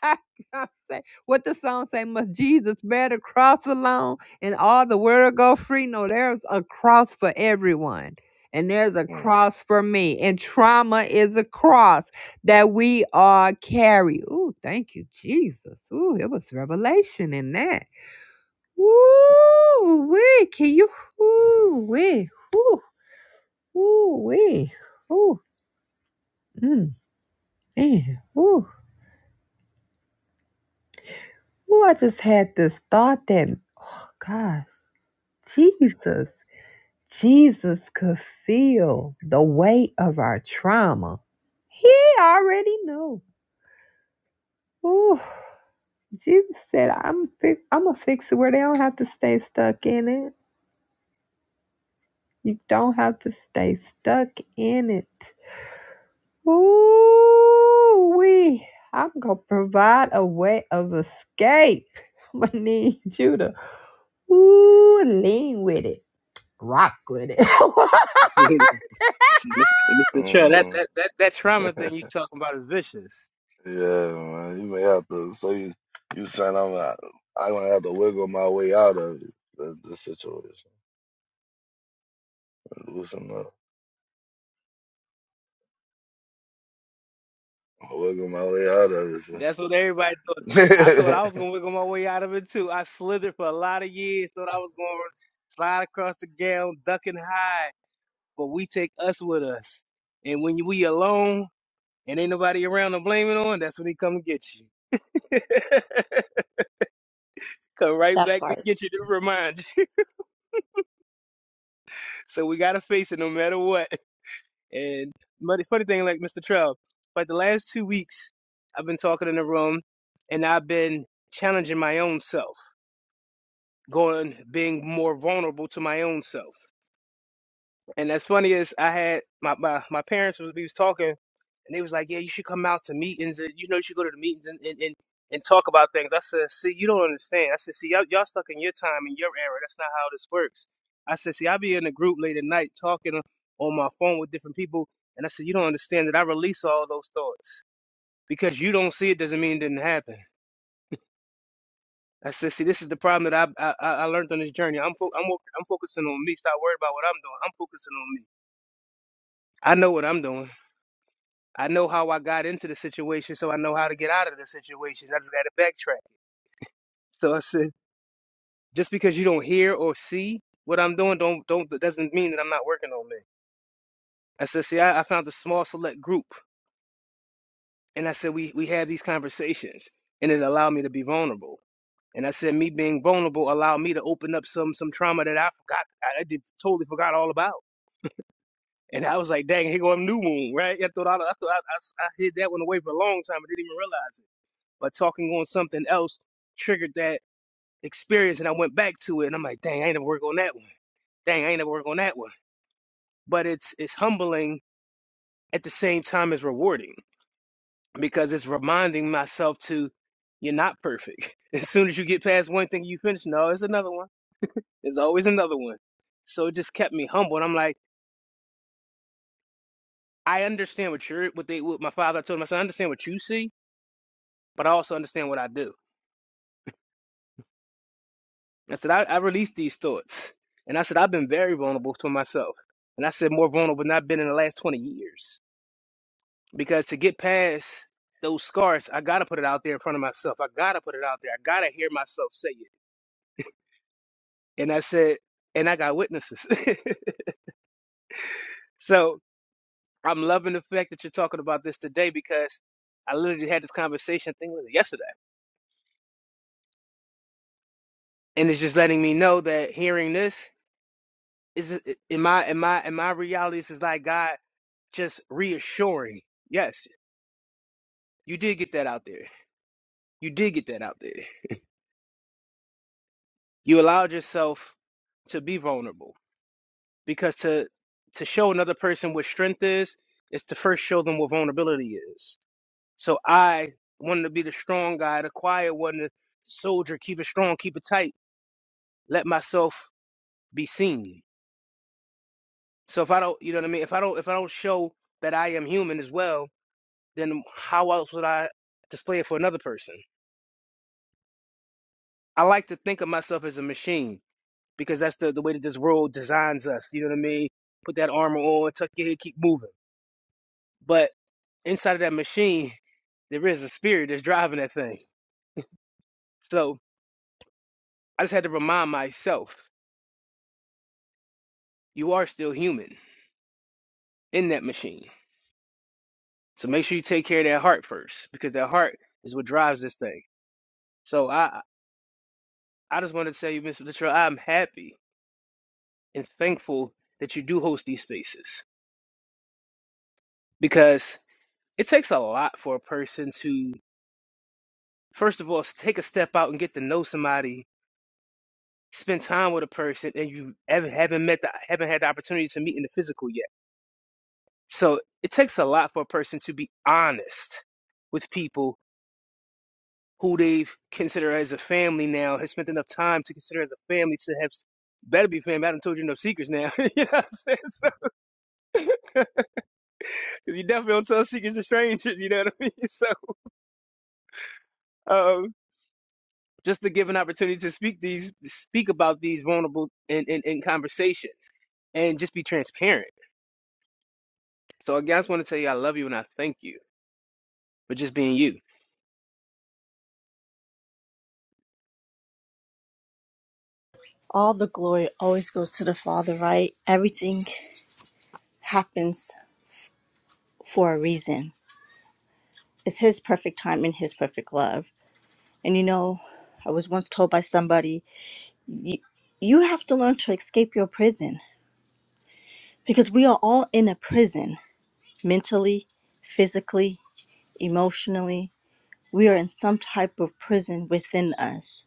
S1: I can't say what the song say. Must Jesus bear the cross alone and all the world go free? No, there's a cross for everyone, and there's a
S5: mm,
S1: cross for me. And trauma is a cross that we are carry. Ooh, thank you, Jesus. Ooh, it was revelation in that. Ooh, wee, can you? Ooh, wee, ooh, ooh, wee, ooh, mm, man, ooh, ooh. I just had this thought that, oh gosh. Jesus, Jesus could feel the weight of our trauma. He already knew. Ooh, Jesus said, "I'm fi- I'm gonna fix it where they don't have to stay stuck in it. You don't have to stay stuck in it." Ooh, we. I'm gonna provide a way of escape. I'm gonna need you to ooh lean with it, rock with it.
S4: See, see, Mr. Mr. that,
S5: mm.
S4: that, that, that trauma thing you talking about is vicious.
S5: yeah, man. You may have to. So you, you saying I'm not, I'm gonna have to wiggle my way out of it, the, the situation, loosen up, wiggle my way out of
S4: That's what everybody thought.
S5: it.
S4: I
S5: son.
S4: thought I was going to wiggle my way out of it, too. I slithered for a lot of years, thought I was going to slide across the gown, ducking high, but we take us with us. And when we alone and ain't nobody around to blame it on, that's when they come to get you. Come right
S2: That
S4: back to
S2: part.
S4: get you to remind you. So we gotta face it no matter what. And but the funny thing, like Mr. Trell, like the last two weeks, I've been talking in the room, and I've been challenging my own self, going being more vulnerable to my own self. And that's funny is I had my, my, my parents was we was talking and they was like, Yeah, you should come out to meetings and you know you should go to the meetings and, and, and, and talk about things. I said, See, you don't understand. I said, See, y'all, y'all stuck in your time and your era. That's not how this works. I said, See, I be in a group late at night talking on my phone with different people and I said, You don't understand that I release all those thoughts. Because you don't see it doesn't mean it didn't happen. I said, see, this is the problem that I I, I I learned on this journey. I'm fo- I'm wo- I'm focusing on me. Stop worrying about what I'm doing. I'm focusing on me. I know what I'm doing. I know how I got into the situation, so I know how to get out of the situation. I just got to backtrack. So I said, just because you don't hear or see what I'm doing, don't don't that doesn't mean that I'm not working on me. I said, see, I, I found a small select group, and I said we we have these conversations, and it allowed me to be vulnerable. And I said, me being vulnerable allowed me to open up some some trauma that I forgot, I, I did, totally forgot all about. And I was like, dang, here go a new moon, right? I thought I, I thought I, I, I hid that one away for a long time. I didn't even realize it. but talking on something else triggered that experience, and I went back to it, and I'm like, dang, I ain't never work on that one. Dang, I ain't never work on that one. But it's it's humbling at the same time as rewarding because it's reminding myself to you're not perfect. As soon as you get past one thing, you finish. No, it's another one. There's always another one. So it just kept me humble, and I'm like, I understand what you're what they what my father told him. I said, I understand what you see, but I also understand what I do. I said, I, I released these thoughts. And I said, I've been very vulnerable to myself. And I said, more vulnerable than I've been in the last 20 years. Because to get past those scars, I got to put it out there in front of myself. I got to put it out there. I got to hear myself say it. And I said, and I got witnesses. so I'm loving the fact that you're talking about this today because I literally had this conversation, I think it was yesterday. And it's just letting me know that hearing this is in my, in my, in my realities is like God just reassuring. Yes, You did get that out there. You did get that out there. You allowed yourself to be vulnerable because to to show another person what strength is is to first show them what vulnerability is. So I wanted to be the strong guy, the quiet one, the soldier, keep it strong, keep it tight, let myself be seen. So if I don't, you know what I mean, if I don't if I don't show that I am human as well, then how else would I display it for another person? I like to think of myself as a machine. because that's the, the way that this world designs us. You know what I mean? Put that armor on, tuck your head, keep moving. But inside of that machine, there is a spirit that's driving that thing. So I just had to remind myself, you are still human in that machine. So make sure you take care of that heart first, because that heart is what drives this thing. So I I just want to tell you, Mr. Latrell, I'm happy and thankful that you do host these spaces because it takes a lot for a person to first of all, take a step out and get to know somebody, spend time with a person, and you haven't, haven't met, the, haven't had the opportunity to meet in the physical yet. So it takes a lot for a person to be honest with people who they've considered as a family now, has spent enough time to consider as a family to have. Better be family. I done told you enough secrets now. you know what I'm saying? So, 'cause you definitely don't tell secrets to strangers. You know what I mean? So, um, just to give an opportunity to speak these speak about these vulnerable in, in, in conversations and just be transparent. So again, I just want to tell you I love you and I thank you for just being you.
S2: All the glory always goes to the Father, right? Everything happens for a reason. It's His perfect time and His perfect love. And you know, I was once told by somebody, you, you have to learn to escape your prison because we are all in a prison mentally, physically, emotionally. We are in some type of prison within us,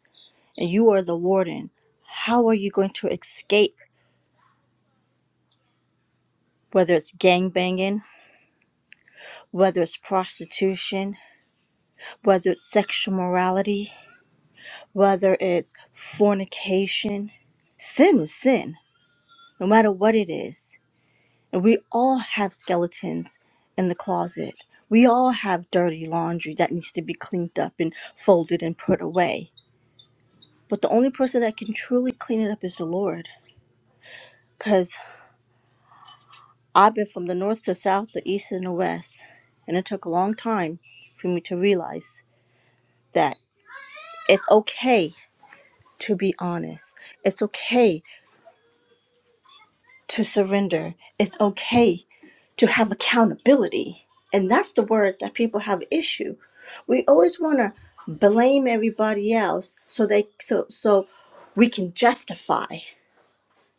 S2: and you are the warden. How are you going to escape? whether it's gang banging, whether it's prostitution, whether it's sexual morality, whether it's fornication. Sin is sin, no matter what it is. And we all have skeletons in the closet. We all have dirty laundry that needs to be cleaned up and folded and put away. But the only person that can truly clean it up is the Lord. Because I've been from the north to south, the east and the west. And it took a long time for me to realize that. It's okay to be honest. It's okay to surrender. It's okay to have accountability. And that's the word that people have issue. We always want to blame everybody else so they so so we can justify.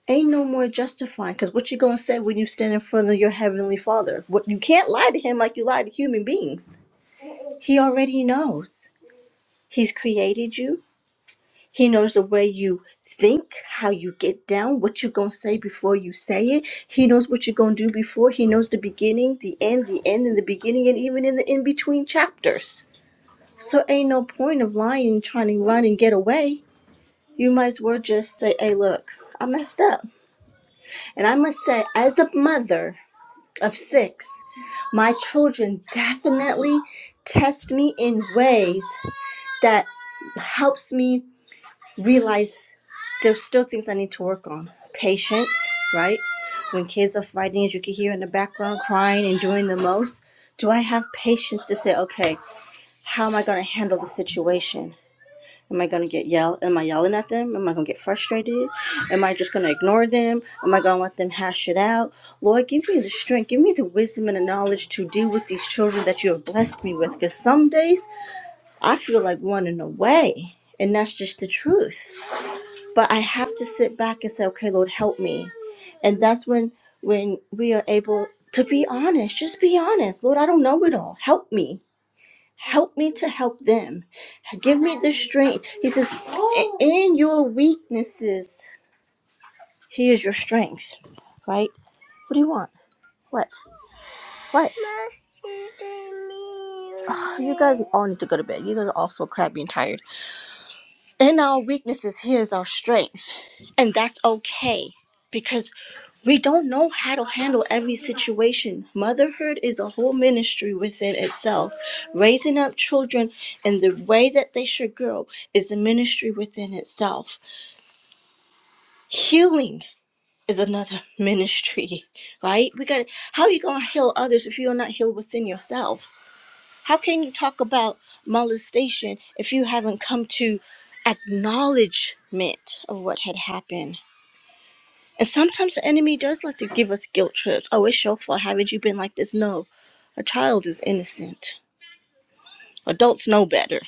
S2: Ain't no more justifying because what you gonna say when you stand in front of your heavenly father? What you can't lie to him like you lie to human beings. He already knows. He's created you. He knows the way you think, how you get down, what you're going to say before you say it. He knows what you're going to do before. He knows the beginning, the end, the end, and the beginning, and even in the in between chapters. So, ain't no point of lying and trying to run and get away. You might as well just say, hey, look, I messed up. And I must say, as a mother of six, my children definitely test me in ways that helps me realize there's still things I need to work on. Patience, right? When kids are fighting, as you can hear in the background, crying and doing the most, do I have patience to say, okay, how am I going to handle the situation? Am I going to get yelled? Am I yelling at them? Am I going to get frustrated? Am I just going to ignore them? Am I going to let them hash it out? Lord, give me the strength, give me the wisdom and the knowledge to deal with these children that you have blessed me with. Because some days I feel like running away, and that's just the truth but I have to sit back and say, okay, Lord, help me. And that's when when we are able to be honest, just be honest. Lord, I don't know it all. Help me. Help me to help them. Give me the strength. He says, "I- in your weaknesses, he is your strength. Right? What do you want? What? What? Oh, you guys all need to go to bed. You guys are all so crabby and tired. In our weaknesses, here is our strengths. And that's okay because we don't know how to handle every situation. Motherhood is a whole ministry within itself. Raising up children in the way that they should grow is a ministry within itself. Healing is another ministry, right? We got to how are you going to heal others if you're not healed within yourself? How can you talk about molestation if you haven't come to acknowledgement of what had happened? And sometimes the enemy does like to give us guilt trips. Oh, it's your fault. Haven't you been like this? No, a child is innocent. Adults know better.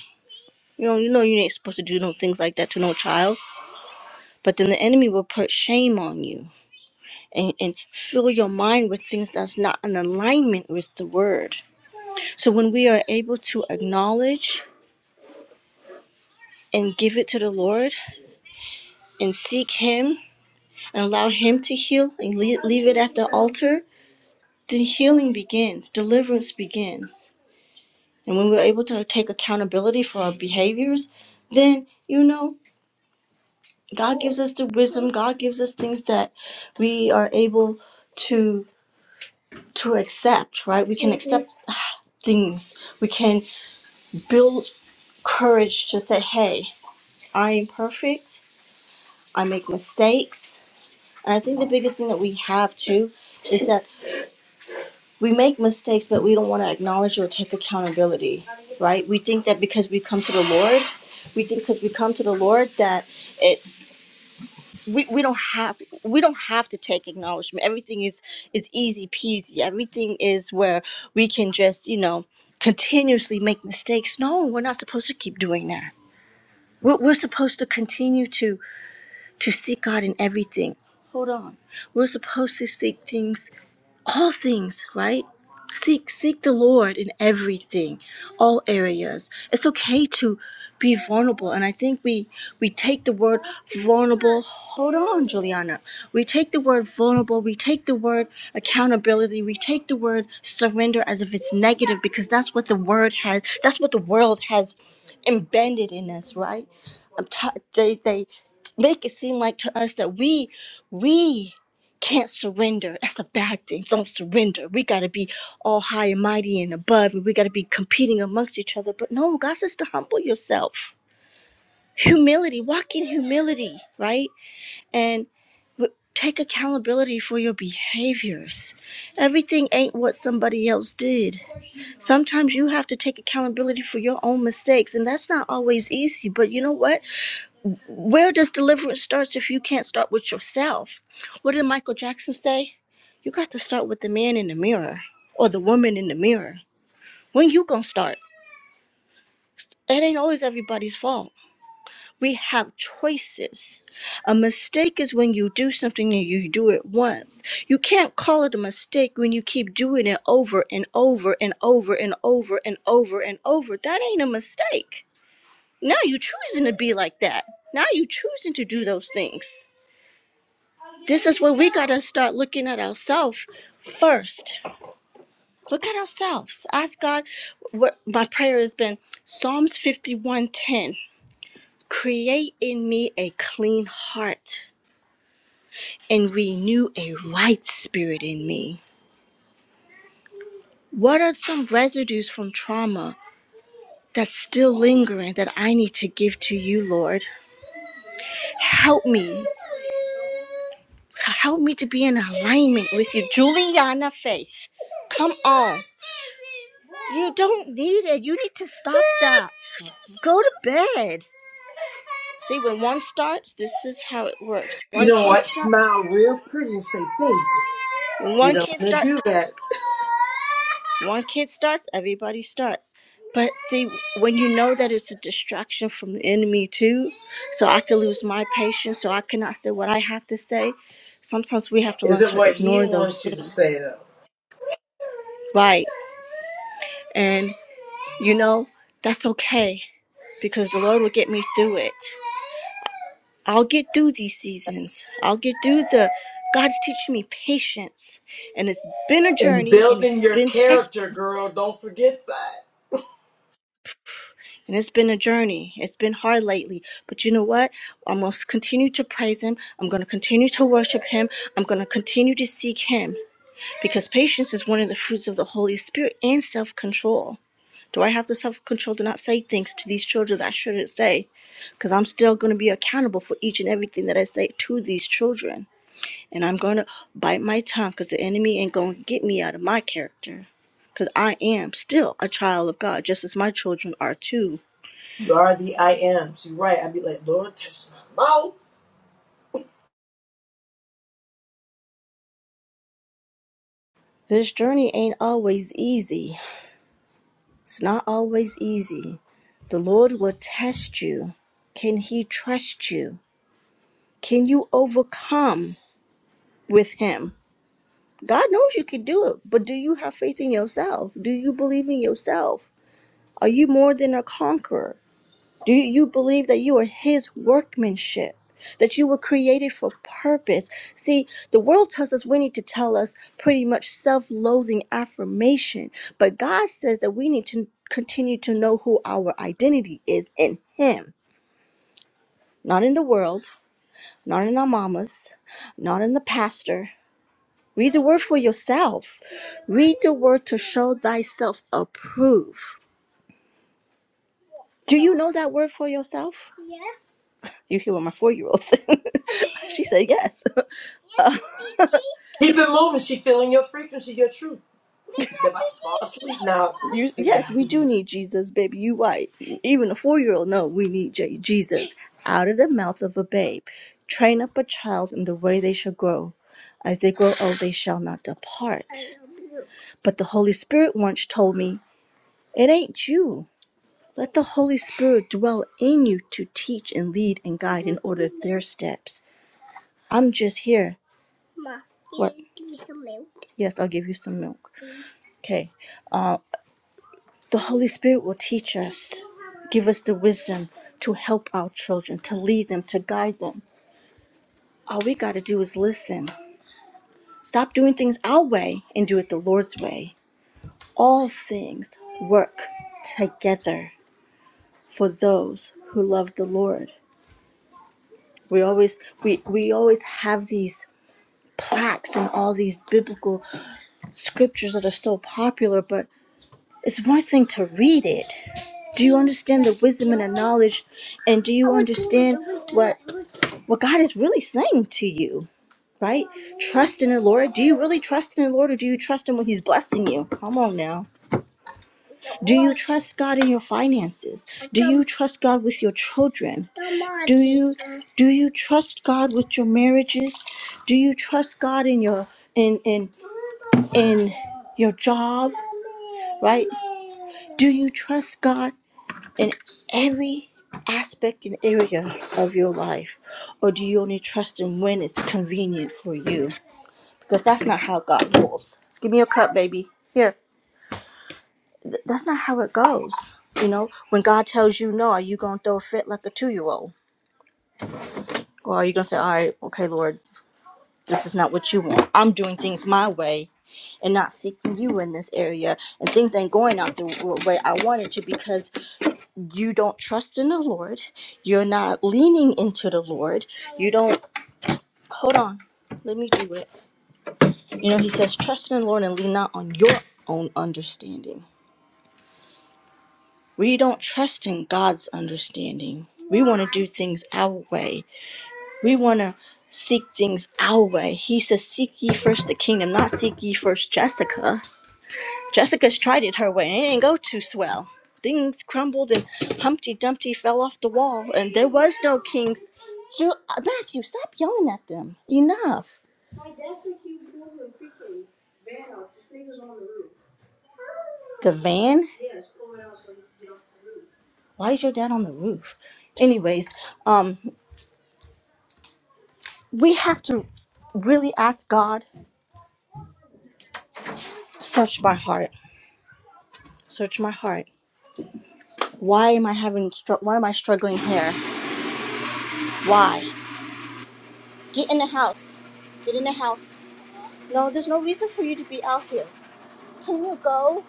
S2: You know, you know you ain't supposed to do no things like that to no child. But then the enemy will put shame on you and, and fill your mind with things that's not in alignment with the word. So when we are able to acknowledge and give it to the Lord, and seek Him and allow Him to heal and leave, it at the altar, then healing begins, deliverance begins. And when we're able to take accountability for our behaviors, then, you know, God gives us the wisdom, God gives us things that we are able to to accept, right? We can accept things. We can build courage to say, "Hey, I am perfect. I make mistakes." And I think the biggest thing that we have too is that we make mistakes, but we don't want to acknowledge or take accountability, right? We think that because we come to the Lord, we think because we come to the Lord that it's we, we don't have we don't have to take acknowledgement. Everything is is easy peasy. Everything is where we can just you know continuously make mistakes. No, we're not supposed to keep doing that. We're, we're supposed to continue to to seek God in everything. Hold on, we're supposed to seek things all things, right? Seek seek the Lord in everything, all areas. It's okay to be vulnerable, and I think we we take the word vulnerable. Hold on, Juliana. We take the word vulnerable. We take the word accountability. We take the word surrender as if it's negative because that's what the word has. That's what the world has embedded in us, right? I'm t- they they make it seem like to us that we we can't surrender. That's a bad thing. Don't surrender. We got to be all high and mighty and above, and we got to be competing amongst each other. But no, God says to humble yourself. Humility, walk in humility, right? And w- take accountability for your behaviors. Everything ain't what somebody else did. Sometimes you have to take accountability for your own mistakes, and that's not always easy. But you know what? Where does deliverance starts if you can't start with yourself? What did Michael Jackson say? You got to start with the man in the mirror or the woman in the mirror. When you gonna start? It ain't always everybody's fault. We have choices. A mistake is when you do something and you do it once. You can't call it a mistake when you keep doing it over and over and over and over and over and over. That ain't a mistake. Now you choosing to be like that. Now you choosing to do those things. This is where we got to start looking at ourselves first. Look at ourselves. Ask God what my prayer has been Psalms 51:10. Create in me a clean heart and renew a right spirit in me. What are some residues from trauma that's still lingering that I need to give to you, Lord? Help me. Help me to be in alignment with you. Juliana Faith. Come on. You don't need it. You need to stop that. Go to bed. See, when one starts, this is how it works.
S6: You
S2: One
S6: don't
S2: kid
S6: want to
S2: starts.
S6: smile real pretty and say, baby.
S2: When
S6: You
S2: one
S6: don't
S2: kid
S6: want to
S2: starts,
S6: do that.
S2: one kid starts, everybody starts. But see, when you know that it's a distraction from the enemy too, so I could lose my patience, so I cannot say what I have to say. Sometimes we have to
S6: Is
S2: learn
S6: it
S2: to
S6: what he
S2: ignore those
S6: wants you to
S2: things,
S6: say, though?
S2: right? And you know that's okay because the Lord will get me through it. I'll get through these seasons. I'll get through the. God's teaching me patience. And it's been a
S6: And
S2: journey and
S6: building
S2: it's
S6: your
S2: been testing
S6: character, girl, don't forget that.
S2: and it's been a journey. It's been hard lately. But you know what? I'm going to continue to praise Him. I'm going to continue to worship Him. I'm going to continue to seek Him because patience is one of the fruits of the Holy Spirit and self control. Do I have the self control to not say things to these children that I shouldn't say? Because I'm still going to be accountable for each and everything that I say to these children. and I'm going to bite my tongue because the enemy ain't going to get me out of my character because I am still a child of God, just as my children are too.
S6: You are the I ams. You're right. I'd be like, Lord, touch my mouth.
S2: This journey ain't always easy. It's not always easy. The Lord will test you. Can He trust you? Can you overcome with Him? God knows you can do it, but do you have faith in yourself? Do you believe in yourself? Are you more than a conqueror? Do you believe that you are His workmanship? That you were created for purpose. See, the world tells us we need to tell us pretty much self loathing affirmation, but God says that we need to continue to know who our identity is in Him, not in the world, not in our mamas, not in the pastor. Read the word for yourself. Read the word to show thyself approved. Do you know that word for yourself? Yes. You hear what my four year old said? she said yes. Uh, Because
S6: Keep it moving. She feeling your frequency, your truth.
S2: we
S6: They're about to fall asleep now.
S2: need Jesus. you,
S6: To
S2: yes,
S6: God
S2: we
S6: be you.
S2: do need Jesus, baby. You right. Even a four year old know we need J- Jesus out of the mouth of a babe. Train up a child in the way they shall grow. As they grow old, they shall not depart. But the Holy Spirit once told me, It ain't you. Let the Holy Spirit dwell in you to teach and lead and guide and order their steps. I'm just here. Ma, give, What? You give me some milk. Yes, I'll give you some milk. Okay. Uh, the Holy Spirit will teach us, give us the wisdom to help our children, to lead them, to guide them. All we got to do is listen. Stop doing things our way and do it the Lord's way. All things work together for those who love the Lord. We always we we always have these plaques and all these biblical scriptures that are so popular, but It's one thing to read it. Do you understand the wisdom and the knowledge? And do you understand what what God is really saying to you? Right? Trust in the Lord. Do you really trust in the Lord or do you trust him when he's blessing you? Come on now. Do you trust God in your finances? Do you trust God with your children? Do you do you trust God with your marriages? Do you trust God in your in in in your job? Right? Do you trust God in every aspect and area of your life? Or do you only trust Him when it's convenient for you? Because that's not how God rules. Give me your cup, baby. Here. Th- That's not how it goes. You know, when God tells you no, are you going to throw a fit like a two year old? Or are you going to say, all right, okay, Lord, this is not what you want. I'm doing things my way and not seeking you in this area. And things ain't going out the w- way I want it to because you don't trust in the Lord. You're not leaning into the Lord. You don't, hold on, let me do it. You know, he says, trust in the Lord and lean not on your own understanding. We don't trust in God's understanding. We want to do things our way. We want to seek things our way. He says, Seek ye first the kingdom, not seek ye first Jessica. Jessica's tried it her way, and it didn't go too swell. Things crumbled, and Humpty Dumpty fell off the wall, and there was no king's. Ju- uh, Matthew, stop yelling at them. Enough. The van? Why is your dad on the roof? Anyways, um, we have to really ask God, search my heart, search my heart. Why am I having? Str- why am I struggling here? Why? Get in the house. Get in the house. No, there's no reason for you to be out here. Can you go?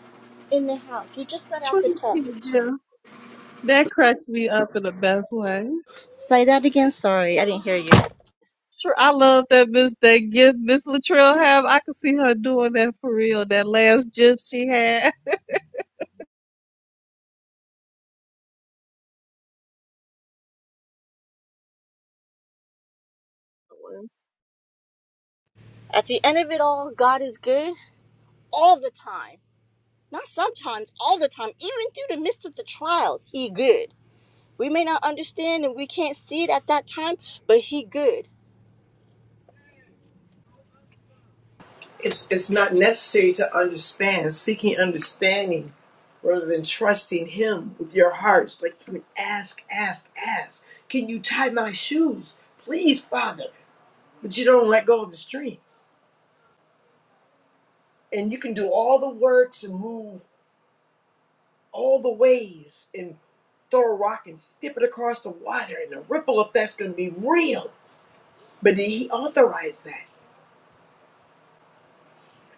S2: in the house. You just got out
S3: True,
S2: the tub.
S3: Jim. That cracks me up in the best way.
S2: Say that again. Sorry, I didn't hear you.
S3: Sure, I love that Miss that gift Miss Latrell have. I can see her doing that for real. That last gift she had.
S2: At the end of it all, God is good all the time. Not sometimes, all the time. Even through the midst of the trials, He good. We may not understand and we can't see it at that time, but He good.
S6: it's it's not necessary to understand seeking understanding rather than trusting him with your hearts like you can ask ask ask can you tie my shoes please father but you don't let go of the strings and you can do all the works and move all the waves and throw a rock and skip it across the water and the ripple effect's going to be real but did he authorize that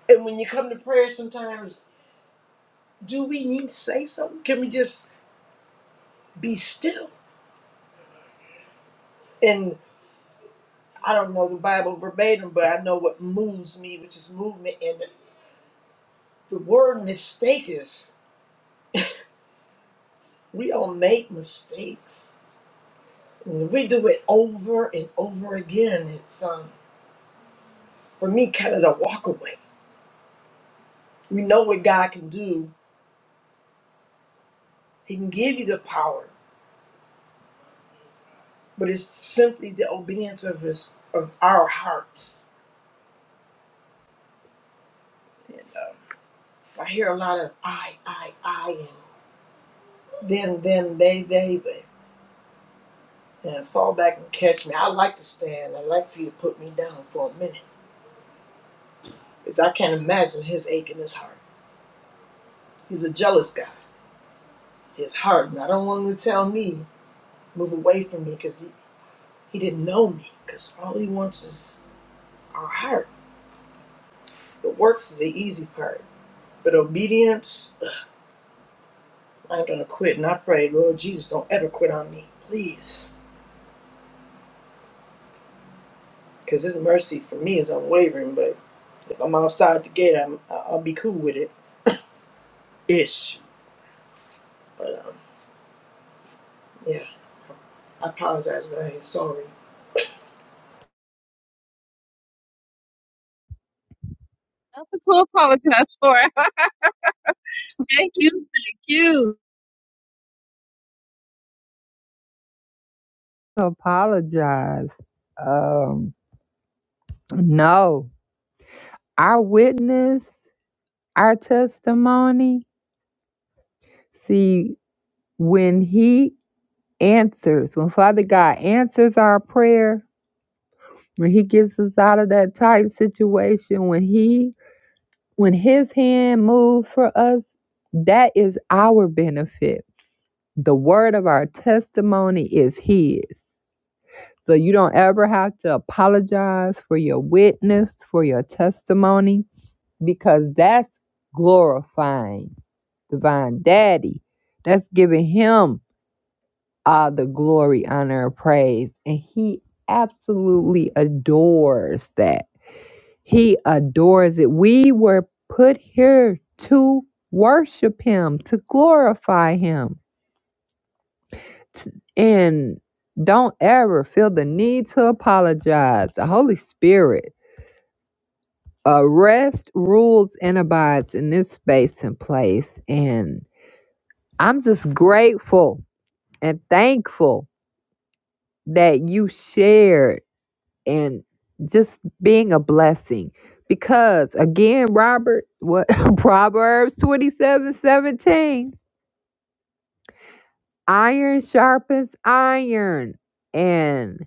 S6: and when you come to prayer sometimes do we need to say something can we just be still and I don't know the Bible verbatim, but I know what moves me, which is movement. And the word mistake is we all make mistakes. And we do it over and over again. It's um, for me kind of the walk away. We know what God can do. He can give you the power, but it's simply the obedience of his of our hearts. And um, I hear a lot of I, I, I, and then, then, they, they. but and fall back and catch me. i like to stand. i like for you to put me down for a minute. Because I can't imagine his ache in his heart. He's a jealous guy. His heart. And I don't want him to tell me, move away from me because he, he didn't know me. Because all he wants is our heart. The works is the easy part. But obedience, ugh, I ain't going to quit. And I pray, Lord Jesus, don't ever quit on me. Please. Because his mercy for me is unwavering. But if I'm outside the gate, I'm, I- I'll be cool with it. Ish. But um, yeah. I apologize, but I ain't sorry.
S3: Nothing to apologize for. Thank you. Thank you.
S1: apologize. Um, no, our witness, our testimony. See, when He answers, when Father God answers our prayer, when He gets us out of that tight situation, when He, when His hand moves for us, that is our benefit. The word of our testimony is His. So you don't ever have to apologize for your witness, for your testimony because that's glorifying divine daddy that's giving him all the glory honor and praise and he absolutely adores that he adores it we were put here to worship him to glorify him T- and don't ever feel the need to apologize the holy spirit uh, rest rules and abides in this space and place and I'm just grateful and thankful that you shared and just being a blessing. Because again, Robert, what Proverbs 27 17: iron sharpens iron. And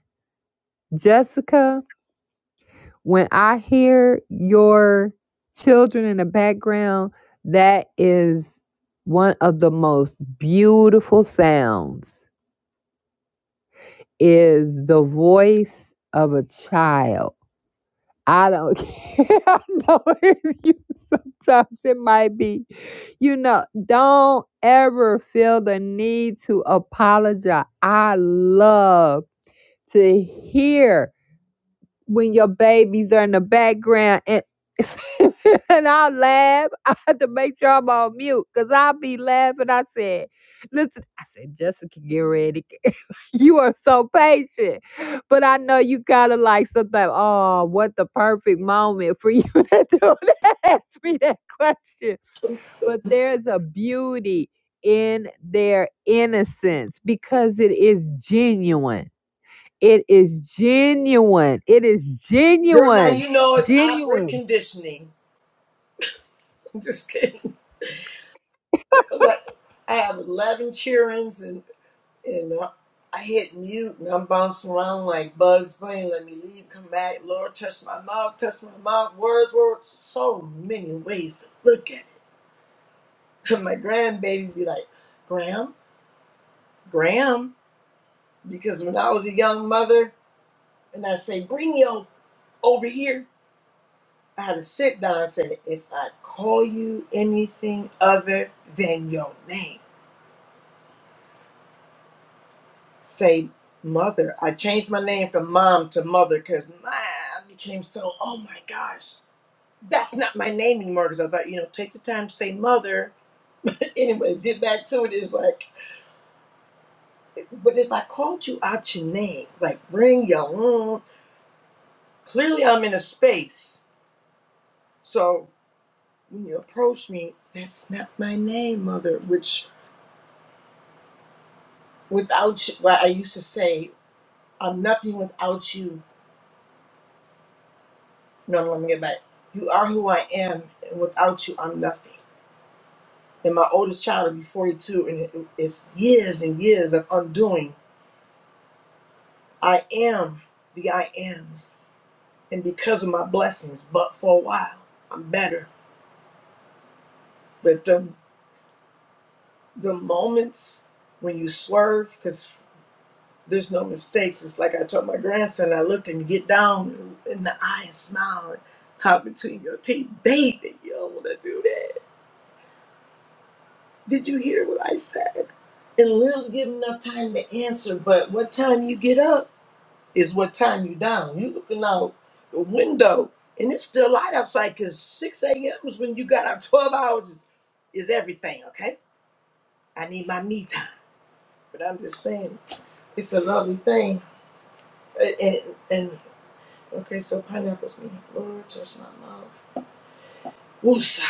S1: Jessica, when I hear your children in the background, that is one of the most beautiful sounds is the voice of a child. I don't care. I know if you tough it might be. You know, don't ever feel the need to apologize. I love to hear when your babies are in the background and and I laugh. I had to make sure I'm on mute because I'll be laughing. I said, listen, I said, Jessica, get ready. you are so patient. But I know you kind of like something, like, oh, what the perfect moment for you to do that. Ask me that question. But there's a beauty in their innocence because it is genuine it is genuine. It is
S6: Girl, now
S1: genuine.
S6: you know it's opera
S1: Genuine.
S6: conditioning. I'm just kidding. Like, I have 11 cheerings and, and I I hit mute and I'm bouncing around like bugs bunny. Let me leave, come back. Lord, touch my mouth, touch my mouth. Words, words. So many ways to look at it. And My grandbaby be like, Graham, Graham. Because when I was a young mother and I say, bring yo over here, I had to sit down and said, if I call you anything other than your name, say mother. I changed my name from mom to mother because mine became so, oh my gosh, that's not my name anymore because I thought, you know, take the time to say mother. But Anyways, get back to it. It's like, but if I called you out your name, like bring your own, clearly I'm in a space. So when you approach me, that's not my name, mother, which without, well, I used to say, I'm nothing without you. No, no, let me get back. You are who I am, and without you, I'm nothing. And my oldest child will be 42, and it- it's years and years of undoing. I am the I ams, and because of my blessings, but for a while, I'm better. But the, the moments when you swerve, because there's no mistakes, it's like I told my grandson, I looked and get down in the eye and smile and talk between your teeth. Baby, you don't want to do that Did you hear what I said? And Lil get enough time to answer, but what time you get up is what time you down. You looking out the window and it's still light outside because 6 a.m. is when you got out 12 hours is everything, okay? I need my me time. But I'm just saying, it's a lovely thing. A- And, and okay, so pineapples mean Lord, touch my mouth. Woosah.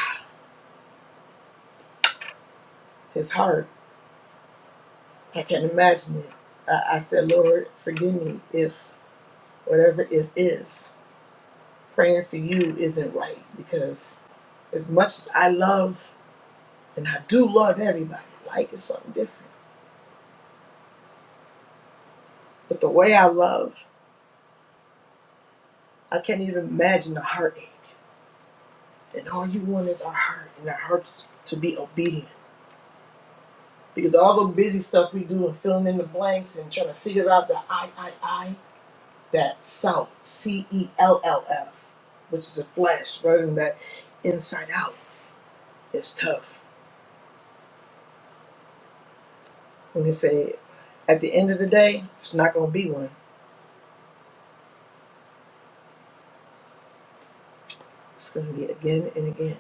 S6: It's hard. I can't imagine it. I, I said, Lord, forgive me if whatever it is. praying for you isn't right because as much as I love, and I do love everybody, like is something different. But the way I love, I can't even imagine the heartache. And all you want is our heart, and our hearts to be obedient. Because all the busy stuff we do and filling in the blanks and trying to figure out the I, I, I, that self, C E L L F, which is the flesh, rather than that inside out, is tough. When they say, at the end of the day, it's not going to be one. It's gonna be again and again.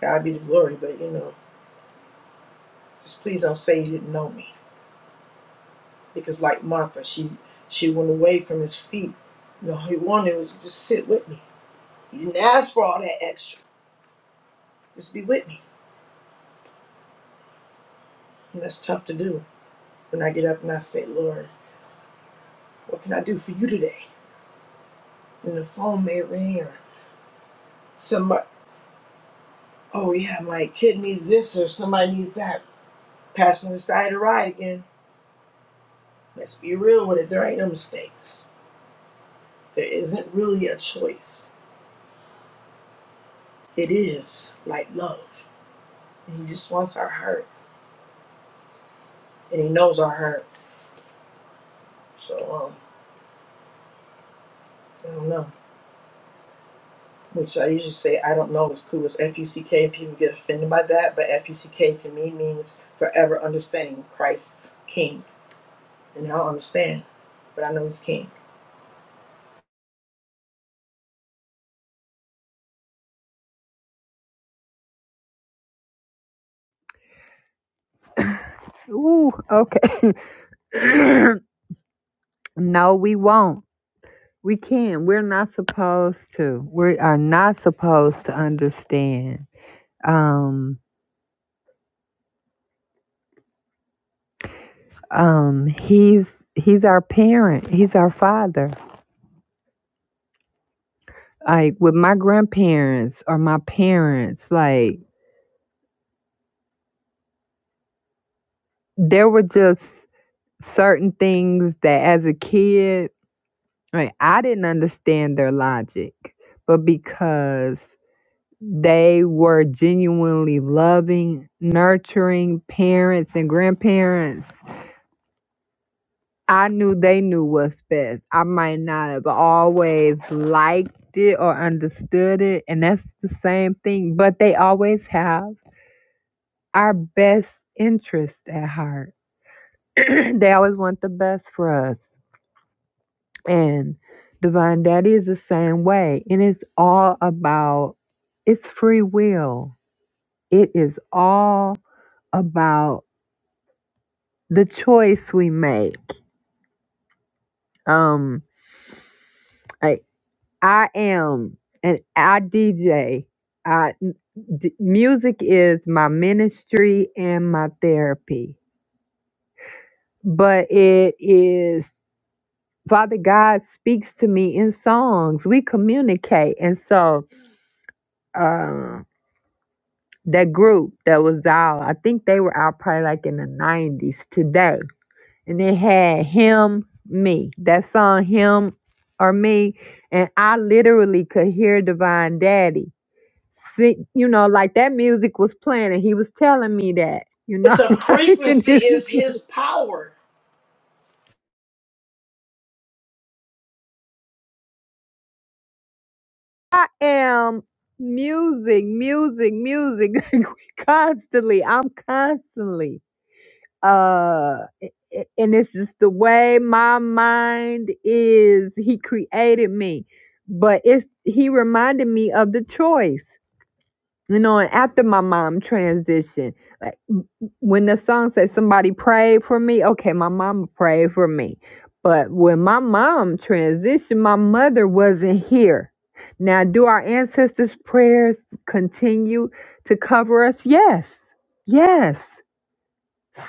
S6: God be the glory, but you know, just please don't say you didn't know me. Because like Martha, she she went away from his feet. No, he wanted was just sit with me. You didn't ask for all that extra. Just be with me. And that's tough to do. When I get up and I say, Lord, what can I do for you today? And the phone may ring or somebody oh yeah, my kid needs this or somebody needs that. Passing the side of the ride again. Let's be real with it. There ain't no mistakes. There isn't really a choice it is like love. And he just wants our heart. And he knows our heart. So, um, I don't know. Which I usually say I don't know is cool as F U C K and people get offended by that, but F U C K to me means forever understanding Christ's King. And I don't understand, but I know he's king.
S1: Ooh, okay. no, we won't. We can't. We're not supposed to. We are not supposed to understand. Um, um, he's he's our parent. He's our father. Like with my grandparents or my parents, like there were just certain things that as a kid Right. I didn't understand their logic, but because they were genuinely loving, nurturing parents and grandparents, I knew they knew what's best. I might not have always liked it or understood it, and that's the same thing, but they always have our best interest at heart. they always want the best for us. And Divine Daddy is the same way. And it's all about it's free will. It is all about the choice we make. Um I I am an I DJ. I d- music is my ministry and my therapy. But it is Father God speaks to me in songs. We communicate. And so um That group that was out, I think they were out probably like in the 90s today. And it had him, me, that song, him or me. And I literally could hear Divine Daddy. See, you know, like that music was playing and he was telling me that, you know,
S6: It's a
S1: like, and
S6: frequency,
S1: it's
S6: is his power.
S1: am music, music, music Like, we constantly. I'm constantly. uh a- a- and this is the way my mind is he created me but it's he reminded me of the choice you know and after my mom transitioned like m- m- when the song says somebody prayed for me okay my mama prayed for me but when my mom transitioned my mother wasn't here now do our ancestors prayers continue to cover us yes yes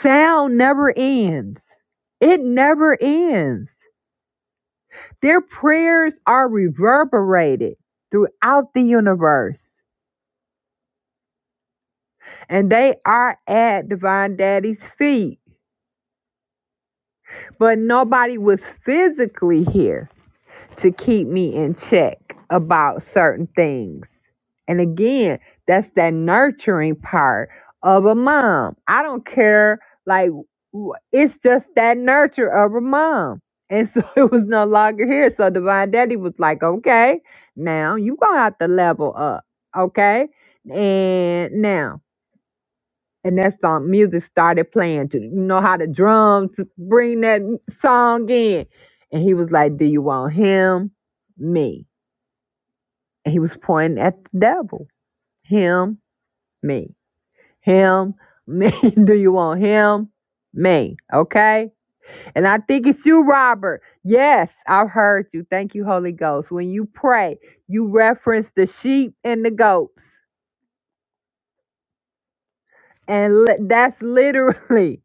S1: Sound never ends. It never ends. Their prayers are reverberated throughout the universe and they are at Divine Daddy's feet. But nobody was physically here. to keep me in check about certain things. And again, that's that nurturing part of a mom. I don't care, like, wh- it's just that nurture of a mom. And so it was no longer here. So Divine Daddy was like, okay, now you going to have to level up, okay? And now and that song music started playing to you know how the drums bring that song in and he was like do you want him me and he was pointing at the devil him me him me do you want him me okay and i think it's you robert yes i've heard you thank you holy ghost when you pray you reference the sheep and the goats and li- that's literally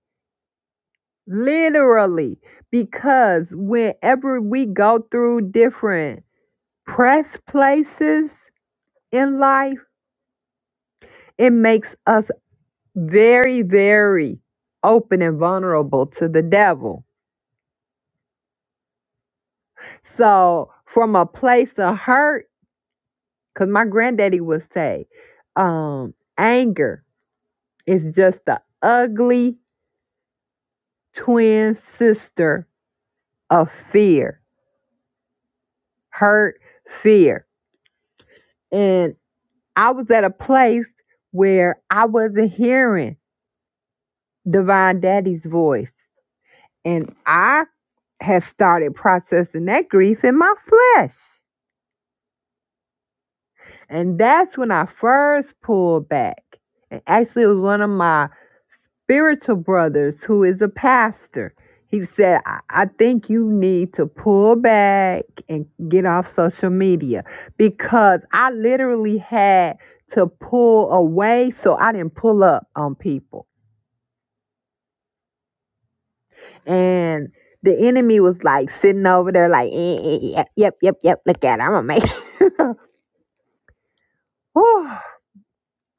S1: Literally, because whenever we go through different press places in life, it makes us very, very open and vulnerable to the devil. So, from a place of hurt, because my granddaddy would say, um, anger is just the ugly twin sister of fear, hurt, fear. and. I was at a place where I wasn't hearing Divine Daddy's voice. And I had started processing that grief in my flesh. And that's when I first pulled back. And actually, it was one of my spiritual brothers who is a pastor. He said, I, I think you need to pull back and get off social media because I literally had to pull away so I didn't pull up on people. And the enemy was like sitting over there, like, eh, eh, yep, yep, yep, yep, look at it. I'm going to make it. Whew.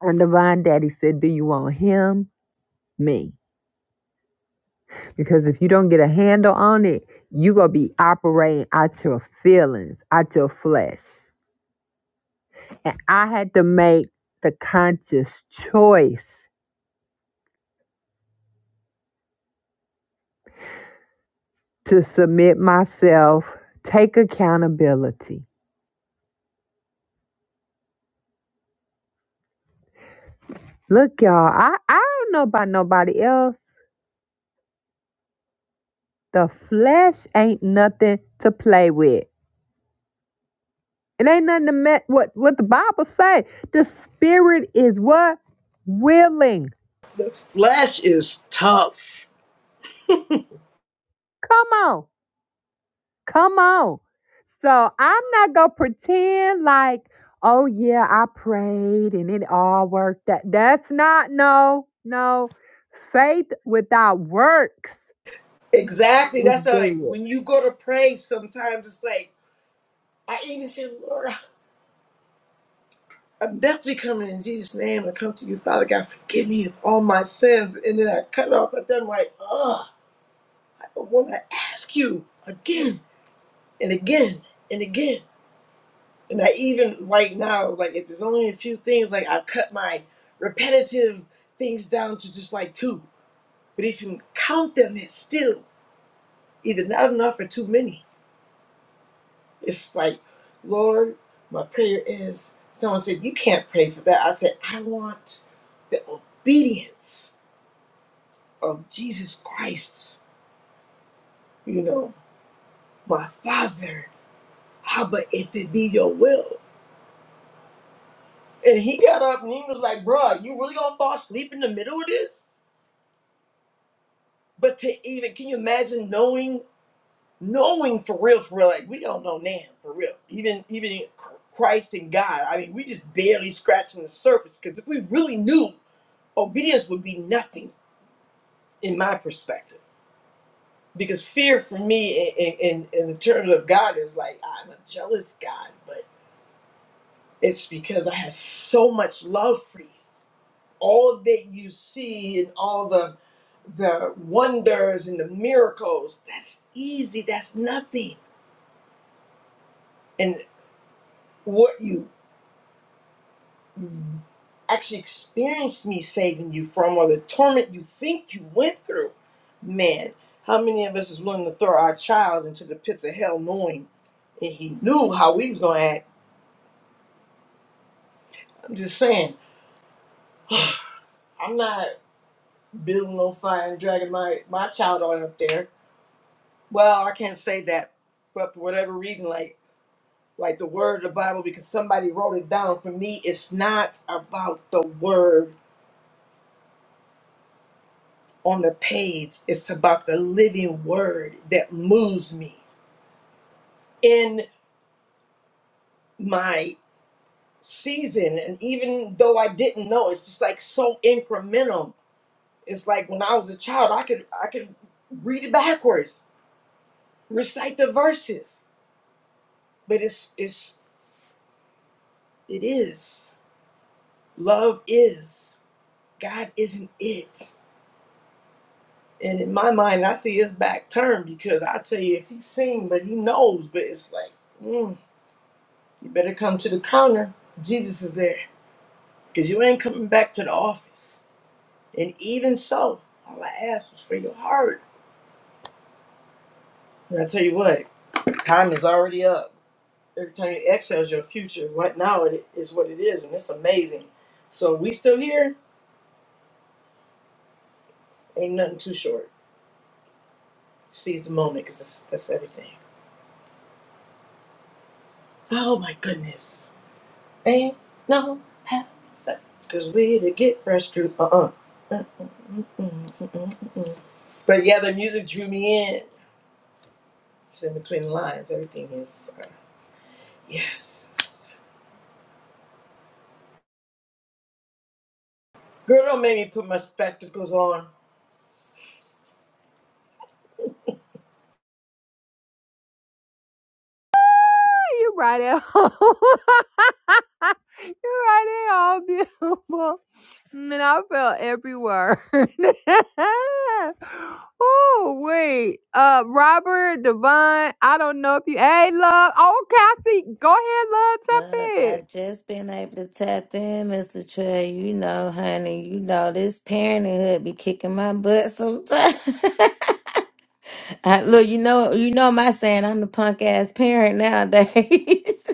S1: And Divine Daddy said, Do you want him? Me. Because if you don't get a handle on it, you going to be operating out your feelings, out your flesh. And I had to make the conscious choice to submit myself, take accountability. Look, y'all, I, I don't know about nobody else. The flesh ain't nothing to play with. It ain't nothing to met what what the Bible say. The spirit is what willing.
S6: The flesh is tough.
S1: Come on, come on. So I'm not gonna pretend like, oh yeah, I prayed and it all worked out. That's not no, no. Faith without works
S6: Exactly.
S1: is
S6: That's how, like
S1: dead.
S6: when you go to pray, sometimes it's like I even say, Lord, I'm definitely coming in Jesus' name. I come to you, Father God. Forgive me of all my sins. And then I cut off. And then I'm like, oh, I don't want to ask you again and again and again. And I even right now, like, it's just only a few things. Like, I cut my repetitive things down to just like two. But if you count them, it's still either not enough or too many. It's like, Lord, my prayer is someone said, You can't pray for that. I said, I want the obedience of Jesus Christ, you know, my father, Abba, if it be your will. And he got up and he was like, bruh, you really gonna fall asleep in the middle of this? But to even, can you imagine knowing, knowing for real, for real, like we don't know now, for real. Even, even Christ and God, I mean, we just barely scratching the surface because if we really knew, obedience would be nothing in my perspective. Because fear for me in, in, in in terms of God is like, I'm a jealous God, but It's because I have so much love for you. All that you see and all the the wonders and the miracles, that's easy, that's nothing. And what you actually experienced me saving you from or the torment you think you went through. Man, how many of us is willing to throw our child into the pits of hell knowing and he knew how we was gonna act? I'm just saying, I'm not building no fire and dragging my, my child on up there Well, I can't say that, but for whatever reason, like like the word of the Bible, because somebody wrote it down. For me, it's not about the word on the page. It's about the living word that moves me in my season. And even though I didn't know, it's just like so incremental. It's like when I was a child, I could I could read it backwards, recite the verses. But it's it's it is. Love is. God isn't it. And in my mind, I see his back turned because I tell you, if he's seen, but he knows, but it's like, mm, you better come to the counter. Jesus is there because you ain't coming back to the office. And even so, all I asked was for your heart. And I tell you what, time is already up. Every time you exhale is your future. Right now, it is what it is, and it's amazing. So we still here. Ain't nothing too short. Seize the moment because that's everything. Oh my goodness. Ain't no half because we to get fresh through. Uh uh But yeah, the music drew me in. Just in between the lines, everything is. Uh, yes. Girl, don't make me put my spectacles on.
S1: You right at home. you right at home, beautiful. And I felt everywhere. oh, wait. Uh Robert, Devon, I don't know if you Hey love. Okay, I see. Go ahead,
S7: Look,
S1: love. Tap
S7: I just been able to tap in, Mr. Trey. You know, honey, you know this parenthood be kicking my butt sometimes. I, look, you know, you know my saying. I'm the punk ass parent nowadays,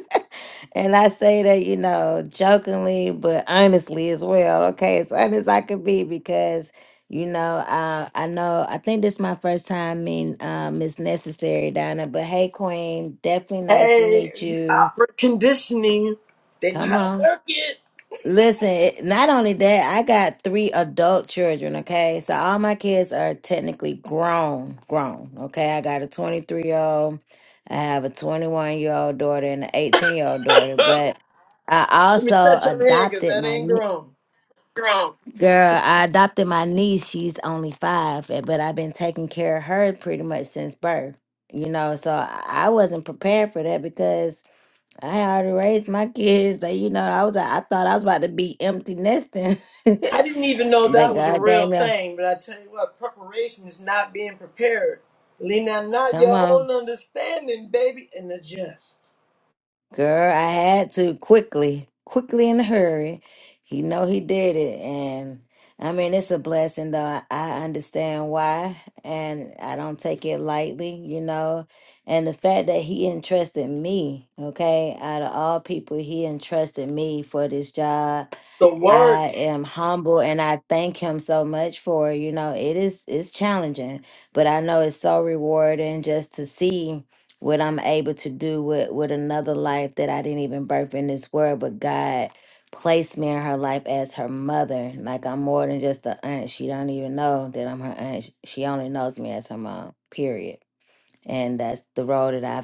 S7: and I say that you know jokingly, but honestly as well. Okay, as honest I could be because you know uh, I know I think this is my first time meeting um, it's necessary, Donna. But hey, Queen, definitely nice to
S6: Hey,
S7: meet you.
S6: opera conditioning. They know
S7: Come
S6: how to
S7: on.
S6: work it.
S7: Listen, it- not only that, I got three adult children, okay? So all my kids are technically grown, grown, okay? I got a 23 year old, I have a 21 year old daughter, and an 18 year old daughter,
S6: Let
S7: but I
S6: me
S7: also
S6: touch your hair because
S7: adopted
S6: that
S7: my
S6: ain't
S7: nie-
S6: grown.
S7: girl. Girl, I adopted my niece. She's only five, eh, but I've been taking care of her pretty much since birth, you know? So I I wasn't prepared for that because I already raised my kids. That you know, I was I thought I was about to be empty nesting,
S6: I
S7: but
S6: didn't even know that was a
S7: God
S6: real
S7: damn it,
S6: thing, but I tell you what, preparation is not being prepared. Lean on not
S7: come
S6: your
S7: on,
S6: own understanding, baby, and adjust.
S7: girl! I had to quickly, quickly in a hurry. He know he did it, and I mean it's a blessing though. I, I understand why, and I don't take it lightly, you know. And the fact that he entrusted me, okay, out of all people, he entrusted me for this job
S6: The work,
S7: I am humble and I thank him so much for, you know, it is it's challenging, but I know it's so rewarding just to see what I'm able to do with with another life that I didn't even birth in this world, but God placed me in her life as her mother. Like I'm more than just the aunt. She don't even know that I'm her aunt. She only knows me as her mom. Period. And that's the role that I've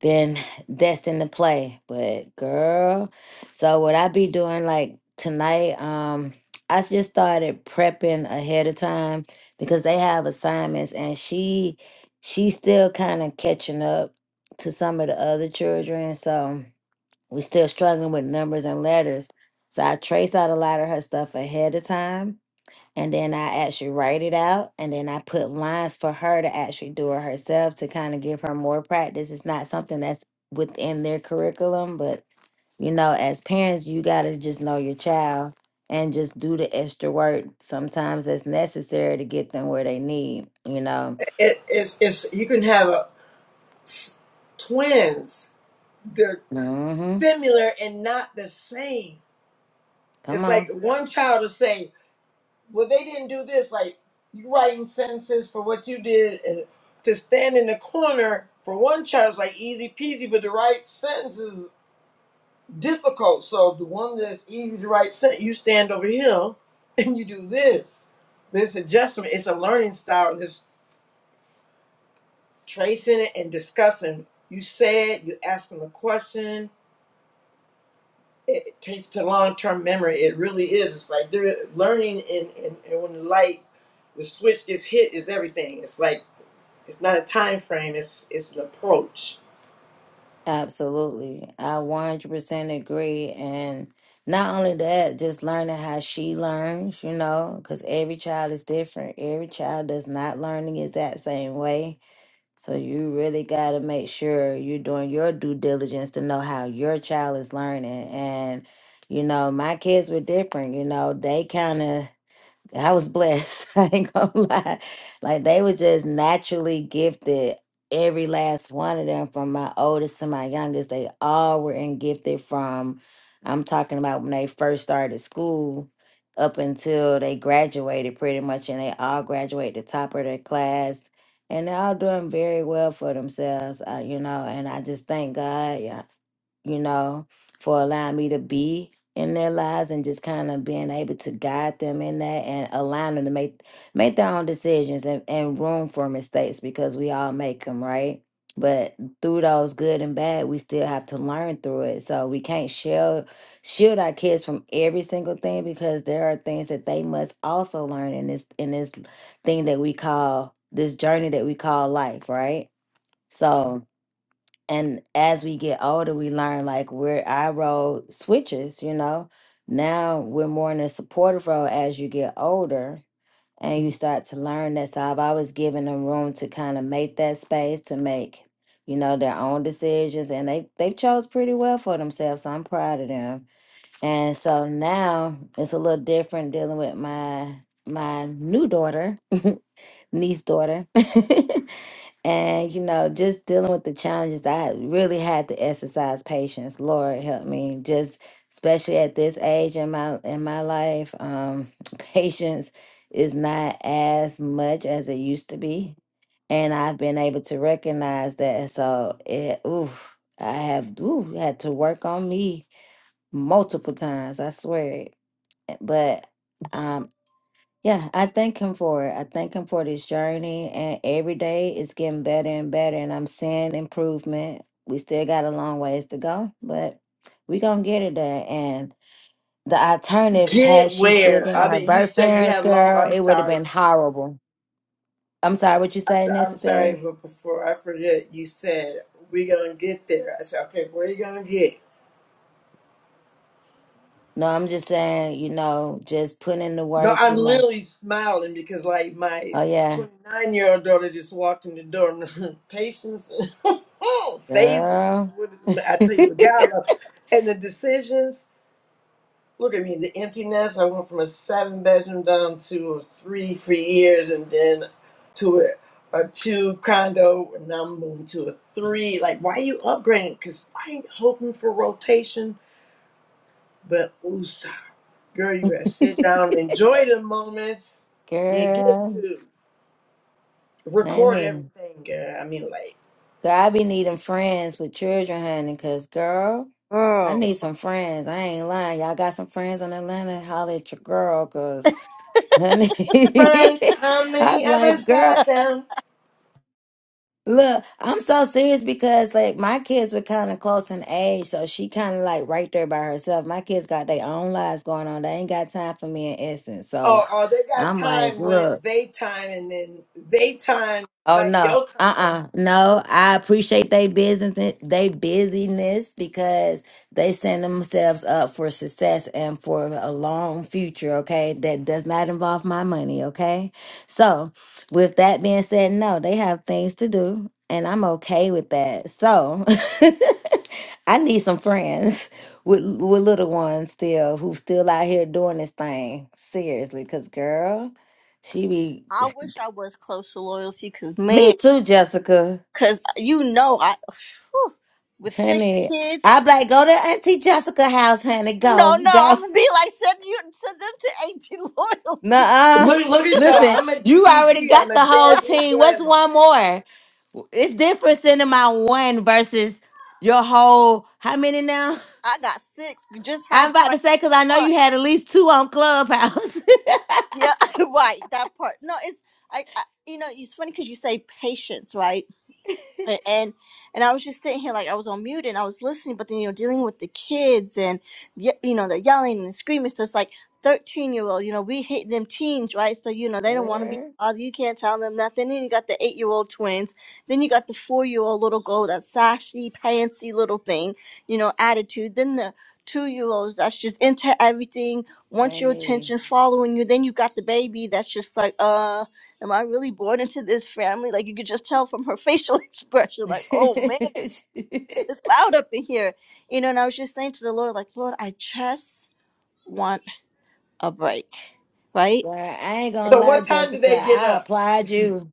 S7: been destined to play. But girl, so what I be doing like tonight, um, I just started prepping ahead of time because they have assignments and she she's still kind of catching up to some of the other children. So we still struggling with numbers and letters. So I trace out a lot of her stuff ahead of time and then I actually write it out, and then I put lines for her to actually do it herself to kind of give her more practice. It's not something that's within their curriculum, but you know, as parents, you gotta just know your child and just do the extra work sometimes that's necessary to get them where they need. You know,
S6: it, it's, it's, you can have a, s- twins. They're
S7: hmm
S6: similar and not the same.
S7: come
S6: It's
S7: on.
S6: like one child will say, well, they didn't do this. Like, you writing sentences for what you did. And to stand in the corner for one child is like easy peasy, but to write sentences difficult. So the one that's easy to write set, you stand over here and you do this. This adjustment is a learning style and it's tracing it and discussing. You say it. you ask them a question. It it takes to long term memory. It really is. It's like they're learning and, and, and when the light the switch gets hit is everything. It's like it's not a time frame, it's it's an approach.
S7: Absolutely. I 100% agree. And not only that, just learning how she learns, you know, because every child is different. Every child does not learn the exact same way. So you really got to make sure you're doing your due diligence to know how your child is learning. And, you know, my kids were different. You know, they kind of. I was blessed. I ain't gonna lie. Like they were just naturally gifted. Every last one of them, from my oldest to my youngest, they all were in gifted from I'm talking about when they first started school up until they graduated pretty much and they all graduated the top of their class and they're all doing very well for themselves uh, you know and i just thank god yeah you know, for allowing me to be in their lives and just kind of being able to guide them in that and allowing them to make make their own decisions and, and room for mistakes because we all make them, right? But through those good and bad, we still have to learn through it. So we can't shield shield our kids from every single thing because there are things that they must also learn in this in this thing that we call this journey that we call life, right? So and as we get older we learn like where our role switches you know now we're more in a supportive role as you get older and you start to learn that so i've always given them room to kind of make that space to make you know their own decisions and they they chose pretty well for themselves so i'm proud of them and so now it's a little different dealing with my my new daughter niece daughter And, you know, just dealing with the challenges, I really had to exercise patience. Lord help me. Just especially at this age in my in my life, um, patience is not as much as it used to be. And I've been able to recognize that. So it ooh, I have ooh, had to work on me multiple times, I swear it. But um yeah, I thank him for it. I thank him for this journey, and every day it's getting better and better, and I'm seeing improvement. We still got a long ways to go, but we gonna get it there. And the alternative,
S6: Get
S7: had
S6: it
S7: she still
S6: where
S7: been
S6: I
S7: with her
S6: mean you
S7: birth
S6: said you
S7: parents,
S6: had long
S7: girl, it
S6: I'm
S7: would have
S6: sorry.
S7: been horrible. I'm sorry, what you
S6: I
S7: say
S6: t- I'm sorry,
S7: necessary?
S6: but before I forget, you said we're gonna get there. I said, okay, where are you gonna get?
S7: No, I'm just saying, you know, just putting in the
S6: No,
S7: work,
S6: I'm
S7: you know.
S6: literally smiling because like my
S7: Oh yeah,
S6: 29 year old daughter just walked in the door. and Patience, phases is
S7: girl,
S6: what it- I tell you, what God love, and the decisions. Look at me, the emptiness. I went from a seven bedroom down to a three for years and then to a, a two condo. And now I'm moving to a three. Like, why you upgrading? Because I ain't hoping for rotation, but USA. Girl, you better sit down and enjoy the moments. You get
S7: girl,
S6: to record
S7: amen.
S6: everything, girl. I mean, like,
S7: Girl, I be needing friends with children, honey, because, girl, I need some friends. I ain't lying. Y'all got some friends in Atlanta? Holler at your girl, because, honey,
S6: friends, how
S7: I'm
S6: many of
S7: like,
S6: us
S7: girl,
S6: have them?
S7: look, I'm so serious because, like, my kids were kind of close in age, so she kind of, like, right there by herself. My kids got their own lives going on. They ain't got time for me in essence.
S6: Oh,
S7: So
S6: oh, they got
S7: I'm like,
S6: time when it's
S7: look.
S6: they time and then they time,
S7: Oh
S6: like
S7: no,
S6: your time.
S7: uh-uh. No, I appreciate they business they busyness because they send themselves up for success and for a long future, okay? That does not involve my money, okay? So, with that being said, no, they have things to do and I'm okay with that. So, I need some friends with with little ones still who still out here doing this thing seriously cuz girl, she be
S2: I wish I was close to loyalty, cause man,
S7: me too, Jessica.
S2: cause you know I, whew, with six
S7: Honey,
S2: kids.
S7: I'm like, go to Auntie Jessica house, honey. Go,
S2: No, no,
S7: go.
S2: I'm gonna be like send you send them to AT loyalty.
S7: Nuh-uh.
S6: Look, look at y'all.
S7: Listen,
S6: I'm a
S7: you already
S6: DBG. I'm
S7: got
S6: a
S7: the whole
S6: deadbeat
S7: team. What's
S6: grandma.
S7: one more? It's different sending my one versus your whole. How many now?
S2: I got six. Just
S7: I'm
S2: had
S7: about to
S2: like
S7: say because I know
S2: one.
S7: you had at least two on Clubhouse.
S2: Yeah, right. That part. No, it's I. I you know, it's funny because you say patience, right? and and and I was just sitting here like I was on mute and I was listening, but then you know dealing with the kids and ye- you know they're yelling and screaming. So it's like thirteen year old, you know we hit them teens, right? So you know they don't want to be
S7: Girl,
S2: bothered. You can't tell them nothing. Then you got the eight year old twins. Then you got the four year old little girl that sassy, pantsy little thing, you know attitude. Then the two year olds that's just into everything, wants your
S7: honey.
S2: attention, following you. Then you got the baby that's just like uh am I really born into this family? Like you could just tell from her facial expression,
S7: Girl,
S2: like, oh man, it's loud up in here. You know, and I was just saying to the Lord, like, Lord, I just want a break, right?
S7: I ain't gonna
S6: So
S7: lie,
S6: what time do
S7: Jessica.
S6: they get
S7: I
S6: up?
S7: applaud you.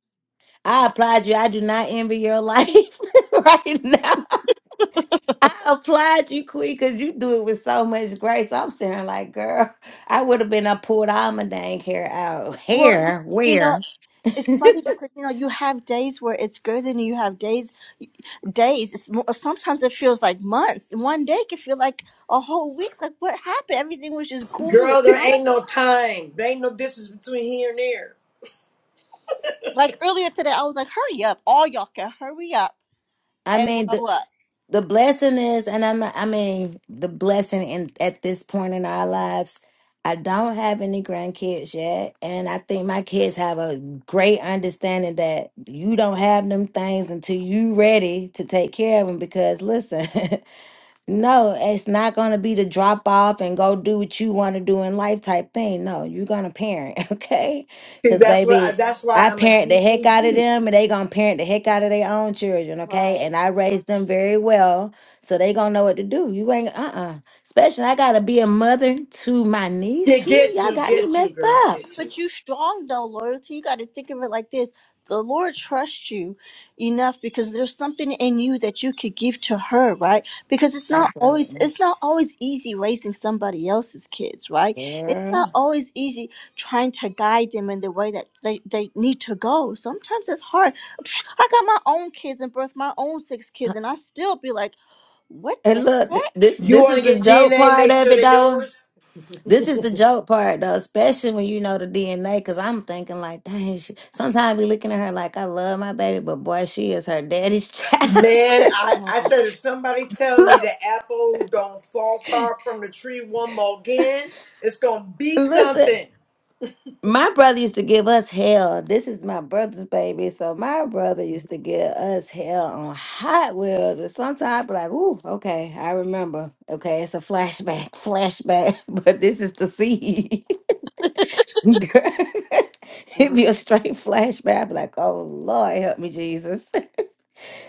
S7: I applaud you. I do not envy your life right now. I applaud you, Queen, because you do it with so much grace. I'm saying, like, girl, I would have been up pulled all my dang hair out.
S2: Well, you,
S7: Hair,
S2: you know,
S7: where?
S2: it's funny because you know you have days where it's good, and you have days days. It's mo- sometimes it feels like months. One day can feel like a whole week. Like what happened? Everything was just cool. And,
S6: Girl, there ain't no time. There ain't no distance between here and there.
S2: Like earlier today, I was like, hurry up, all y'all can hurry up
S7: I
S2: and
S7: mean,
S2: grow
S7: the
S2: up.
S7: the blessing is, and I'm, I mean, the blessing in at this point in our lives. I don't have any grandkids yet, and I think my kids have a great understanding that you don't have them things until you ready to take care of them. Because listen. No, it's not going to be the drop off and go do what you want to do in life type thing. No, you're going to parent, okay?
S6: See,
S7: Because,
S6: that's what. I,
S7: baby,
S6: that's why
S7: I
S6: I'm a
S7: parent the heck out of
S6: DBG.
S7: them and they going to parent the heck out of their own children, okay?
S2: Right.
S7: And I raised them very well, so they going to know what to do. You ain't, uh uh Especially, I got to be a mother to my niece,
S6: Get
S7: too.
S6: get
S7: Y'all
S6: to
S7: got me
S6: get to
S7: messed
S6: girl
S7: up.
S6: get to.
S2: But you strong though, loyalty. You got to think of it like this: the Lord trusts you enough because there's something in you that you could give to her, right? Because it's not always
S7: Absolutely.
S2: it's not always easy raising somebody else's kids, right? It's not
S7: Girl.
S2: always easy trying to guide them in the way that they they need to go. Sometimes it's hard. I got my own kids and birthed my own six kids, and I still be like, what the.
S7: And look,
S2: heck?
S7: th- this
S6: You
S7: this
S6: want to
S7: is the
S6: get
S7: joke
S6: DNA?
S7: part
S6: Make
S7: of
S6: sure
S7: it,
S6: they're
S7: though.
S6: yours.
S7: This is the joke part though, especially when you know the DNA. Because I'm thinking like, dang, she, sometimes I be looking at her like, I love my baby, but boy, she is her daddy's child.
S6: Man, I, I said if somebody tell me
S7: Look,
S6: the apple don't fall far from the tree one more again, it's gonna be
S7: Listen,
S6: something.
S7: my brother used to give us hell. This is my brother's baby, so my brother used to give us hell on Hot Wheels, and sometimes I'd be like, ooh, okay, I remember. Okay, it's a flashback, flashback, but this is the seed. It'd be a straight flashback. I'd be like, oh Lord, help me, Jesus.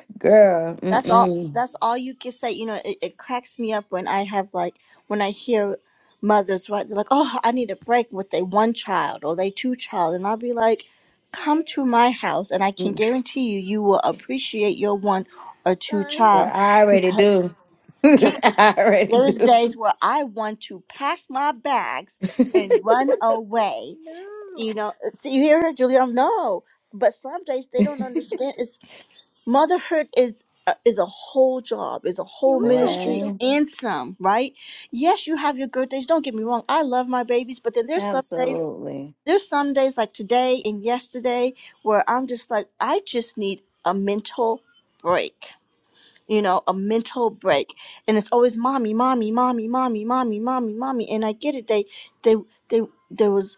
S7: Girl,
S2: That's all.
S7: mm-mm.
S2: That's all you can say. You know, it, it cracks me up when I have like when I hear mothers right. They're like, "Oh, I need a break with they one child or they two child," and I'll be like, "Come to my house, and I can
S7: Mm,
S2: guarantee you, you will appreciate your one or two child."
S7: Girl, I already do.
S2: Because
S7: I already
S2: there's
S7: do.
S2: days where I want to pack my bags and run away. You know, see, you hear her, Julia? No, but some days they don't understand. It's motherhood is a, is a whole job is a whole ministry
S7: Boy,
S2: and some right yes you have your good days don't get me wrong i love my babies but then there's some days
S7: absolutely.
S2: there's some days like today and yesterday where i'm just like i just need a mental break you know a mental break and it's always mommy mommy mommy mommy mommy mommy mommy and i get it they they they there was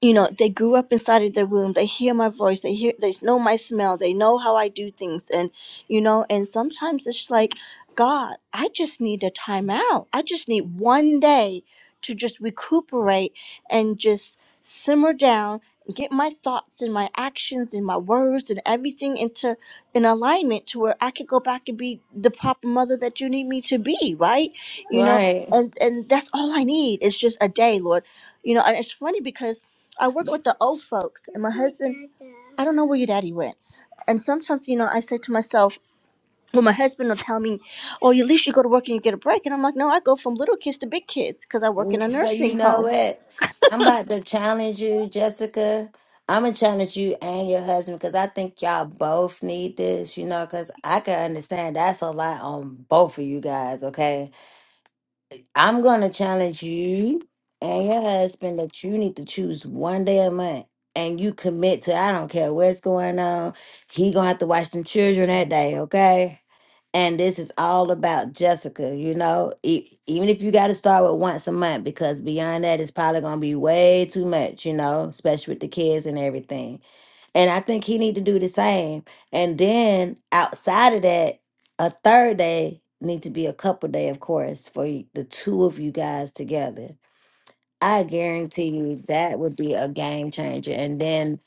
S2: you know they grew up inside of their womb they hear my voice they hear they know my smell they know how i do things and you know and sometimes it's like god i just need a timeout i just need one day to just recuperate and just simmer down and get my thoughts and my actions and my words and everything into in alignment to where i could go back and be the proper mother that you need me to be right you know
S7: Right.
S2: and and that's all i need is just a day lord you know and it's funny because I work with the old folks, and my husband. I don't know where your daddy went, and sometimes you know I say to myself, well, my husband will tell me, "Oh, at least you go to work and you get a break," and I'm like, "No, I go from little kids to big kids because I work in
S7: Mm,
S2: a
S7: So you
S2: nursing
S7: know
S2: home."
S7: what? I'm about to challenge you, Jessica. I'm gonna challenge you and your husband because I think y'all both need this, you know, because I can understand that's a lot on both of you guys, okay? I'm gonna challenge you and your husband that you need to choose one day a month and you commit to I don't care what's going on. He gonna have to watch them children that day, okay? And this is all about Jessica, you know. E- even if you got to start with once a month, because beyond that, it's probably gonna be way too much, you know, especially with the kids and everything. And I think he need to do the same. And then outside of that, a third day need to be a couple day, of course, for y- the two of you guys together. I guarantee you that would be a game changer. And then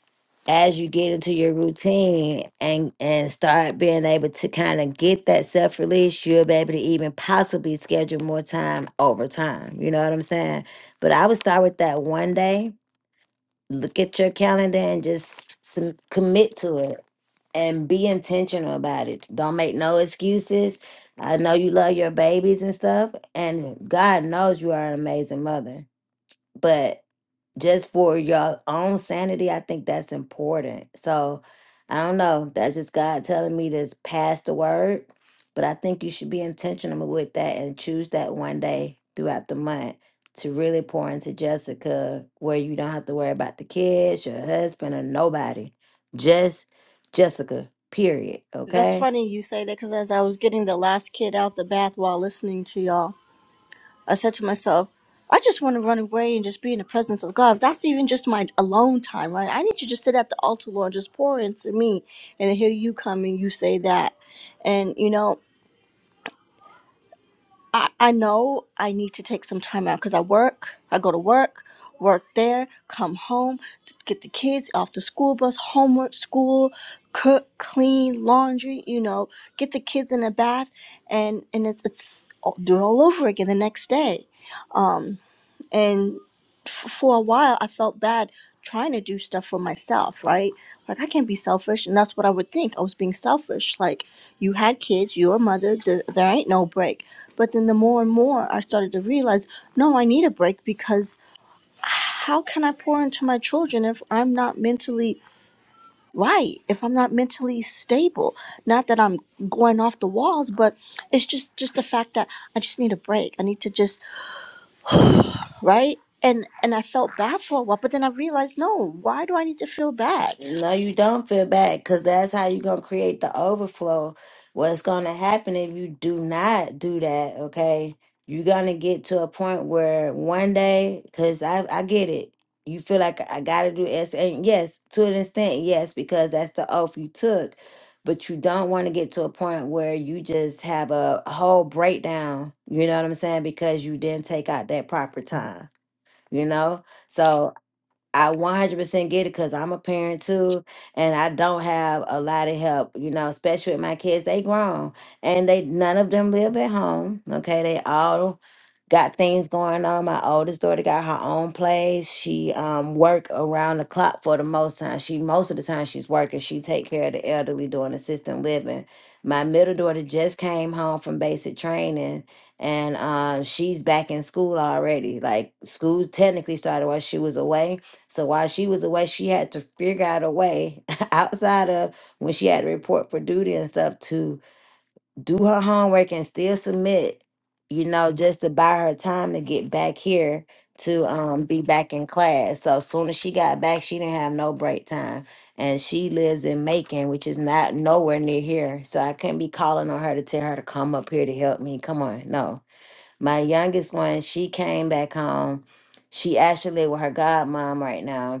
S7: as you get into your routine and and start being able to kind of get that self release, you'll be able to even possibly schedule more time over time. You know what I'm saying? But I would start with that one day look at your calendar and just some, commit to it and be intentional about it. Don't make no excuses. I know you love your babies and stuff, and God knows you are an amazing mother but just for your own sanity, I think that's important. So I don't know. That's just God telling me to pass the word. But I think you should be intentional with that and choose that one day throughout the month to really pour into Jessica where you don't have to worry about the kids, your husband, or nobody. Just Jessica, period.
S2: That's
S7: Okay.
S2: funny you say that because as I was getting the last kid out the bath while listening to y'all, I said to myself, I just want to run away and just be in the presence of God. That's even just my alone time, right? I need to just sit at the altar, Lord, just pour into me, and I hear you come and you say that, and you know. I, I know I need to take some time out because I work. I go to work, work there, come home, t- get the kids off the school bus, homework, school, cook, clean, laundry. You know, get the kids in a bath, and and it's it's all, do it all over again the next day. Um, and f- for a while i felt bad trying to do stuff for myself right like i can't be selfish and that's what i would think i was being selfish like you had kids you're a mother there, there ain't no break but then the more and more i started to realize no i need a break because how can i pour into my children if i'm not mentally right if i'm not mentally stable not that i'm going off the walls but it's just just the fact that i just need a break i need to just right? And and I felt bad for a while, but then I realized, no, why do I need to feel bad?
S7: No, you don't feel bad because that's how you're going to create the overflow. What's going to happen if you do not do that, okay? You're going to get to a point where one day, because I, I get it, you feel like I got to do S. And yes, to an extent, yes, because that's the oath you took. But you don't want to get to a point where you just have a whole breakdown, you know what I'm saying? Because you didn't take out that proper time, you know? so. I 100% get it because I'm a parent too, and I don't have a lot of help, you know, especially with my kids. They grown and they none of them live at home. Okay, they all got things going on. My oldest daughter got her own place. She um work around the clock for the most time. She most of the time she's working. She take care of the elderly doing assisted living. My middle daughter just came home from basic training and um she's back in school already. Like school technically started while she was away. So while she was away, she had to figure out a way outside of when she had to report for duty and stuff to do her homework and still submit, you know, just to buy her time to get back here to um be back in class. So as soon as she got back, she didn't have no break time. And she lives in Macon, which is not nowhere near here. So I couldn't be calling on her to tell her to come up here to help me. Come on. No. My youngest one, she came back home. She actually with her godmom right now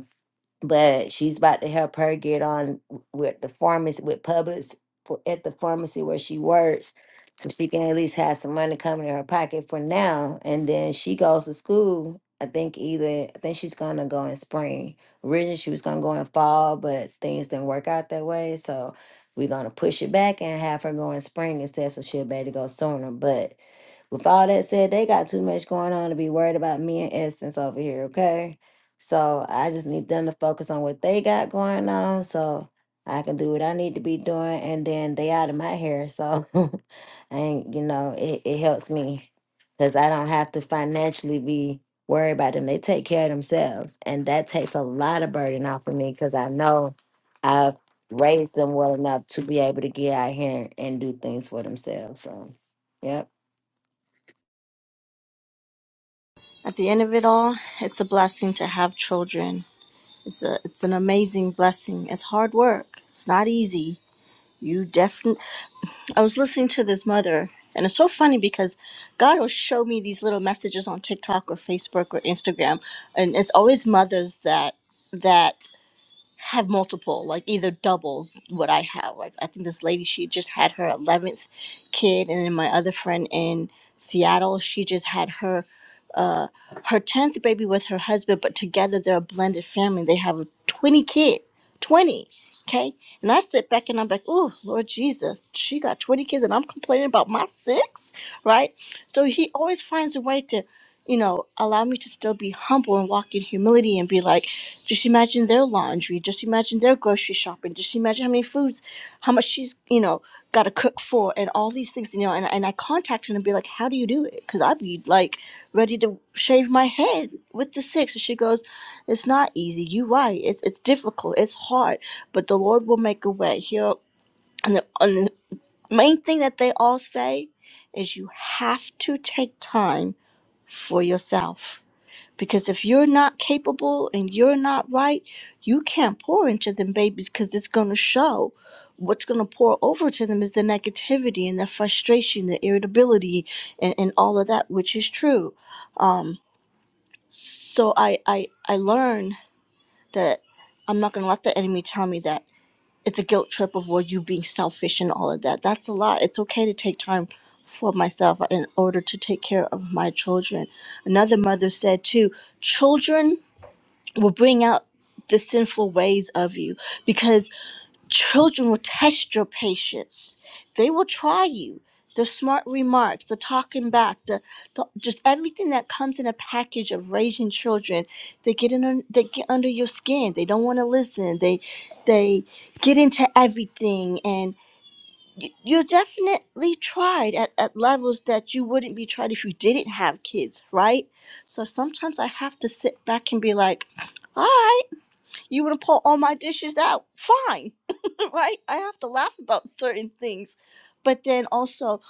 S7: but she's about to help her get on w- with the pharmacy with Publix for, at the pharmacy where she works, so she can at least have some money coming in her pocket for now. And then she goes to school. I think either I think she's gonna go in spring. Originally she was gonna go in fall, but things didn't work out that way. So we're gonna push it back and have her go in spring instead, so she'll be able to go sooner. But with all that said, they got too much going on to be worried about me and Essence over here, okay? So I just need them to focus on what they got going on so I can do what I need to be doing and then they out of my hair. So and you know, it, it helps me because I don't have to financially be worried about them. They take care of themselves. And that takes a lot of burden off of me because I know I've raised them well enough to be able to get out here and do things for themselves. So, yep.
S2: At the end of it all, it's a blessing to have children. It's a it's an amazing blessing. It's hard work. It's not easy. You definitely. I was listening to this mother, and it's so funny because God will show me these little messages on TikTok or Facebook or Instagram, and it's always mothers that that have multiple, like either double what I have. Like I think this lady, she just had her eleventh kid, and then my other friend in Seattle, she just had her uh her tenth baby with her husband, but together they're a blended family. They have twenty kids, twenty. Okay, and I sit back and I'm like, oh Lord Jesus, she got twenty kids, and I'm complaining about my six, right? So he always finds a way to. You know, allow me to still be humble and walk in humility and be like, just imagine their laundry. Just imagine their grocery shopping. Just imagine how many foods, how much she's, you know, got to cook for, and all these things, you know. And, and I contact her and be like, "How do you do it?" Because I'd be like, ready to shave my head with the six. And she goes, "It's not easy. You right. It's it's difficult. It's hard. But the Lord will make a way." He'll and the, and the main thing that they all say is, "You have to take time for yourself." Because if you're not capable and you're not right, you can't pour into them babies because it's going to show. What's going to pour over to them is the negativity and the frustration, the irritability, and, and all of that, which is true. Um, so I, I, I learned that I'm not going to let the enemy tell me that it's a guilt trip of, well, you being selfish and all of that. That's a lie. It's okay to take time for myself in order to take care of my children. Another mother said, too, children will bring out the sinful ways of you because children will test your patience. They will try you. The smart remarks, the talking back, the, the just everything that comes in a package of raising children, they get in they get under your skin. They don't want to listen. They they get into everything and y- you're definitely tried at, at levels that you wouldn't be tried if you didn't have kids, right? So sometimes I have to sit back and be like, all right you want to pull all my dishes out fine right i have to laugh about certain things but then also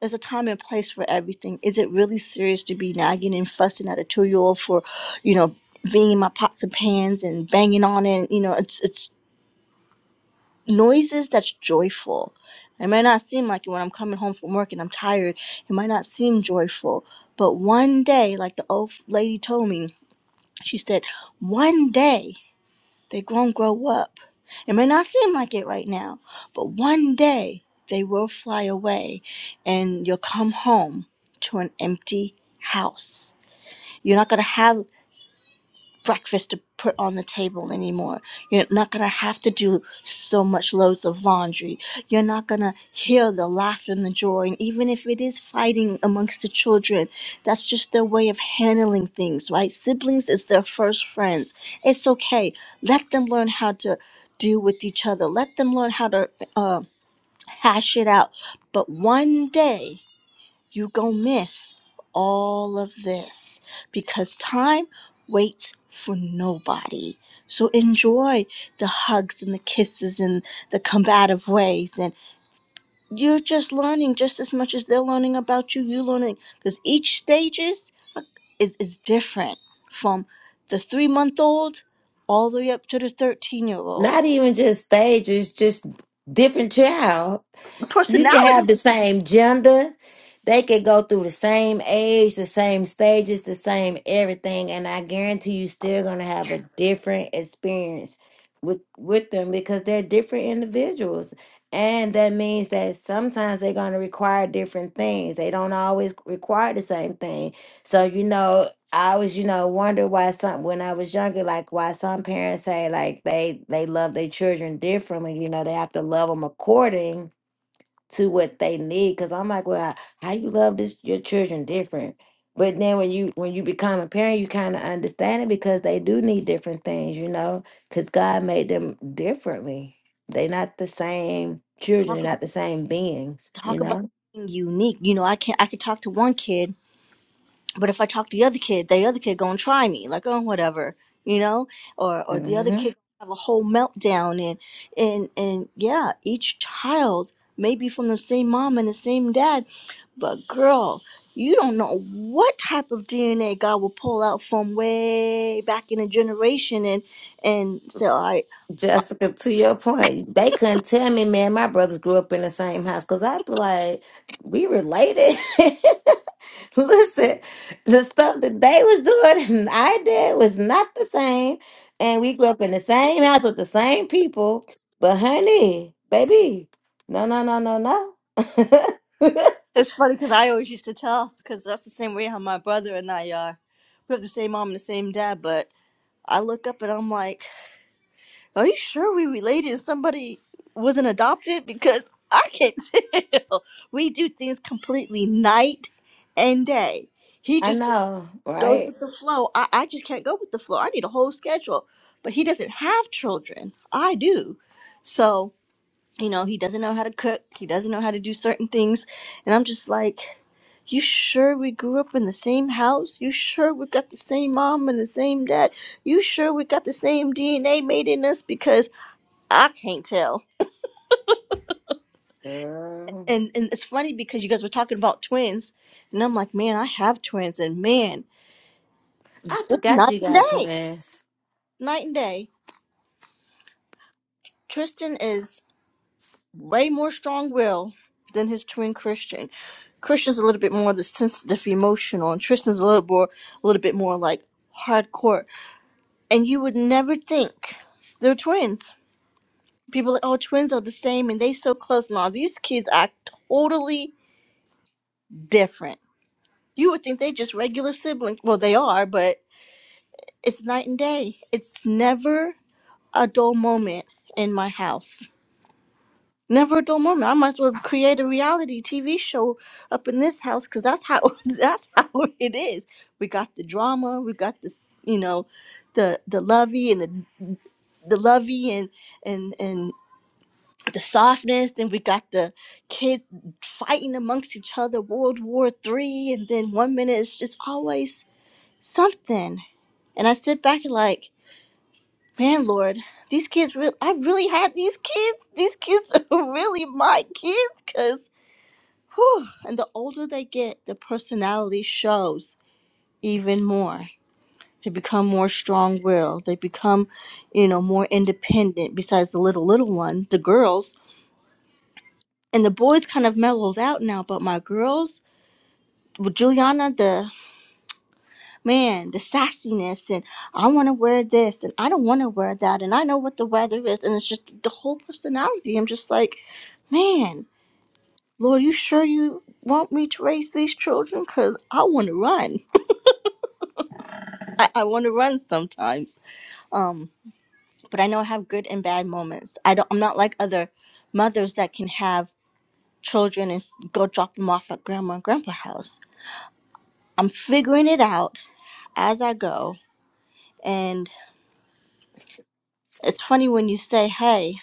S2: there's a time and place for everything is it really serious to be nagging and fussing at a two-year-old for you know being in my pots and pans and banging on it you know it's it's noises that's joyful it may not seem like it when i'm coming home from work and i'm tired it might not seem joyful but one day like the old lady told me she said one day they're going to grow up. It may not seem like it right now, but one day they will fly away and you'll come home to an empty house. You're not going to have breakfast to put on the table anymore. You're not going to have to do so much loads of laundry. You're not going to hear the laughter and the joy. And even if it is fighting amongst the children, that's just their way of handling things, right? Siblings is their first friends. It's okay. Let them learn how to deal with each other, let them learn how to uh, hash it out. But one day, you gon' miss all of this because time waits for nobody. So enjoy the hugs and the kisses and the combative ways. And you're just learning just as much as they're learning about you, you learning because each stage is, is, is different from the three month old all the way up to the 13 year old.
S7: Not even just stages, just different child you can have the
S2: Personalities.
S7: same gender. They could go through the same age, the same stages, the same everything, and I guarantee you still gonna have a different experience with with them because they're different individuals. And that means that sometimes they're gonna require different things. They don't always require the same thing. So you know, I always, you know, wonder why some when I was younger, like why some parents say like they they love their children differently. You know, they have to love them according to what they need. Cause I'm like, well, how you love this your children different. But then when you when you become a parent, you kind of understand it because they do need different things, you know, because God made them differently. They're not the same children,
S2: Talk,
S7: they're
S2: ab-
S7: not the same beings, you
S2: talk about
S7: know.
S2: being unique. You know, I can I can talk to one kid But if I talk to the other kid, the other kid gonna try me, like oh whatever, you know, or or the other
S7: hmm
S2: kid have a whole meltdown and and and yeah, each child may be from the same mom and the same dad, but girl, you don't know what type of DNA God will pull out from way back in a generation and and so I
S7: Jessica, to your point, they couldn't tell me, man. My brothers grew up in the same house because I'd be like, we related. Listen, the stuff that they was doing and I did was not the same. And we grew up in the same house with the same people. But honey, baby, no, no, no, no, no.
S2: it's funny because I always used to tell because that's the same way how my brother and I are. We have the same mom and the same dad, but I look up and I'm like. Are you sure we related? If Somebody wasn't adopted because I can't tell. We do things completely night and day. He
S7: I
S2: just
S7: know,
S2: goes
S7: right?
S2: with the flow. I, I just can't go with the flow. I need a whole schedule. But he doesn't have children. I do. So, you know, he doesn't know how to cook. He doesn't know how to do certain things. And I'm just like, you sure we grew up in the same house? You sure we got the same mom and the same dad? You sure we got the same DNA made in us? Because I can't tell.
S7: Girl.
S2: And and it's funny because you guys were talking about twins, and I'm like, man, I have twins, and man,
S7: I
S2: it's
S7: forgot
S2: night
S7: you
S2: and
S7: got
S2: day,
S7: twins.
S2: night and day. Tristan is way more strong-willed than his twin Christian. Christian's a little bit more the sensitive, emotional, and Tristan's a little more, a little bit more like hardcore. And you would never think they're twins. People are like, oh, twins are the same, and they so close. No, these kids act totally different. You would think they just regular siblings. Well, they are, but It's night and day. It's never a dull moment in my house. Never a dull moment. I might as well create a reality TV show up in this house because that's how that's how it is. We got the drama. We got this, you know, the the lovey and the the lovey and and and the softness. Then we got the kids fighting amongst each other, World War Three, and then one minute it's just always something. And I sit back and like. Man, Lord, these kids really, I really had these kids. These kids are really my kids because, and the older they get, the personality shows even more. They become more strong willed. They become, you know, more independent besides the little, little one, the girls. And the boys kind of mellowed out now, but my girls, with Juliana, the man, the sassiness and I want to wear this and I don't want to wear that and I know what the weather is and it's just the whole personality. I'm just like, man, Lord, you sure you want me to raise these children? Cause I want to run. I, I want to run sometimes. Um, but I know I have good and bad moments. I don't. I'm not like other mothers that can have children and s- go drop them off at grandma and grandpa house. I'm figuring it out as I go. And it's funny when you say, "Hey."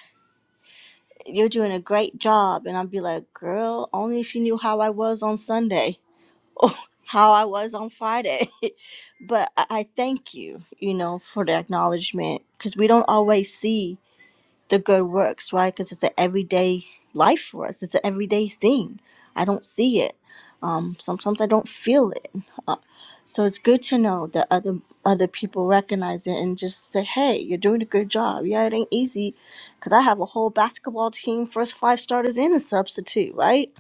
S2: you're doing a great job. And I'd be like, girl, only if you knew how I was on Sunday or how I was on Friday. but I, I thank you, you know, for the acknowledgement because we don't always see the good works, right? Because it's an everyday life for us. It's an everyday thing. I don't see it. Um, sometimes I don't feel it. Uh, so it's good to know that other other people recognize it and just say, "Hey, you're doing a good job." Yeah, it ain't easy, because I have a whole basketball team, first five starters and a substitute, right?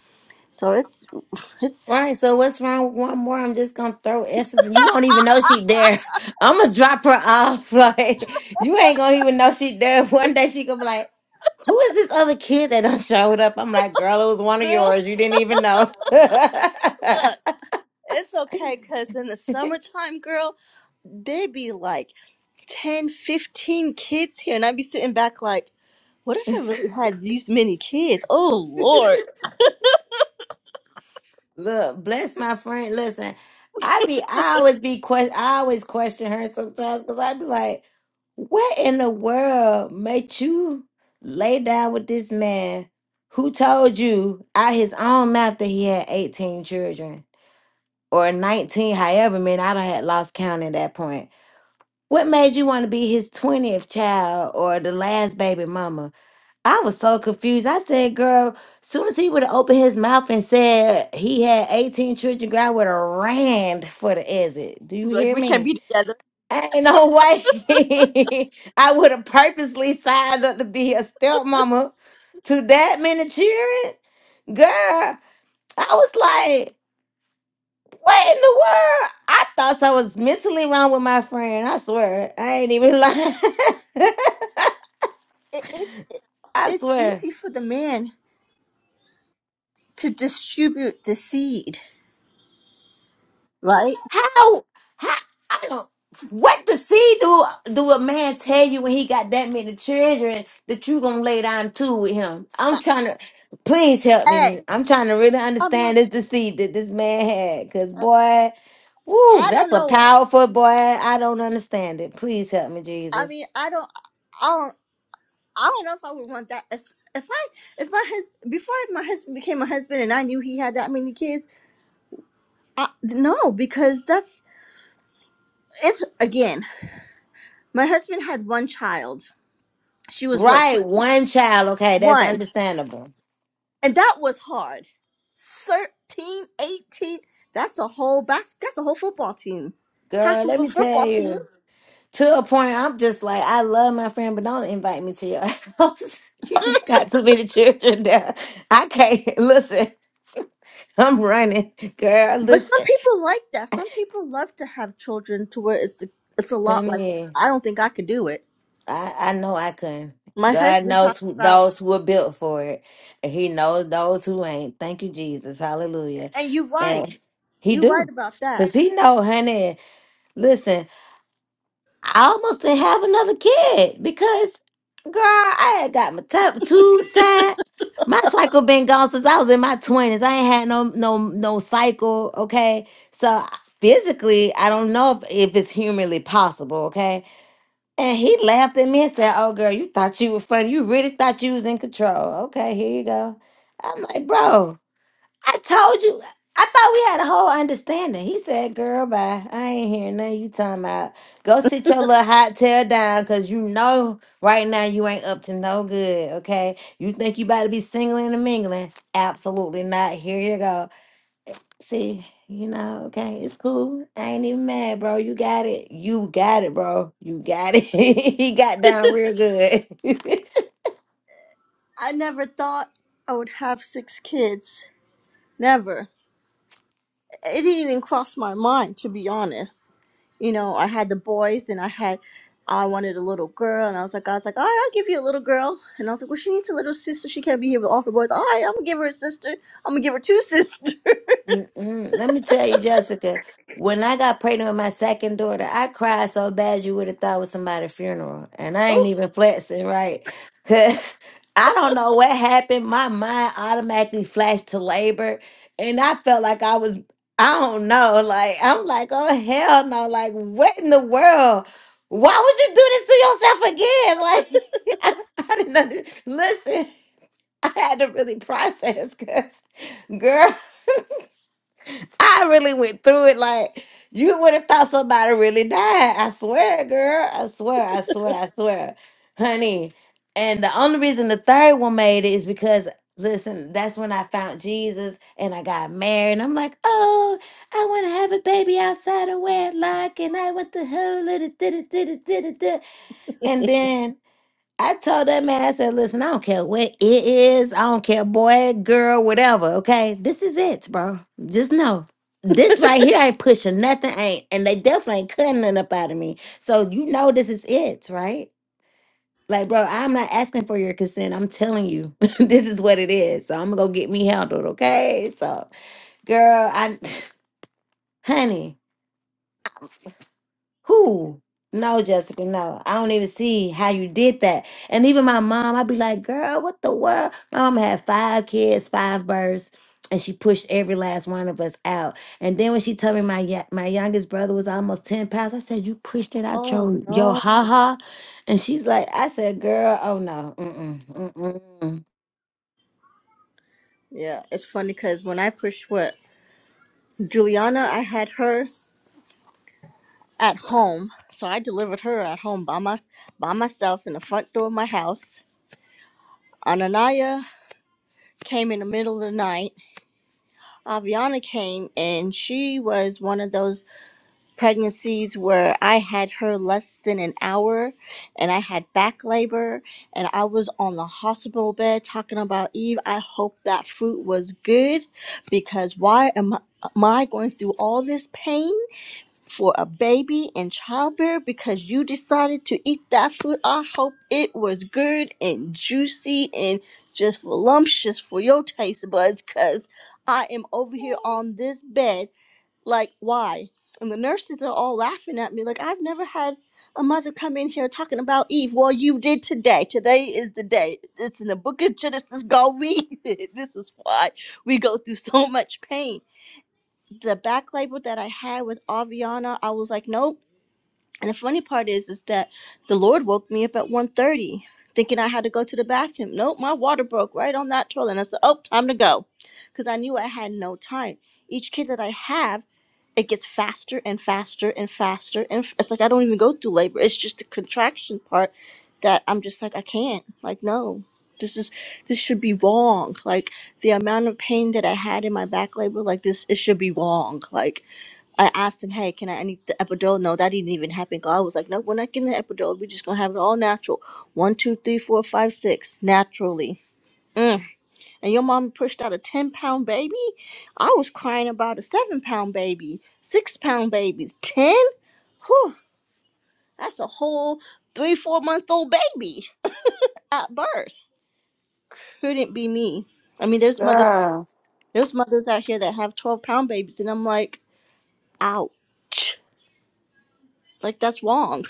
S2: So it's it's
S7: Right, so what's wrong with one more? I'm just gonna throw essence and you won't even know she there. I'm gonna drop her off. Like you ain't gonna even know she there. One day she gonna be like, Who is this other kid that done showed up? I'm like, girl, it was one of
S2: girl,
S7: yours. You didn't even know.
S2: look, it's okay, cause in the summertime, girl, they be like 10, 15 kids here and i'd be sitting back like What if I really had these many kids? Oh Lord!
S7: Look, bless my friend. Listen, I be I always be question I always question her sometimes because I be like, what in the world made you lay down with this man who told you out his own mouth that he had 18 children or 19, however many I done had lost count at that point. What made you want to be his 20th child or the last baby mama? I was so confused. I said, girl, soon as he would have opened his mouth and said he had 18 children, girl, I would have ran for the exit. Do you
S2: Like
S7: hear
S2: we can't
S7: me?
S2: be together.
S7: Ain't no way. I would have purposely signed up to be a stepmama to that many children. Girl, I was like, what in the world? I thought I was mentally wrong with my friend. I swear. I ain't even lying.
S2: It, it's
S7: I
S2: it's
S7: swear.
S2: easy for the man to distribute the seed, right?
S7: How? How? I don't. What the see do? Do a man tell you when he got that many children that you gonna lay down too with him? I'm
S2: Uh,
S7: trying to. Please help me.
S2: Hey,
S7: I'm trying to really
S2: I mean,
S7: understand this deceit that this man had. Cause boy, woo,
S2: I don't
S7: that's a
S2: know.
S7: powerful boy. I don't understand it. Please help me,
S2: I mean,
S7: Jesus.
S2: I don't, I don't, I don't know if I would want that. If, if I, if my husband, before my husband became a husband, and I knew he had that many kids, I, no, because that's it's again. My husband had one child. She was what
S7: Right,
S2: six,
S7: one child. Okay, that's
S2: one.
S7: understandable.
S2: and that was hard. Thirteen, eighteen, that's a whole bas- that's a whole football team. Half
S7: Girl,
S2: of
S7: let
S2: a
S7: me tell
S2: football team.
S7: you. to a point I'm just like, I love my friend, but don't invite me to your house. you just got too many children there. I can't listen. I'm running, girl.
S2: But some
S7: Listen,
S2: people like that. Some people love to have children to where it's it's a
S7: I
S2: lot like that.
S7: mean,
S2: I don't think I could do it.
S7: I, I know I couldn't.
S2: My
S7: God
S2: husband
S7: knows
S2: talked
S7: who,
S2: about
S7: those who are built for it, and He knows those who ain't. Thank you, Jesus. Hallelujah.
S2: and you're right.
S7: And He
S2: You're right
S7: do,
S2: about that.
S7: cause He know, honey. Listen. I almost didn't have another kid because, girl, I had got my top tube side. My cycle been gone since I was in my twenties. I ain't had no no no cycle. Okay, so physically, I don't know if, if it's humanly possible. Okay, and he laughed at me and said, "Oh, girl, you thought you were funny. You really thought you was in control. Okay, here you go." I'm like, bro. I told you. I thought we had a whole understanding. He said, "Girl, bye. I ain't hearing nothing you talking about. Go sit your little hot tail down, cause you know right now you ain't up to no good. Okay? You think you about to be singling and mingling? Absolutely not. Here you go. See." You know, okay, it's cool. I ain't even mad, bro. You got it. You got it, bro. You got it. he got down real good.
S2: I never thought I would have six kids. Never. It didn't even cross my mind to be honest. you know, I had the boys and I had I wanted a little girl and I was like, I was like, all right, I'll give you a little girl. And I was like, Well she needs a little sister. She can't be here with all her boys. All right, I'm gonna give her a sister. I'm gonna give her two sisters.
S7: Mm-mm. Let me tell you, Jessica, when I got pregnant with my second daughter, I cried so bad you would have thought it was somebody's funeral. And I ain't even flexing, right? Because I don't know what happened. My mind automatically flashed to labor. And I felt like I was, I don't know. Like, I'm like, oh, hell no. Like, what in the world? Why would you do this to yourself again? Like, I, I didn't under- listen. I had to really process because. Girl, I really went through it like you would have thought somebody really died. I swear, girl. I swear, I swear, I swear, honey. And the only reason the third one made it is because listen, that's when I found Jesus and I got married. And I'm like, oh, I want to have a baby outside of wedlock. And I went the whole little da da da da da da. And then I told that man, I said, listen, I don't care what it is. I don't care, boy, girl, whatever. Okay. This is it, bro. Just know. This right here ain't pushing nothing, ain't and they definitely ain't cutting nothing up out of me. So you know this is it, right? Like, bro, I'm not asking for your consent. I'm telling you, this is what it is. So I'm gonna go get me handled, okay? So, girl, I honey. Who? No, Jessica, no. I don't even see how you did that. And even my mom, I'd be like, girl, what the world? My mom had five kids, five births, and she pushed every last one of us out. And then when she told me my ya- my youngest brother was almost 10 pounds, I said, you pushed it out
S2: oh
S7: your, your
S2: no.
S7: ha-ha? And she's like, I said, girl, oh no, mm-mm, mm-mm. mm."
S2: Yeah, it's funny because when I pushed what Juliana, I had her at home. So I delivered her at home by my by myself in the front door of my house. Ananaya came in the middle of the night. Aviana came and she was one of those pregnancies where I had her less than an hour and I had back labor and I was on the hospital bed talking about Eve. I hope that fruit was good because why am I, am I going through all this pain for a baby in childbirth because you decided to eat that fruit? I hope it was good and juicy and just voluptuous for your taste buds because I am over here on this bed like why and the nurses are all laughing at me like i've never had a mother come in here talking about eve well you did today today is the day it's in the book of genesis go read this this is why we go through so much pain the back label that i had with aviana i was like nope and the funny part is, is that the Lord woke me up at one thirty, thinking I had to go to the bathroom. Nope, my water broke right on that toilet. And I said, oh, time to go. Because I knew I had no time. Each kid that I have, it gets faster and faster and faster. And f- it's like I don't even go through labor. It's just the contraction part that I'm just like, I can't. Like, no. This is this should be wrong. Like the amount of pain that I had in my back labor, like this, it should be wrong. Like I asked him, hey, can I, I need the epidural? No, that didn't even happen. God was like, no, we're not getting the epidural. We're just going to have it all natural. One, two, three, four, five, six, naturally. Mm. And your mom pushed out a 10 pound baby? I was crying about a seven pound baby, six pound babies, 10? Whew, that's a whole three, four month old baby at birth. Couldn't be me. I mean, there's mother,
S7: Girl,
S2: there's mothers out here that have 12 pound babies, and I'm like, ouch. Like, that's wrong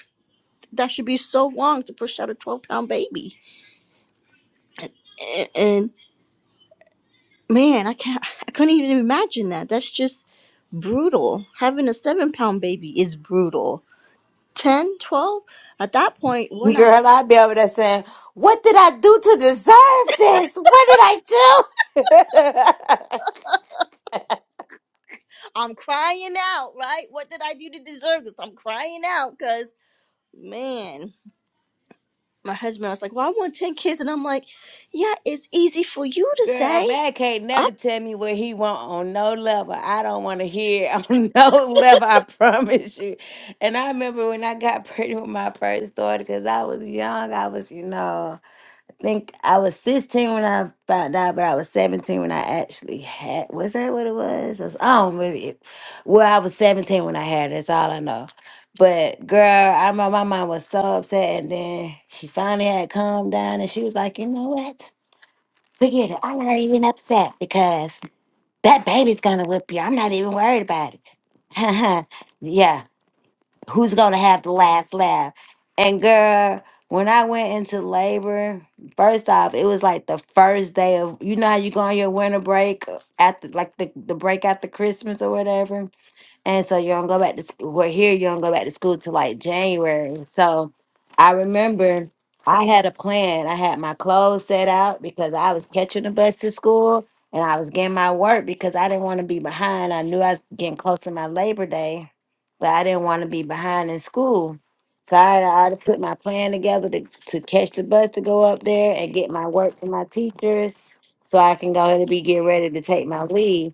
S2: that should be so long to push out a 12 pound baby and, and man i can't i couldn't even imagine that that's just brutal having a 7 pound baby is brutal Ten, twelve? at that point when i
S7: girl, I'd be over there saying, What did I do to deserve this? What did I do?
S2: i'm crying out right what did i do to deserve this i'm crying out because man my husband was like well i want 10 kids and i'm like yeah it's easy for you to
S7: Girl, a
S2: say
S7: man can't never tell me what he want on no level. I don't want to hear it on no level. I promise you. And I remember when I got pregnant with my first daughter, because I was young. I was, you know, I think I was 16 when I found out, but I was 17 when I actually had. Was that what it was? I, was, I don't really. Well, I was 17 when I had. it, That's all I know. But girl, I remember my mom was so upset, and then she finally had calmed down, and she was like, "You know what?" Forget it. I'm not even upset because that baby's gonna whip you. I'm not even worried about it. yeah, who's gonna have the last laugh? And girl, when I went into labor, first off, it was like the first day of you know how you go on your winter break uh, after like the, the break after Christmas or whatever. And so you don't go back to school. We're here, you don't go back to school till like January. So I remember I had a plan. I had my clothes set out because I was catching the bus to school and I was getting my work because I didn't want to be behind. I knew I was getting close to my Labor Day, but I didn't want to be behind in school. So I I had put my plan together to, to catch the bus to go up there and get my work from my teachers so I can go ahead and be getting ready to take my leave.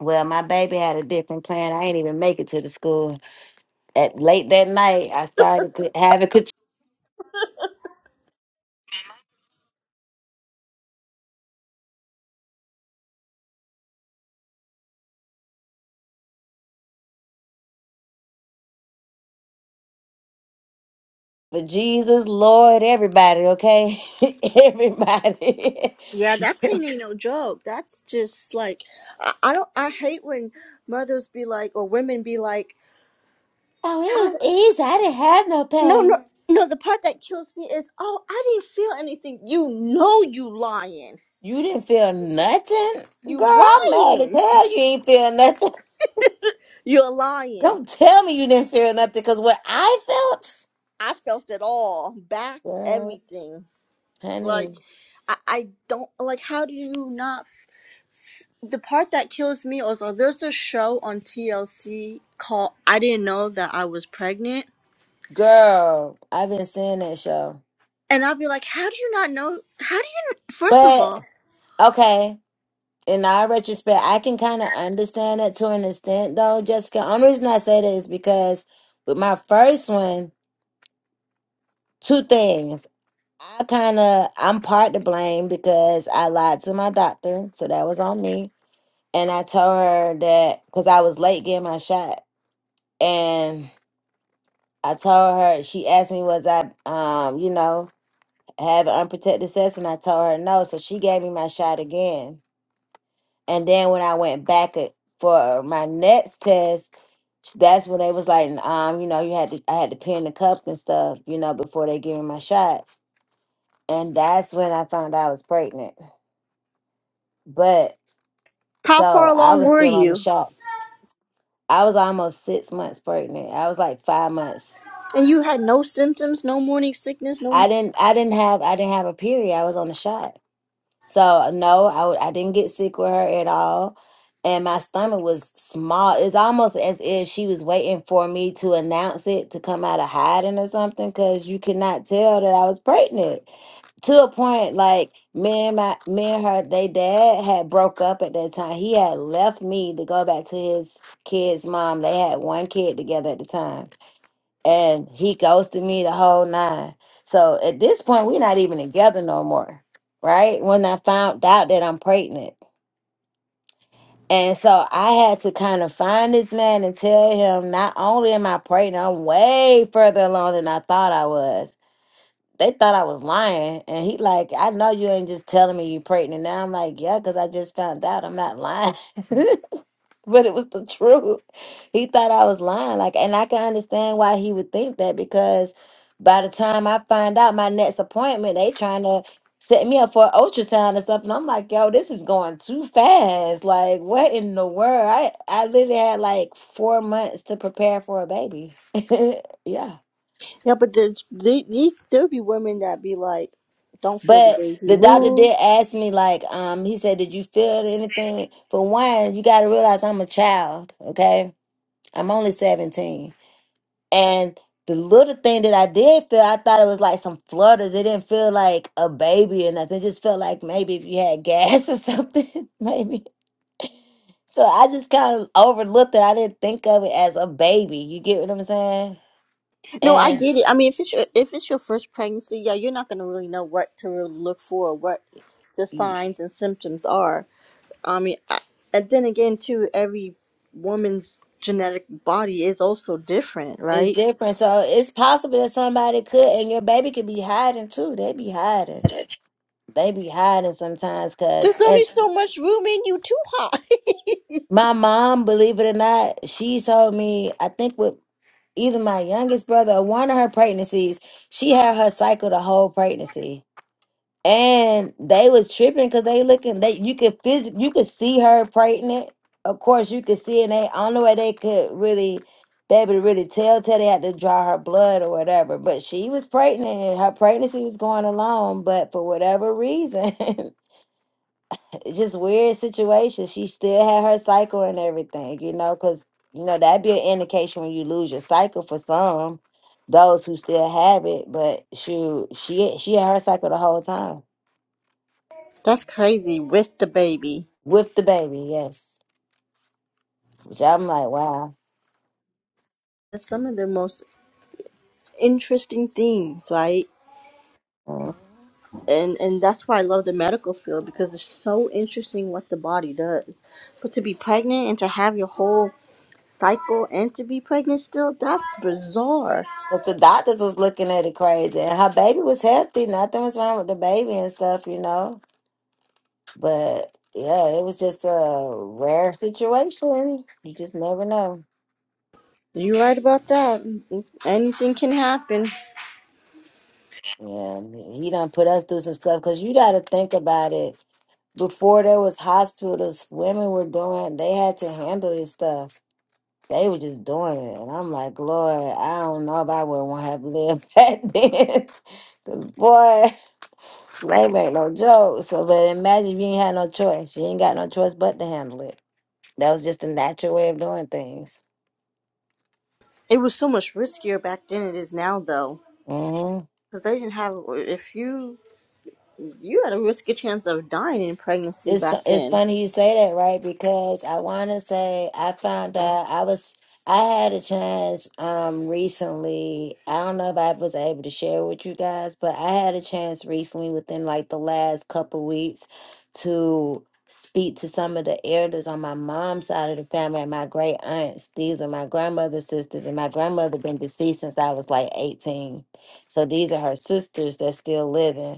S7: Well, my baby had a different plan. I ain't even make it to the school. At late that night, I started cou- having cut for Jesus, Lord, everybody. Okay, everybody.
S2: Yeah, that
S7: oh,
S2: pain
S7: it
S2: ain't no joke. That's just like I, I don't. I hate when mothers be like, or women be like, no,
S7: was easy. I didn't have no pain.
S2: no, no. The part that kills me is, oh, I didn't feel anything. You know, you lying.
S7: You didn't feel nothing,
S2: You
S7: girl. I'm mad as
S2: lying.
S7: hell. You ain't feel nothing.
S2: You're lying.
S7: Don't tell me you didn't feel nothing, cause what I felt,
S2: I felt it all, back,
S7: girl,
S2: everything. Like,
S7: honey,
S2: I, I don't like. How do you not? The part that kills me also. There's a show on TLC called "I Didn't Know That I Was Pregnant."
S7: girl, I've been seeing that show,
S2: And I'll be like, how do you not know? How do you, first of all,
S7: but okay. in our retrospect, I can kind of understand it to an extent, though, Jessica. Only reason I say that is because with my first one, two things. I kind of, I'm part to blame because I lied to my doctor. So that was on me. And I told her that because I was late getting my shot. And I told her, she asked me, was I, um, you know, having unprotected sex? And I told her no. So she gave me my shot again. And then when I went back a- for my next test, that's when they was like, um, you know, you had to I had to pee in the cup and stuff, you know, before they gave me my shot. And that's when I found out I was pregnant. But
S2: how far
S7: so I
S2: along
S7: was
S2: were
S7: still on the
S2: you?
S7: shot. I was almost six months pregnant. I was like five months.
S2: And you had no symptoms, no morning sickness,
S7: I
S2: no.
S7: didn't I didn't have I didn't have a period. I was on the shot. So no, I w- I didn't get sick with her at all. And my stomach was small. It's almost as if she was waiting for me to announce it to come out of hiding or something, because you could not tell that I was pregnant. to a point like me and my me and her they dad had broke up at that time he had left me to go back to his kid's mom they had one kid together at the time and he ghosted me the whole nine so at this point we're not even together no more right when i found out that i'm pregnant and so i had to kind of find this man and tell him not only am i pregnant i'm way further along than i thought i was they thought I was lying. And he like, I know you ain't just telling me you pregnant. Now I'm like, yeah, because I just found out I'm not lying. but it was the truth. He thought I was lying. Like, and I can understand why he would think that because by the time I find out my next appointment, they trying to set me up for an ultrasound or something. I'm like, yo, this is going too fast. Like, what in the world? I I literally had like four months to prepare for a baby. yeah.
S2: Yeah, but there's, there- these, there'll be women that be like, don't feel the
S7: But
S2: baby
S7: the doctor
S2: move.
S7: did ask me, like, um, he said, Did you feel anything? For one, you gotta realize I'm a child, okay? I'm only 17. And the little thing that I did feel, I thought it was like some flutters. It didn't feel like a baby or nothing. It just felt like maybe if you had gas or something, maybe. So I just kind of overlooked it. I didn't think of it as a baby. You get what I'm saying?
S2: No, I
S7: And
S2: get it. I mean, if it's your, if it's your first pregnancy, yeah, you're not going to really know what to really look for, what the
S7: y-
S2: signs and symptoms are. I mean, I, and then again, too, every woman's genetic body is also different,
S7: it's
S2: right?
S7: different. So it's possible that somebody could, and your baby could be hiding too. They be hiding. they be hiding sometimes because
S2: There's only so much room in you, too, hot.
S7: my mom, believe it or not, she told me, I think with either my youngest brother or one of her pregnancies, she had her cycle the whole pregnancy. And they was tripping because they looking they you could phys- you could see her pregnant. Of course you could see and they only way they could really be able to really tell till they had to draw her blood or whatever. But she was pregnant and her pregnancy was going along, but for whatever reason it's just weird situation. She still had her cycle and everything, you know, because you know that'd be an indication when you lose your cycle for some, those who still have it. But she, she she had her cycle the whole time
S2: That's crazy with the baby.
S7: with the baby, yes. Which I'm like, wow.
S2: That's some of the most interesting things, right?
S7: Because
S2: And and that's why I love the medical field because it's so interesting what the body does. But to be pregnant and to have your whole cycle and to be pregnant still, that's bizarre.
S7: the doctors was looking at it crazy, and her baby was healthy. Nothing was wrong with the baby and stuff, you know. But yeah, it was just a rare situation. You just never know.
S2: You're right about that. Anything can happen.
S7: Yeah, he done put us through some stuff because you got to think about it. Before there was hospitals, women were doing. They had to handle this stuff. They were just doing it, and I'm like, Lord, I don't know if I would want to have lived back then. 'Cause, boy, Lame ain't no joke. So, but imagine if you ain't had no choice. You ain't got no choice but to handle it. That was just a natural way of doing things.
S2: It was so much riskier back then than it is now though.
S7: Mm-hmm.
S2: Because they didn't have, if you, you had a risky chance of dying in pregnancy
S7: It's
S2: back
S7: fu- it's
S2: then
S7: funny you say that, right? Because I want to say I found out I was I had a chance um recently. I don't know if I was able to share with you guys, but I had a chance recently within like the last couple weeks to speak to some of the elders on my mom's side of the family and my great aunts. These are my grandmother's sisters, and my grandmother been deceased since I was like 18. So these are her sisters that's still living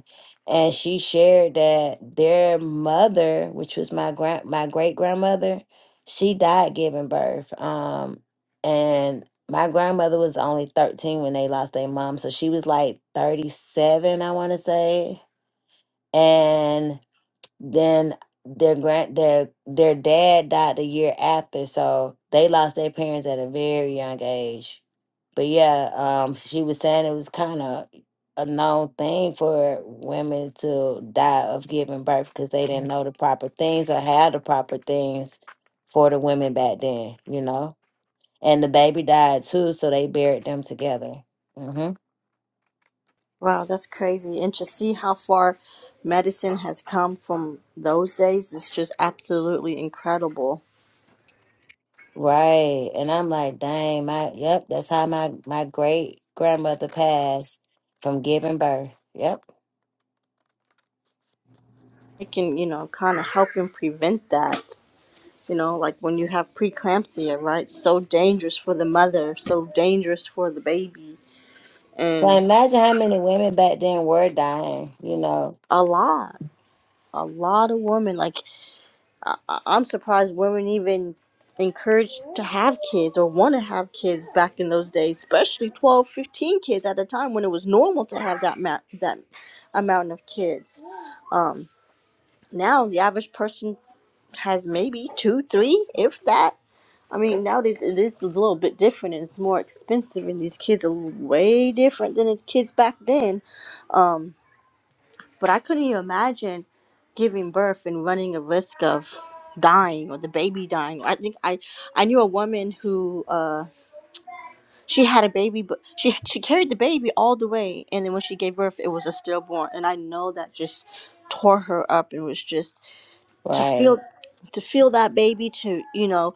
S7: and she shared that their mother, which was my grand my great grandmother, she died giving birth. Um, and my grandmother was only 13 when they lost their mom, so she was like 37, I want to say. And then their grand their their dad died the year after, so they lost their parents at a very young age but yeah, um, she was saying it was kind of a known thing for women to die of giving birth because they didn't know the proper things or had the proper things for the women back then, you know. And the baby died too, so they buried them together. hmm
S2: Wow, that's crazy. And to see how far medicine has come from those days is just absolutely incredible.
S7: Right, and I'm like, dang, my yep, that's how my my great grandmother passed from giving birth. Yep.
S2: It can, you know, kind of help and prevent that. You know, like when you have preeclampsia, right? So dangerous for the mother, so dangerous for the baby,
S7: So
S2: and
S7: imagine how many women back then were dying, you know.
S2: a lot, a lot of women. Like I, I- I'm surprised women even encouraged to have kids or want to have kids back in those days, especially 12, 15 kids at a time when it was normal to have that ma- that amount of kids. Um, now the average person has maybe two, three, if that. I mean, nowadays it is a little bit different and it's more expensive, and these kids are way different than the kids back then. Um, but I couldn't even imagine giving birth and running a risk of dying or the baby dying. I think I I knew a woman who uh she had a baby but she she carried the baby all the way and then when she gave birth it was a stillborn and I know that just tore her up and was just to
S7: Right.
S2: feel to feel that baby to you know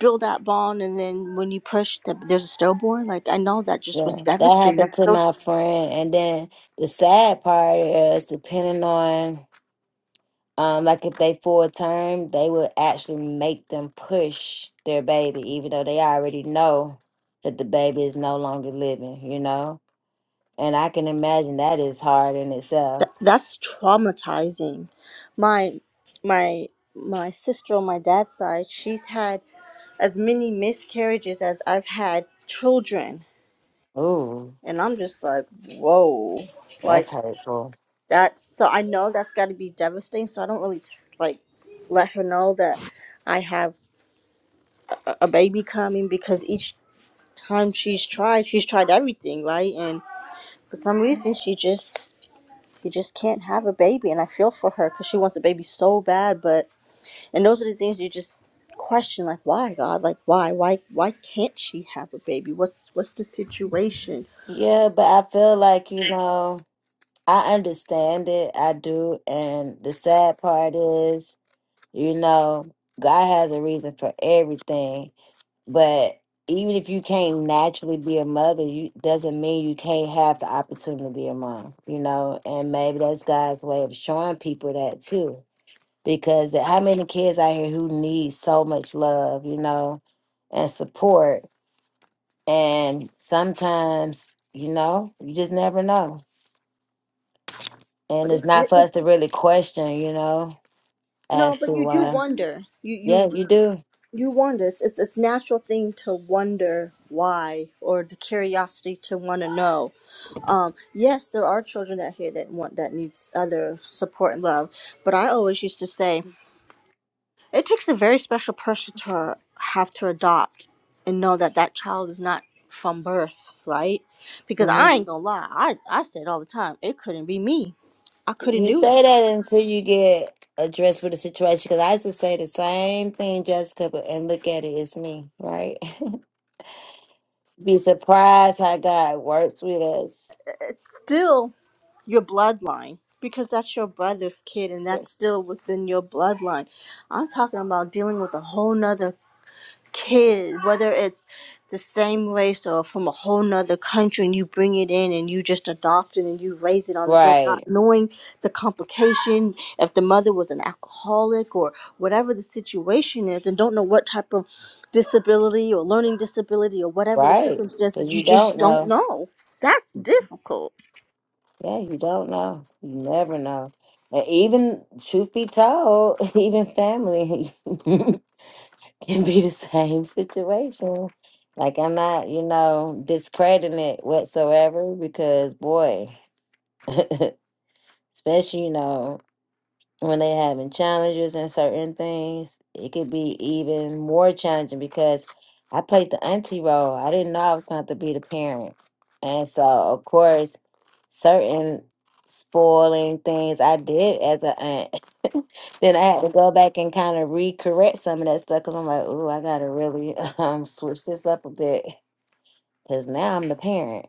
S2: build that bond and then when you push the, there's a stillborn like I know that just was
S7: Yeah, that
S2: devastating.
S7: happened
S2: That's
S7: to
S2: so
S7: my friend. And then the sad part is, depending on, um, like if they full term, they would actually make them push their baby, even though they already know that the baby is no longer living, you know? And I can imagine that is hard in itself.
S2: That, that's traumatizing. My my my sister on my dad's side, she's had as many miscarriages as I've had children,
S7: Ooh,
S2: and I'm just like, whoa,
S7: that's
S2: like
S7: hurtful.
S2: that's so I know that's got to be devastating. So I don't really t- like let her know that I have a a baby coming because each time she's tried, she's tried everything, right? And for some reason, she just she just can't have a baby, and I feel for her because she wants a baby so bad, but And those are the things you just question, like, why God? Like why? Why why can't she have a baby? What's what's the situation?
S7: Yeah, but I feel like, you know, I understand it. I do. And the sad part is, You know, God has a reason for everything. But even if you can't naturally be a mother, you doesn't mean you can't have the opportunity to be a mom, you know, and maybe that's God's way of showing people that too. Because how many kids out here who need so much love, you know, and support? And sometimes, you know, you just never know. And
S2: But
S7: it's
S2: it's
S7: not
S2: it,
S7: for
S2: it-
S7: us to really question, you know,
S2: no,
S7: as to
S2: but you do
S7: why.
S2: wonder. You
S7: Yeah,
S2: you
S7: you do.
S2: you wonder. It's it's it's natural thing to wonder why or the curiosity to want to know. Um, yes, there are children out here that want that needs other support and love. But I always used to say It takes a very special person to have to adopt and know that that child is not from birth, right? Because
S7: Mm-hmm.
S2: I ain't gonna lie, I, I say it all the time. It couldn't be me. I couldn't
S7: You
S2: do it.
S7: say that until you get addressed with the situation. Because I used to say the same thing, Jessica, but, and look at it, it's me, right? Be surprised how God works with us.
S2: It's still your bloodline because that's your brother's kid and
S7: Sure.
S2: that's still within your bloodline. I'm talking about dealing with a whole nother kid, whether it's the same race or from a whole nother country, and you bring it in and you just adopt it and you raise it on its own, not
S7: Right,
S2: knowing the complication if the mother was an alcoholic or whatever the situation is, and don't know what type of disability or learning disability or whatever the
S7: right. Because
S2: circumstances, you
S7: you don't
S2: just don't
S7: know.
S2: know. That's difficult.
S7: Yeah, you don't know. You never know. And even, truth be told, even family can be the same situation. Like, I'm not, you know, discrediting it whatsoever because, boy. especially you know when they having challenges and certain things it could be even more challenging because i played the auntie role i didn't know i was going to have to be the parent and so of course certain spoiling things i did as a aunt then i had to go back and kind of recorrect some of that stuff because i'm like oh i gotta really um switch this up a bit because now i'm the parent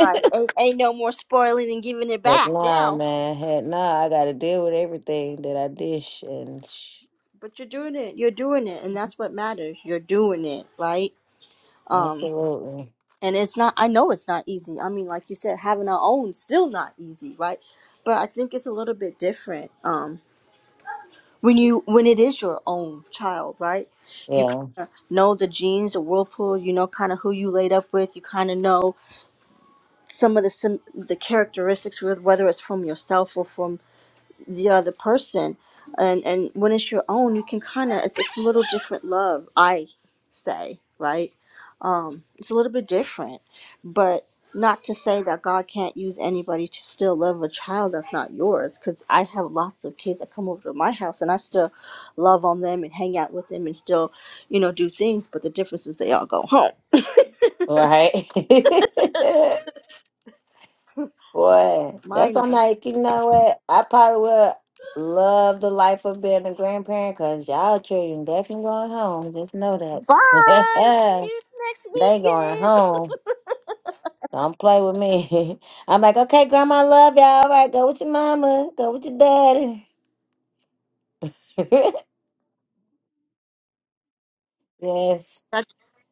S2: Ain't, ain't no more spoiling and giving it
S7: Heck
S2: back
S7: nah,
S2: now.
S7: man. Heck nah. I got to deal with everything that I dish and sh-
S2: But you're doing it. You're doing it. And that's what matters. You're doing it, right? Um.
S7: absolutely.
S2: and it's not i know it's not easy i mean like you said having our own still not easy right but i think it's a little bit different um when you when it is your own child right you kind
S7: Yeah.
S2: of know the genes the whirlpool you know kind of who you laid up with you kind of know some of the sim- the characteristics with whether it's from yourself or from the other person and and when it's your own you can kind of it's, it's a little different love i say right um, It's a little bit different, but not to say that God can't use anybody to still love a child that's not yours. Because I have lots of kids that come over to my house, and I still love on them and hang out with them and still, you know, do things. But the difference is they all go home.
S7: Right. Boy, that's
S2: Mine
S7: why I'm
S2: are
S7: like, you know what? I probably would love the life of being a grandparent because y'all children definitely going home. Just know that.
S2: bye. See you next
S7: they going
S2: weekend.
S7: home. Don't play with me. I'm like, okay, grandma, love y'all. All right, go with your mama. Go with your daddy. yes.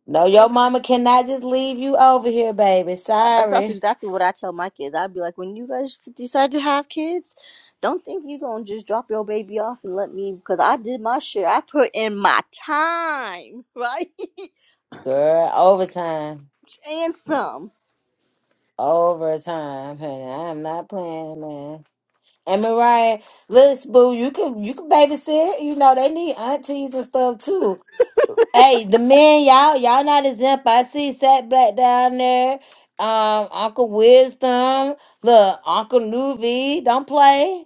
S7: No, your mama cannot just leave you over here, baby.
S2: Uh, That's
S7: Sorry.
S2: exactly what I tell my kids. I'd be like, when you guys decide to have kids, don't think you're gonna just drop your baby off and let me, because I did my shit. I put in my time, right,
S7: Girl, overtime.
S2: and some.
S7: Overtime, honey. I'm not playing, man. And Mariah, listen, boo, you can you can babysit. You know, they need aunties and stuff too. Hey, the men, y'all, y'all not exempt. I see Sat Black down there. Um, Uncle Wisdom. Look, Uncle Nuvi, don't play.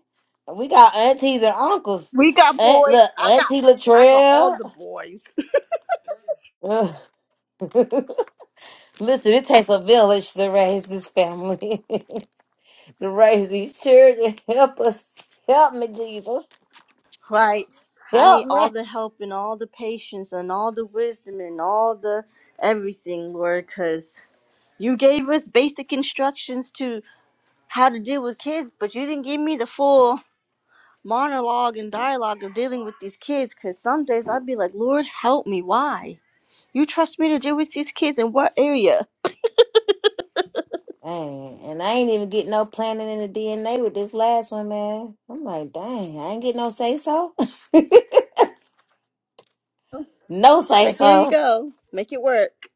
S7: We got aunties and uncles.
S2: We got
S7: Aunt,
S2: boys.
S7: look,
S2: I got,
S7: Auntie
S2: I got all
S7: Latrell.
S2: the boys,
S7: Listen, it takes a village to raise this family, to raise these children. Help us. Help me, Jesus.
S2: right. I need
S7: Help me.
S2: all the help and all the patience and all the wisdom and all the everything, Lord, because you gave us basic instructions to how to deal with kids, but you didn't give me the full. monologue and dialogue of dealing with these kids because some days I'd be like, Lord, help me. Why? You trust me to deal with these kids in what area?
S7: Dang, and I ain't even getting no planning in the DNA with this last one, man. I'm like, dang, I ain't get no say so. no say
S2: Like, here you
S7: so.
S2: go. Make it work.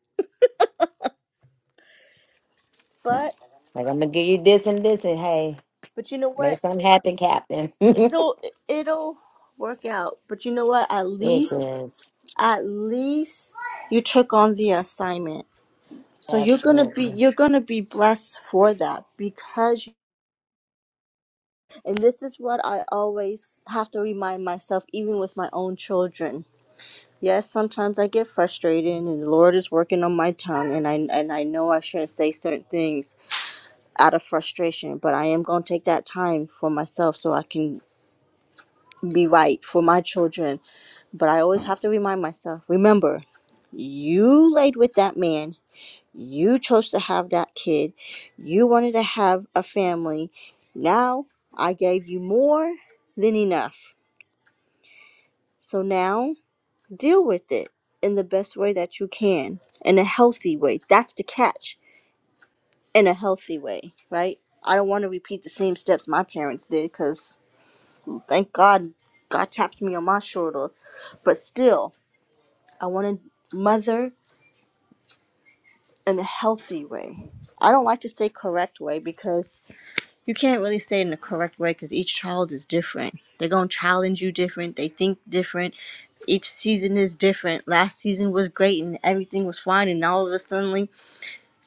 S2: But,
S7: Like, I'm going to give you this and this, and hey,
S2: but you know
S7: make
S2: what?
S7: something happen, Captain. it
S2: It'll, it'll work out. But you know what? At least,
S7: does.
S2: at least you took on the assignment. So you're gonna be
S7: Absolutely.
S2: you're gonna be blessed for that because and this is what I always have to remind myself even with my own children Yes, sometimes I get frustrated and the Lord is working on my tongue and I and I know I shouldn't say certain things out of frustration, but I am going to take that time for myself so I can be right for my children. But I always have to remind myself, remember, you laid with that man, you chose to have that kid, you wanted to have a family. Now I gave you more than enough. So now deal with it in the best way that you can in a healthy way that's the catch in a healthy way right i don't want to repeat the same steps my parents did because thank god god tapped me on my shoulder but still i want to mother in a healthy way i don't like to say correct way because you can't really say it in a correct way because each child is different they're going to challenge you different they think different each season is different last season was great and everything was fine and all of a sudden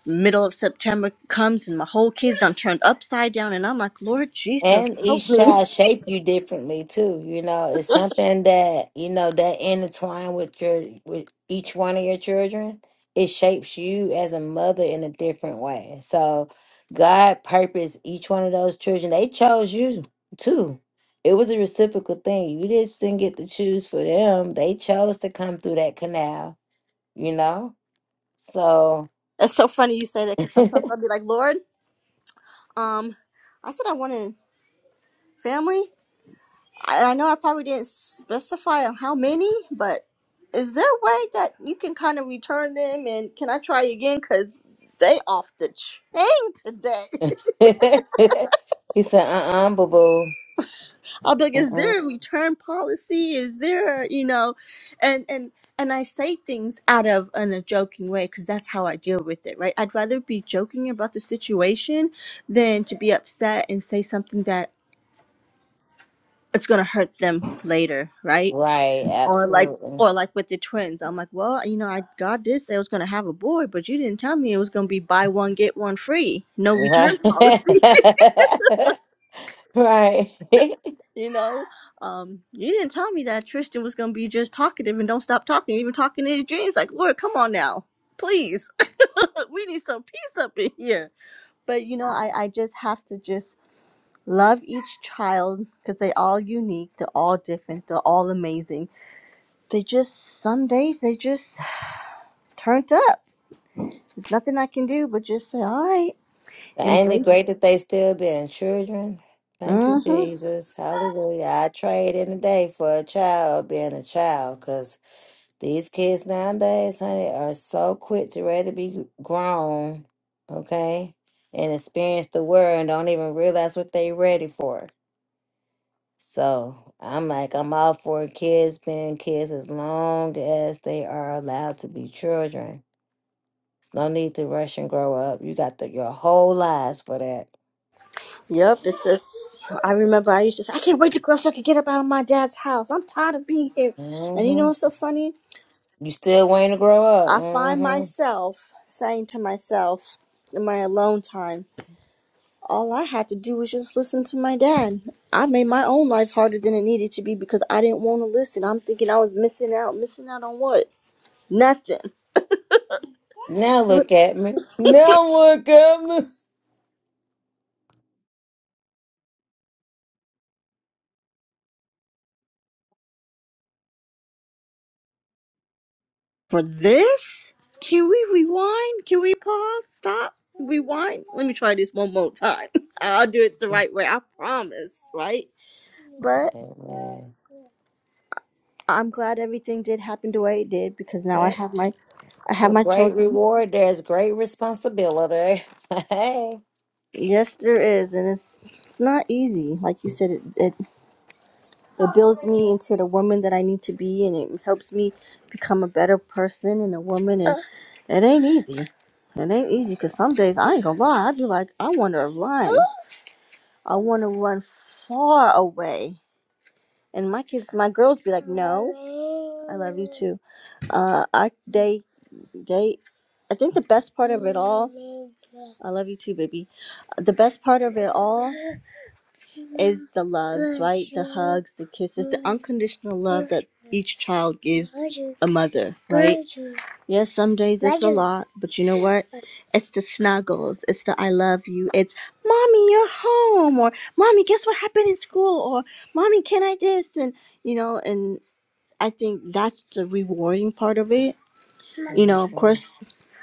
S2: middle of September comes and my whole kids done turned upside down, and I'm like, Lord Jesus,
S7: And
S2: help
S7: each
S2: me.
S7: child shape you differently too. You know, it's something that you know that intertwine with your with each one of your children. It shapes you as a mother in a different way. So God purposed each one of those children. They chose you too. It was a reciprocal thing. You just didn't get to choose for them. They chose to come through that canal. You know, so
S2: That's so funny you say that because
S7: he
S2: sometimes I'll be like, Lord, um, I said I wanted family. I, I know I probably didn't specify on how many, but is there a way that you can kind of return them? And can I try again? Because they off the chain today.
S7: said, "Uh, uh boo
S2: I'll be like, is there
S7: boo."
S2: a return policy? Is there, you know, and and and I say things out of in a joking way because that's how I deal with it, right? I'd rather be joking about the situation than to be upset and say something that it's gonna hurt them later, right?
S7: Right,
S2: Or like
S7: absolutely.
S2: or like with the twins, I'm like, well, you know, I God did say I was gonna have a boy, but you didn't tell me it was gonna be buy one get one free, no return
S7: Right.
S2: policy.
S7: right.
S2: you know um you didn't tell me that tristan was gonna be just talkative and don't stop talking even talking in his dreams like lord come on now please we need some peace up in here but you know i i just have to just love each child because they all unique they're all different they're all amazing they just some days they just turned up there's nothing i can do but just say all right
S7: Ain't it great
S2: embrace
S7: that they still being children? Thank you,
S2: mm-hmm
S7: Jesus. Hallelujah. I trade in any day for a child being a child because these kids nowadays, honey, are so quick to ready to be grown, okay, and experience the world and don't even realize what they ready for. So I'm like, I'm all for kids being kids as long as they are allowed to be children. It's no need to rush and grow up. You got the, your whole lives for that.
S2: Yep, it's it's. so I remember I used to say, I can't wait to grow up so I can get up out of my dad's house. I'm tired of being here. And you
S7: hmm
S2: know what's so funny?
S7: You still waiting to grow
S2: I
S7: up.
S2: find
S7: hmm
S2: myself saying to myself in my alone time, all I had to do was just listen to my dad. I made my own life harder than it needed to be because I didn't want to listen. I'm thinking I was missing out. Missing out on what? Nothing.
S7: Now look at me. Now look at me.
S2: For this? Can we rewind? Can we pause? Stop? Rewind? Let me try this one more time. I'll do it the right way. I promise, right? But
S7: Amen.
S2: I'm glad everything did happen the way it did because now I
S7: Yep.
S2: have my I have
S7: For
S2: my
S7: great
S2: children.
S7: reward, there's great responsibility. hey.
S2: Yes, there is, and it's it's not easy. Like you said, it it, it builds me into the woman that I need to be, and it helps me become a better person and a woman. And it ain't easy. It ain't easy because some days I ain't gonna lie. I be like, I want to run. I want to run far away. And my kids, my girls, be like, "No, I love you too." Uh, I they they, I think the best part of it all, I love you too, baby. The best part of it all is the loves, right? The hugs, the kisses, the unconditional love that each child gives a mother, right? Yes, some days it's a lot, but you know what? It's the snuggles, it's the I love you, it's mommy, you're home, or mommy, guess what happened in school, or mommy, can I this? And you know, and I think that's the rewarding part of it you know, of
S7: Mhm.
S2: course,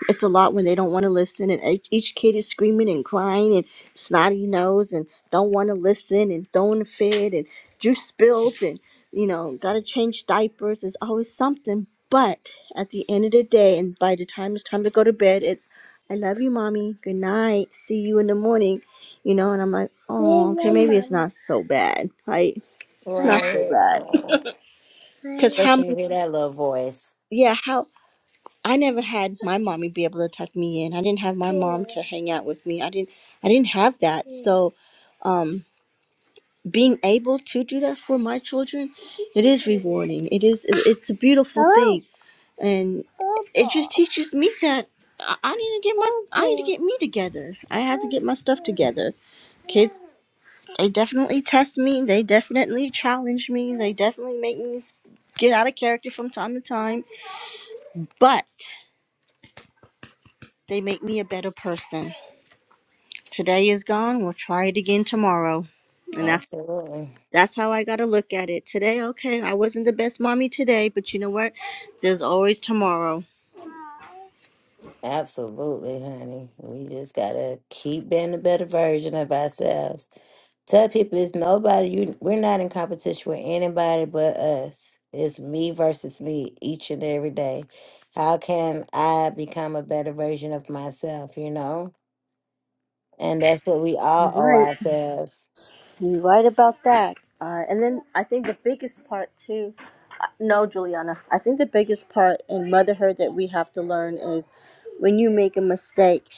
S2: it's a lot when they don't want to listen, and each each kid is screaming and crying and snotty nose and don't want to listen and throwing a fit and juice spilled and you know, gotta change diapers. There's always something, but at the end of the day, and by the time it's time to go to bed, it's I love you, mommy. Good night. See you in the morning. You know, and I'm like, oh, okay, maybe it's not so bad, right? It's not
S7: Right.
S2: so bad.
S7: Oh,
S2: Because how
S7: Especially when
S2: many,
S7: you hear that little voice.
S2: yeah, how. I never had my mommy be able to tuck me in. I didn't have my mom to hang out with me. I didn't I didn't have that. So um being able to do that for my children, it is rewarding. It is it- it's a beautiful thing and it just teaches me that I I need to get my I need to get me together. I have to get my stuff together. Kids they definitely test me. They definitely challenge me. They definitely make me s- get out of character from time to time, but they make me a better person Today is gone. We'll try it again tomorrow. And that's
S7: Absolutely.
S2: that's how I got to look at it. Today, okay, I wasn't the best mommy today, but you know what? There's always tomorrow.
S7: Absolutely, honey. We just gotta keep being a better version of ourselves. Tell people it's nobody you we're not in competition with anybody but us. It's me versus me each and every day. How can I become a better version of myself, you know? And that's what we all owe ourselves.
S2: You're right about that. Uh, and then I think the biggest part too. uh, No, Juliana. I think the biggest part in motherhood that we have to learn is when you make a mistake,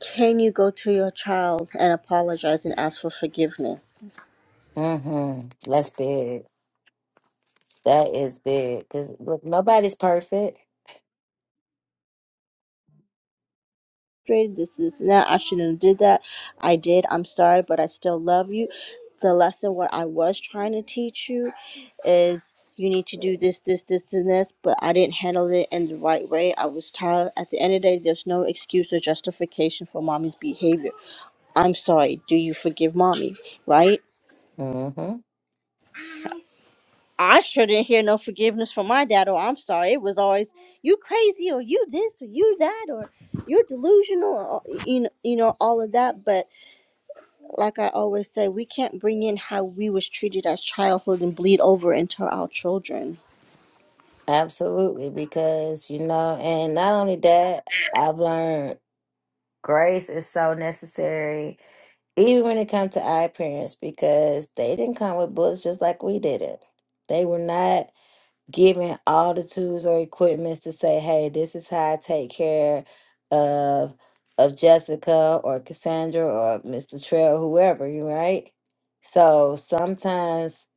S2: can you go to your child and apologize and ask for forgiveness?
S7: Mm-hmm. That's big. That is big. Cause look, nobody's perfect.
S2: frustrated. This is now I shouldn't have did that. I did. I'm sorry, but I still love you. The lesson what I was trying to teach you is you need to do this, this, this, and this, but I didn't handle it in the right way. I was tired. At the end of the day, there's no excuse or justification for mommy's behavior. I'm sorry. Do you forgive mommy? Right?
S7: Mm-hmm.
S2: I sure didn't hear no forgiveness from my dad, or I'm sorry. It was always you crazy, or you this, or you that, or you're delusional, or, you know, you know, all of that. But like I always say, we can't bring in how we was treated as childhood and bleed over into our children.
S7: Absolutely, because you know, and not only that, I've learned grace is so necessary, even when it comes to our parents, because they didn't come with books just like we did it. They were not given all the tools or equipments to say, "Hey, this is how I take care of of Jessica or Cassandra or Mr. Trail, whoever." You right? So sometimes.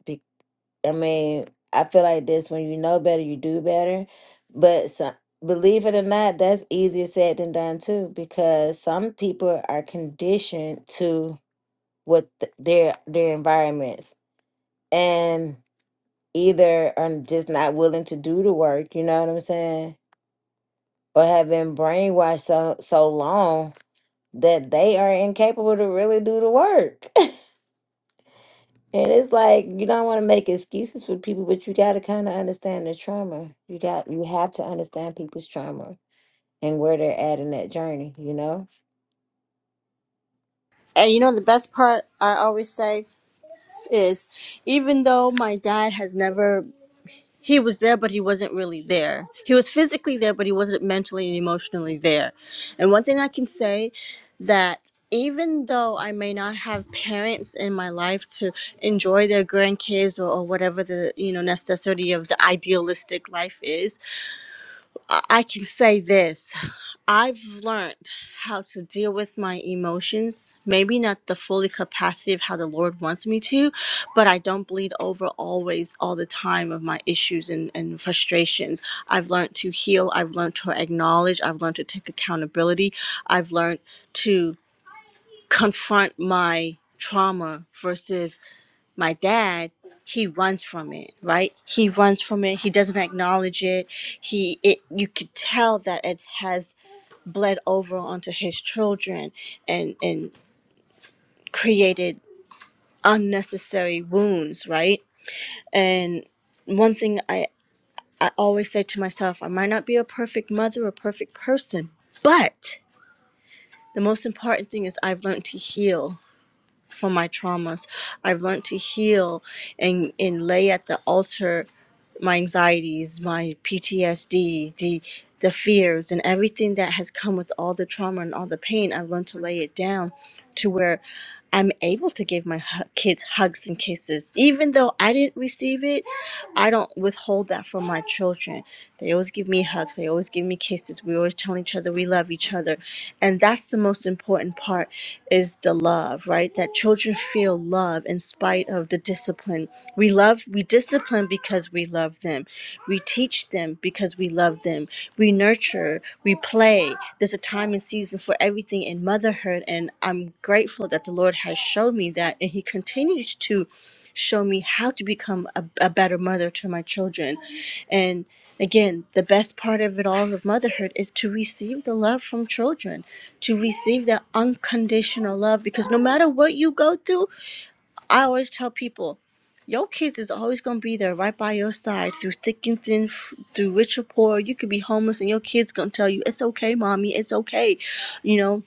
S7: I mean, I feel like this when you know better, you do better. But some, believe it or not, that's easier said than done too, because some people are conditioned to what th- their their environments and either are just not willing to do the work, you know what I'm saying? Or have been brainwashed so so long that they are incapable to really do the work. And it's like you don't want to make excuses for people, but you got to kind of understand the trauma. You got you have to understand people's trauma and where they're at in that journey, you know?
S2: And you know the best part I always say is even though my dad has never he was there but he wasn't really there. He was physically there but he wasn't mentally and emotionally there. And one thing I can say that even though I may not have parents in my life to enjoy their grandkids or, or whatever the you know necessity of the idealistic life is, I I can say this. I've learned how to deal with my emotions, maybe not the fully capacity of how the Lord wants me to, but I don't bleed over always all the time of my issues and, and frustrations. I've learned to heal, I've learned to acknowledge, I've learned to take accountability, I've learned to confront my trauma versus my dad he runs from it right he runs from it he doesn't acknowledge it he it you could tell that it has bled over onto his children and and created unnecessary wounds right and one thing i i always say to myself i might not be a perfect mother a perfect person but the most important thing is i've learned to heal from my traumas i've learned to heal and and lay at the altar my anxieties, my PTSD, the the fears and everything that has come with all the trauma and all the pain, I've learned to lay it down to where. I'm able to give my hu- kids hugs and kisses. Even though I didn't receive it, I don't withhold that from my children. They always give me hugs, they always give me kisses. We always tell each other we love each other. And that's the most important part is the love, right? That children feel love in spite of the discipline. We love we discipline because we love them we teach them because we love them. We nurture, we play. There's a time and season for everything in motherhood. And I'm grateful that the Lord has shown me that. And He continues to show me how to become a, a better mother to my children. And again, the best part of it all of motherhood is to receive the love from children, to receive that unconditional love because no matter what you go through, I always tell people, your kids is always gonna be there, right by your side, through thick and thin, f- through rich or poor. You could be homeless, and your kids gonna tell you, "It's okay, mommy. It's okay." You know,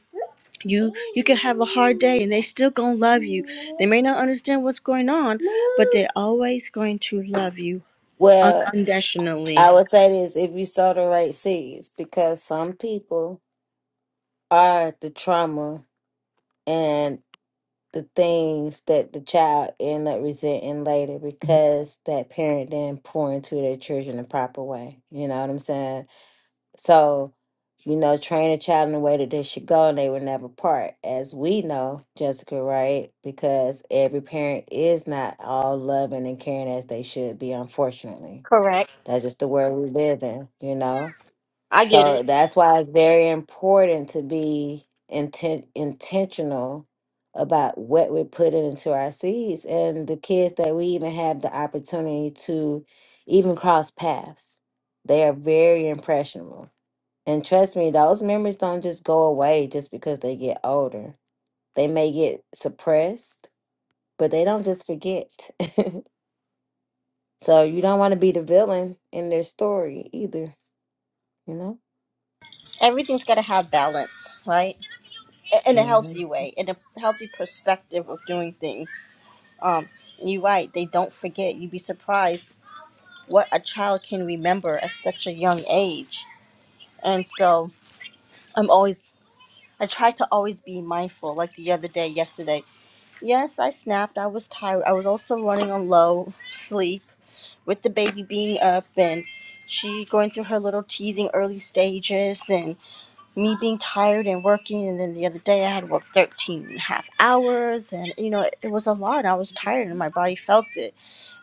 S2: you you could have a hard day, and they still gonna love you. They may not understand what's going on, but they're always going to love you
S7: Well,
S2: unconditionally.
S7: I would say this if you sow the right seeds because some people are the trauma and the things that the child end up resenting later because that parent didn't pour into their children the proper way. You know what I'm saying? So, you know, train a child in the way that they should go and they will never part. As we know, Jessica, right? Because every parent is not all loving and caring as they should be, unfortunately.
S2: Correct.
S7: That's just the world we live in, you know?
S2: I get
S7: So
S2: it.
S7: that's why it's very important to be inten- intentional about what we're putting into our seeds and the kids that we even have the opportunity to even cross paths. They are very impressionable and trust me, those memories don't just go away just because they get older. They may get suppressed, but they don't just forget. so you don't want to be the villain in their story either, you know?
S2: Everything's gotta have balance, right? I- In a
S7: hmm
S2: healthy way, in a healthy perspective of doing things. Um, you're right. They don't forget. You'd be surprised what a child can remember at such a young age. And so I'm always, I try to always be mindful. Like the other day, yesterday, yes, I snapped. I was tired. I was also running on low sleep with the baby being up and she going through her little teething early stages and me being tired and working. And then the other day, I had worked 13 and a half hours and, you know, it was a lot. I was tired and my body felt it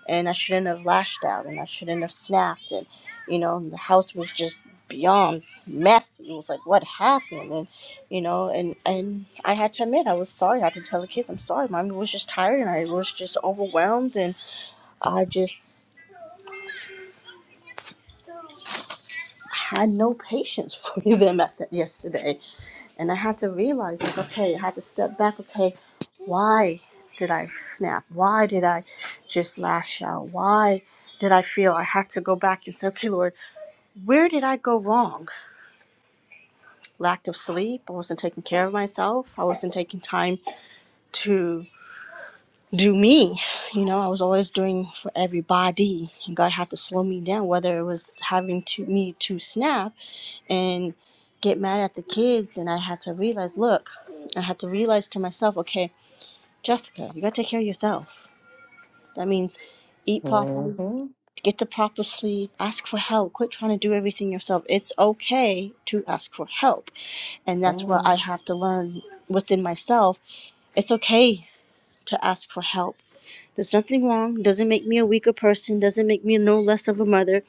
S2: and I shouldn't have lashed out and I shouldn't have snapped and you know the house was just beyond messy. It was like what happened and you know and and I had to admit I was sorry. I had to tell the kids I'm sorry. Mommy was just tired and I was just overwhelmed and I just had no patience for them at the, yesterday And I had to realize, like, okay, I had to step back. Okay, why did I snap? Why did I just lash out? Why did I feel I had to go back and say, okay, Lord, where did I go wrong? Lack of sleep. I wasn't taking care of myself. I wasn't taking time to do me. You know, I was always doing for everybody. And God had to slow me down, whether it was having to me to snap and get mad at the kids. And I had to realize, look, I had to realize to myself, okay, Jessica, you gotta take care of yourself. That means eat properly,
S7: hmm
S2: get the proper sleep, ask for help, quit trying to do everything yourself. It's okay to ask for help. And that's
S7: Come
S2: what I
S7: on.
S2: have to learn within myself. It's okay to ask for help. There's nothing wrong, doesn't make me a weaker person, doesn't make me no less of a mother.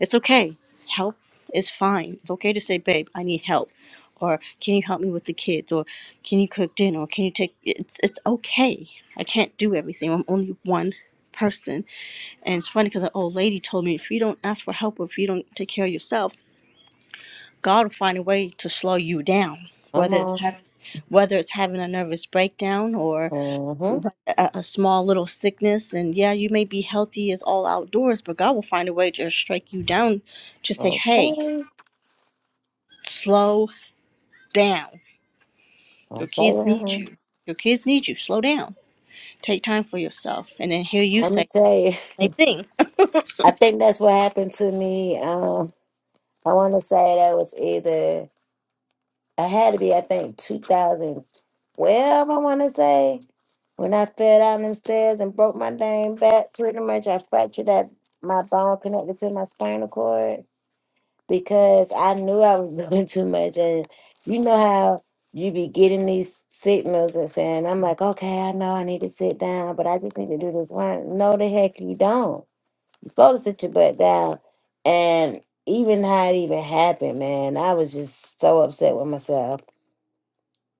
S2: It's okay. Help is fine. It's okay to say, babe, I need help. Or can you help me with the kids? Or can you cook dinner? Or can you take it's it's okay. I can't do everything. I'm only one person. And it's funny because an old lady told me if you don't ask for help or if you don't take care of yourself, God will find a way to slow you down.
S7: Come
S2: Whether it's
S7: on.
S2: have, whether it's having a nervous breakdown or
S7: hmm
S2: a, a small little sickness, and yeah, you may be healthy as all outdoors, but God will find a way to strike you down to say, hey,
S7: Okay.
S2: Slow down.
S7: I'm
S2: Your kids need
S7: playing.
S2: you. Your kids need you. Slow down. Take time for yourself. And then hear you
S7: Let me
S2: say
S7: tell you.
S2: the same thing.
S7: I think that's what happened to me. Um, I want to say that was either I had to be, I think, 2012, I want to say, when I fell down them stairs and broke my dang back. Pretty much, I fractured that my bone connected to my spinal cord because I knew I was doing too much. And you know how you be getting these signals and saying, I'm like, okay, I know I need to sit down, but I just need to do this one. No, the heck you don't. You're supposed to sit your butt down. And even how it even happened, man, I was just so upset with myself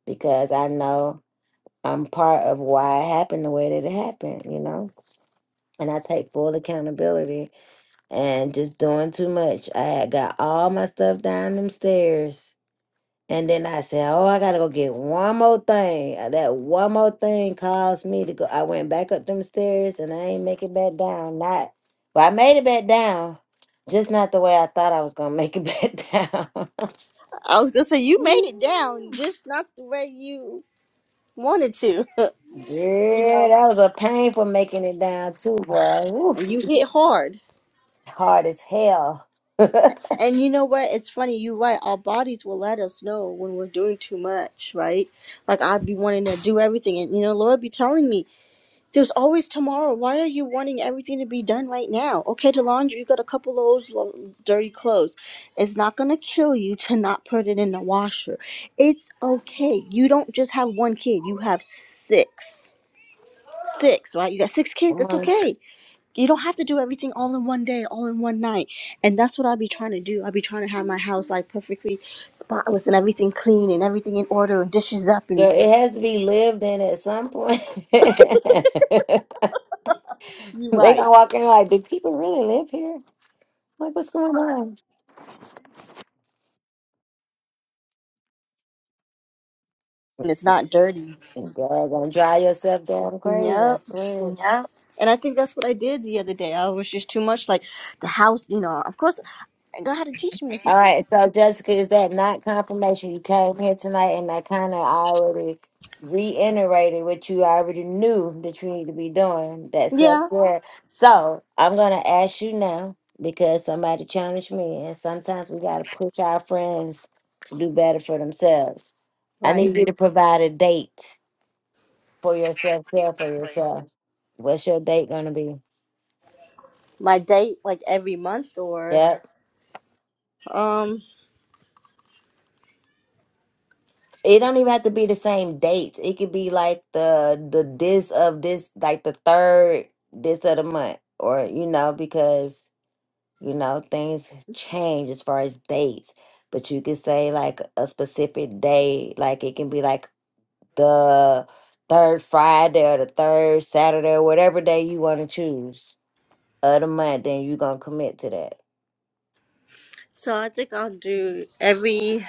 S7: because I know I'm part of why it happened the way that it happened, you know? And I take full accountability and just doing too much. I had got all my stuff down them stairs. And then I said, Oh, I gotta go get one more thing. Uh, That one more thing caused me to go. I went back up them stairs and I ain't make it back down. Not well, I made it back down, just not the way I thought I was gonna make it back down.
S2: I was gonna say you made it down, just not the way you wanted to. you
S7: Yeah,
S2: know,
S7: that was a pain for making it down too, boy.
S2: and
S7: Oof,
S2: you hit hard.
S7: hard as hell. Come
S2: And you know what? It's funny. You're right. Our bodies will let us know when we're doing too much, right? Like I'd be wanting to do everything, and you know, Lord be telling me, There's always tomorrow. Why are you wanting everything to be done right now? Okay, the laundry, you got a couple of those lo- dirty clothes. It's not going to kill you to not put it in the washer. It's okay. You don't just have one kid, you have six. Six, right? You got six kids. It's
S7: on.
S2: okay. You don't have to do everything all in one day, all in one night. And that's what i be trying to do. i be trying to have my house like perfectly spotless and everything clean and everything in order and dishes up
S7: Girl,
S2: and
S7: it has to be lived in at some point. they
S2: you
S7: gonna
S2: right.
S7: walk in like, do people really live here? Like, what's going on?
S2: And it's not dirty.
S7: Girl, gonna drive yourself down crazy, I
S2: Yep.
S7: swear.
S2: And I think that's what I did the other day. I was just too much like the house, you know. Of course, God had to teach me.
S7: All right, so Jessica, is that not confirmation? You came here tonight and I kind of already reiterated what you already knew that you need to be doing, that
S2: yeah,
S7: self-care. So I'm going to ask you now because somebody challenged me, and sometimes we got to push our friends to do better for themselves. I
S2: right.
S7: need you to provide a date for your self-care for yourself. What's your date going to be?
S2: My date like every month or
S7: Yep.
S2: um.
S7: It don't even have to be the same dates. It could be like the the this of this, like the third this of the month, or you know, because you know things change as far as dates. But you could say like a specific day, like it can be like the third Friday or the third Saturday or whatever day you want to choose of the month. Then you gonna commit to
S2: So I think I'll do every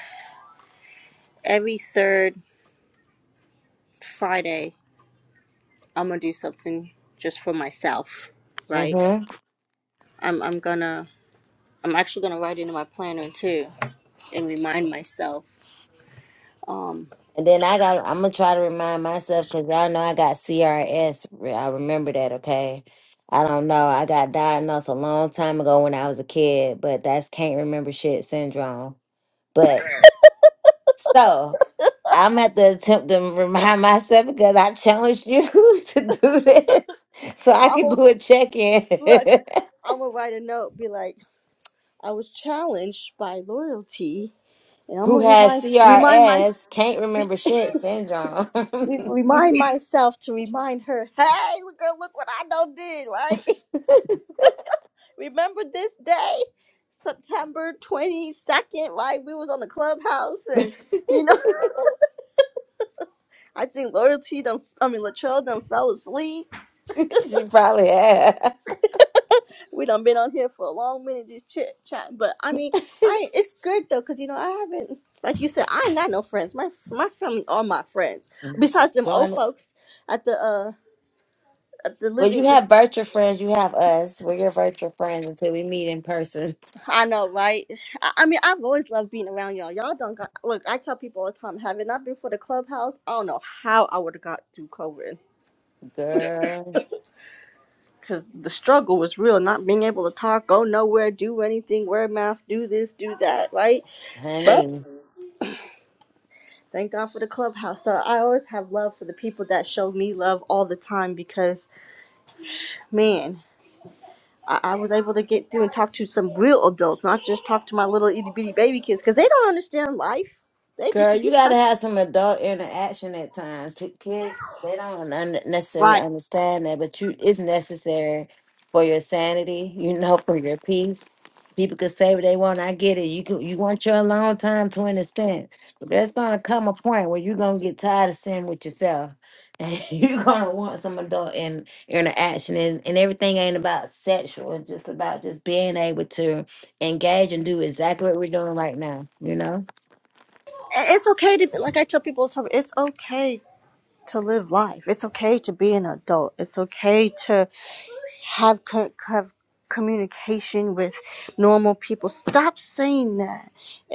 S2: every third Friday. I'm gonna do something just for myself,
S7: that.
S2: right? I'm I'm gonna I'm actually gonna write it in my planner too and remind myself. Um,
S7: And then I got, I'm gonna try to remind myself because y'all know I got CRS. Re- I remember that, okay? I don't know. I got diagnosed a long time ago when I was a kid, but that's can't remember shit syndrome. But so I'm at the attempt to remind myself because I challenged you to do this so I
S2: I'm
S7: could
S2: gonna
S7: do a check in.
S2: look. I'm gonna write a note. Be like, I was challenged by loyalty And I'm
S7: Who
S2: gonna
S7: has
S2: remind remind my
S7: CRS, can't
S2: re,
S7: remember shit syndrome.
S2: re- remind myself to remind her. Hey, girl, look what I done did, right? Remember this day, September twenty second, right? We was on the clubhouse, and you know, I think loyalty done. I mean, Latrell done fell asleep.
S7: she probably has.
S2: We done been on here for a long minute just chit chat. But I mean, I it's good though, cause you know I haven't. Like you said, I ain't got no friends. My my family are my friends. Besides them old
S7: Join
S2: folks at the uh at the
S7: Well, you
S2: living.
S7: have virtual friends. You have us. We're your virtual friends until we meet in person.
S2: I know, right? I, I mean, I've always loved being around y'all. Y'all don't got look. I tell people all the time, have it not been for the clubhouse, I don't know how I would have got through COVID
S7: Girl,
S2: because the struggle was real. Not being able to talk, go nowhere, do anything, wear a mask, do this, do that, right? But
S7: honey.
S2: thank God for the clubhouse. So I always have love for the people that show me love all the time because, man. I I was able to get through and talk to some real adults, not just talk to my little itty bitty baby kids, because they don't understand life. They just
S7: Girl,
S2: think
S7: you
S2: it's
S7: got
S2: time.
S7: to have some adult interaction at times. P- Kids, they don't un- necessarily understand that, but you it's necessary for your sanity, you know, for your peace. People can say what they want. I get it. You can you want your alone time to understand. But there's gonna come a point where you're gonna get tired of sitting with yourself. And you're gonna want some adult in, interaction and, and everything ain't about sexual, it's just about just being able to engage and do exactly what we're doing right now, you know?
S2: it's okay to be like I tell people all the time, it's okay to live life. It's okay to be an adult. It's okay to have co- have communication with normal people. Stop saying that.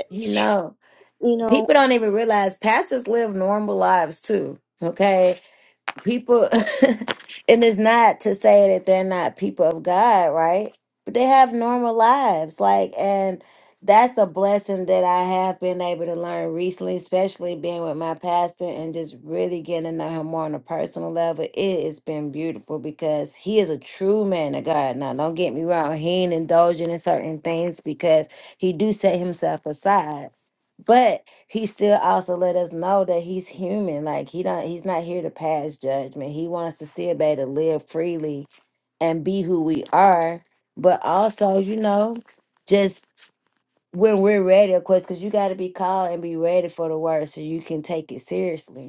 S7: You know,
S2: You know,
S7: people don't even realize pastors live normal lives too. Okay. people and it's not to say that they're not people of God, right? But they have normal lives. Like and that's the blessing that I have been able to learn recently, especially being with my pastor and just really getting to know him more on a personal level. It has been beautiful because he is a true man of God. Now, don't get me wrong, he ain't indulging in certain things because he do set himself aside. but he still also let us know that he's human like he don't he's not here to pass judgment he wants to still be able to live freely and be who we are but also you know just when we're ready of course because you got to be called and be ready for the word so you can take it seriously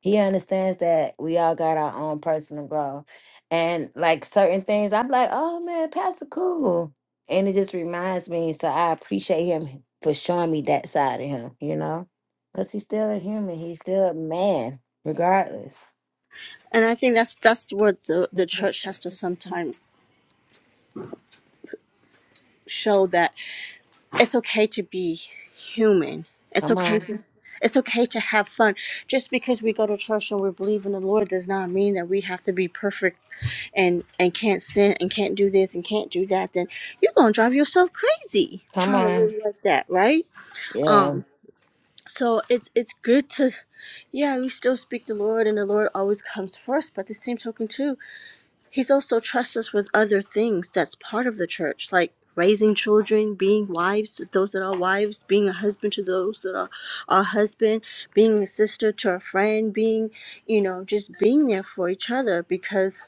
S7: he understands that we all got our own personal growth and like certain things i'm like oh man pastor cool and it just reminds me so i appreciate him for showing me that side of him you know because he's still a human he's still a man regardless
S2: and I think that's that's what the the church has to
S7: come
S2: sometimes show that it's okay to be human. It's okay to
S7: on
S2: it's okay to have fun. Just because we go to church and we believe in the Lord does not mean that we have to be perfect and and can't send and can't do this and can't do that then you're gonna drive yourself crazy
S7: come
S2: trying to
S7: on
S2: live like that right
S7: yeah
S2: um so it's it's good to yeah we still speak the lord and the lord always comes first but the same token too he's also trusts us with other things that's part of the church like raising children being wives to those that are wives being a husband to those that are our husband being a sister to a friend being you know just being there for each other because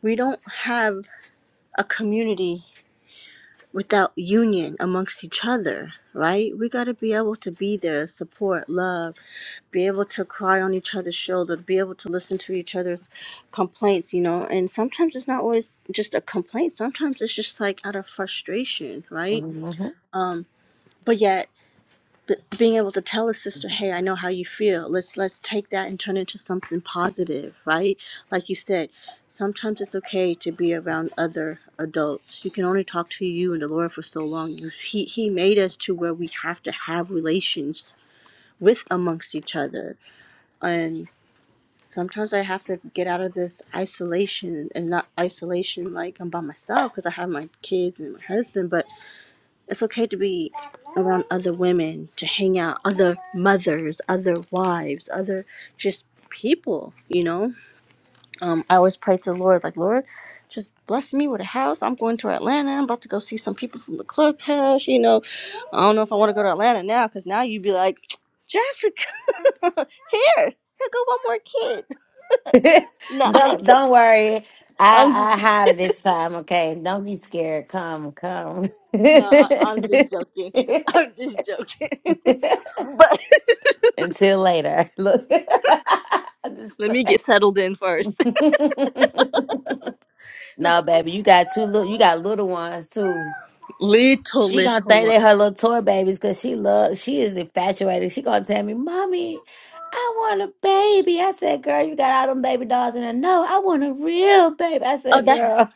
S2: we don't have a community without union amongst each other, right? We got to be able to be there, support, love, be able to cry on each other's shoulder, be able to listen to each other's complaints, you know. And sometimes it's not always just a complaint. Sometimes it's just like out of frustration, right?
S7: mhm.
S2: Um, but yet th- being able to tell a sister, "Hey, I know how you feel. Let's let's take that and turn it into something positive, right? Like you said, sometimes it's okay to be around other adults. You can only talk to you and the Lord for so long. You, he He made us to where we have to have relations with amongst each other, and sometimes I have to get out of this isolation and not isolation like I'm by myself because I have my kids and my husband, but it's okay to be around other women, to hang out, other mothers, other wives, other just people, you know? Um, I always pray to the Lord, like, Lord, just bless me with a house. I'm going to Atlanta. I'm about to go see some people from the clubhouse, you know? I don't know if I want to go to Atlanta now because now you'd be like, Jessica, here, here, go one more kid. No,
S7: don't don't worry
S2: I'm just,
S7: i i hide it this time okay don't be scared come come
S2: no, I, I'm just joking. I'm just joking. but
S7: Until later. Look. I'm just
S2: let me
S7: playing.
S2: get settled in first.
S7: no, baby, you got two little you got little ones too.
S2: Little
S7: She gonna
S2: little
S7: think
S2: one.
S7: they her little toy babies because she loves she is infatuated. She gonna tell me, Mommy, I want a baby. I said, girl, you got all them baby dolls in there. No, I want a real baby. I
S2: Oh,
S7: said,
S2: that's
S7: girl.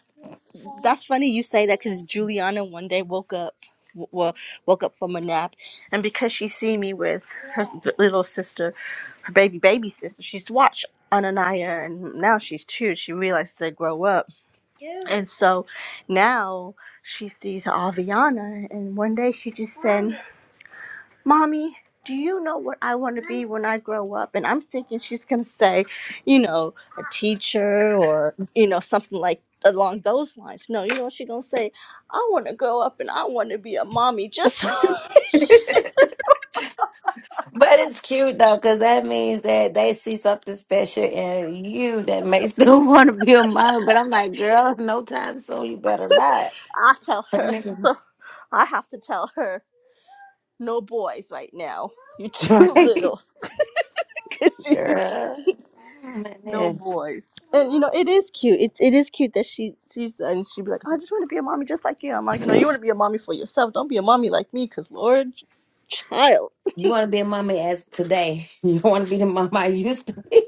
S2: that's funny you say that because Juliana one day woke up, w- well, woke up from a nap, and because she see me with her th- little sister, her baby baby sister, she's watched Ananaya, and now she's two. She realized they grow up, and so now she sees Aviana, and one day she just said. Mommy, do you know what I want to be when I grow up? And I'm thinking she's going to say, you know, a teacher or, you know, something like along those lines. No, you know what she's going to say? I want to grow up and I want to be a mommy. Just I
S7: But it's cute though, because that means that they see something special in you that makes them want to be a mom. But I'm like, girl, no time soon. You better not.
S2: tell
S7: Let
S2: her.
S7: me go.
S2: So I have to tell her, no boys right now. You're too
S7: Right,
S2: little.
S7: girl.
S2: No
S7: Man,
S2: boys. And you know, it is cute. It it is cute that she sees that and she'd be like, I just want to be a mommy just like you. I'm like, no, you want to be a mommy for yourself. Don't be a mommy like me, because Lord, child,
S7: You want to be a mommy as today. You don't want to be the mama I used to be.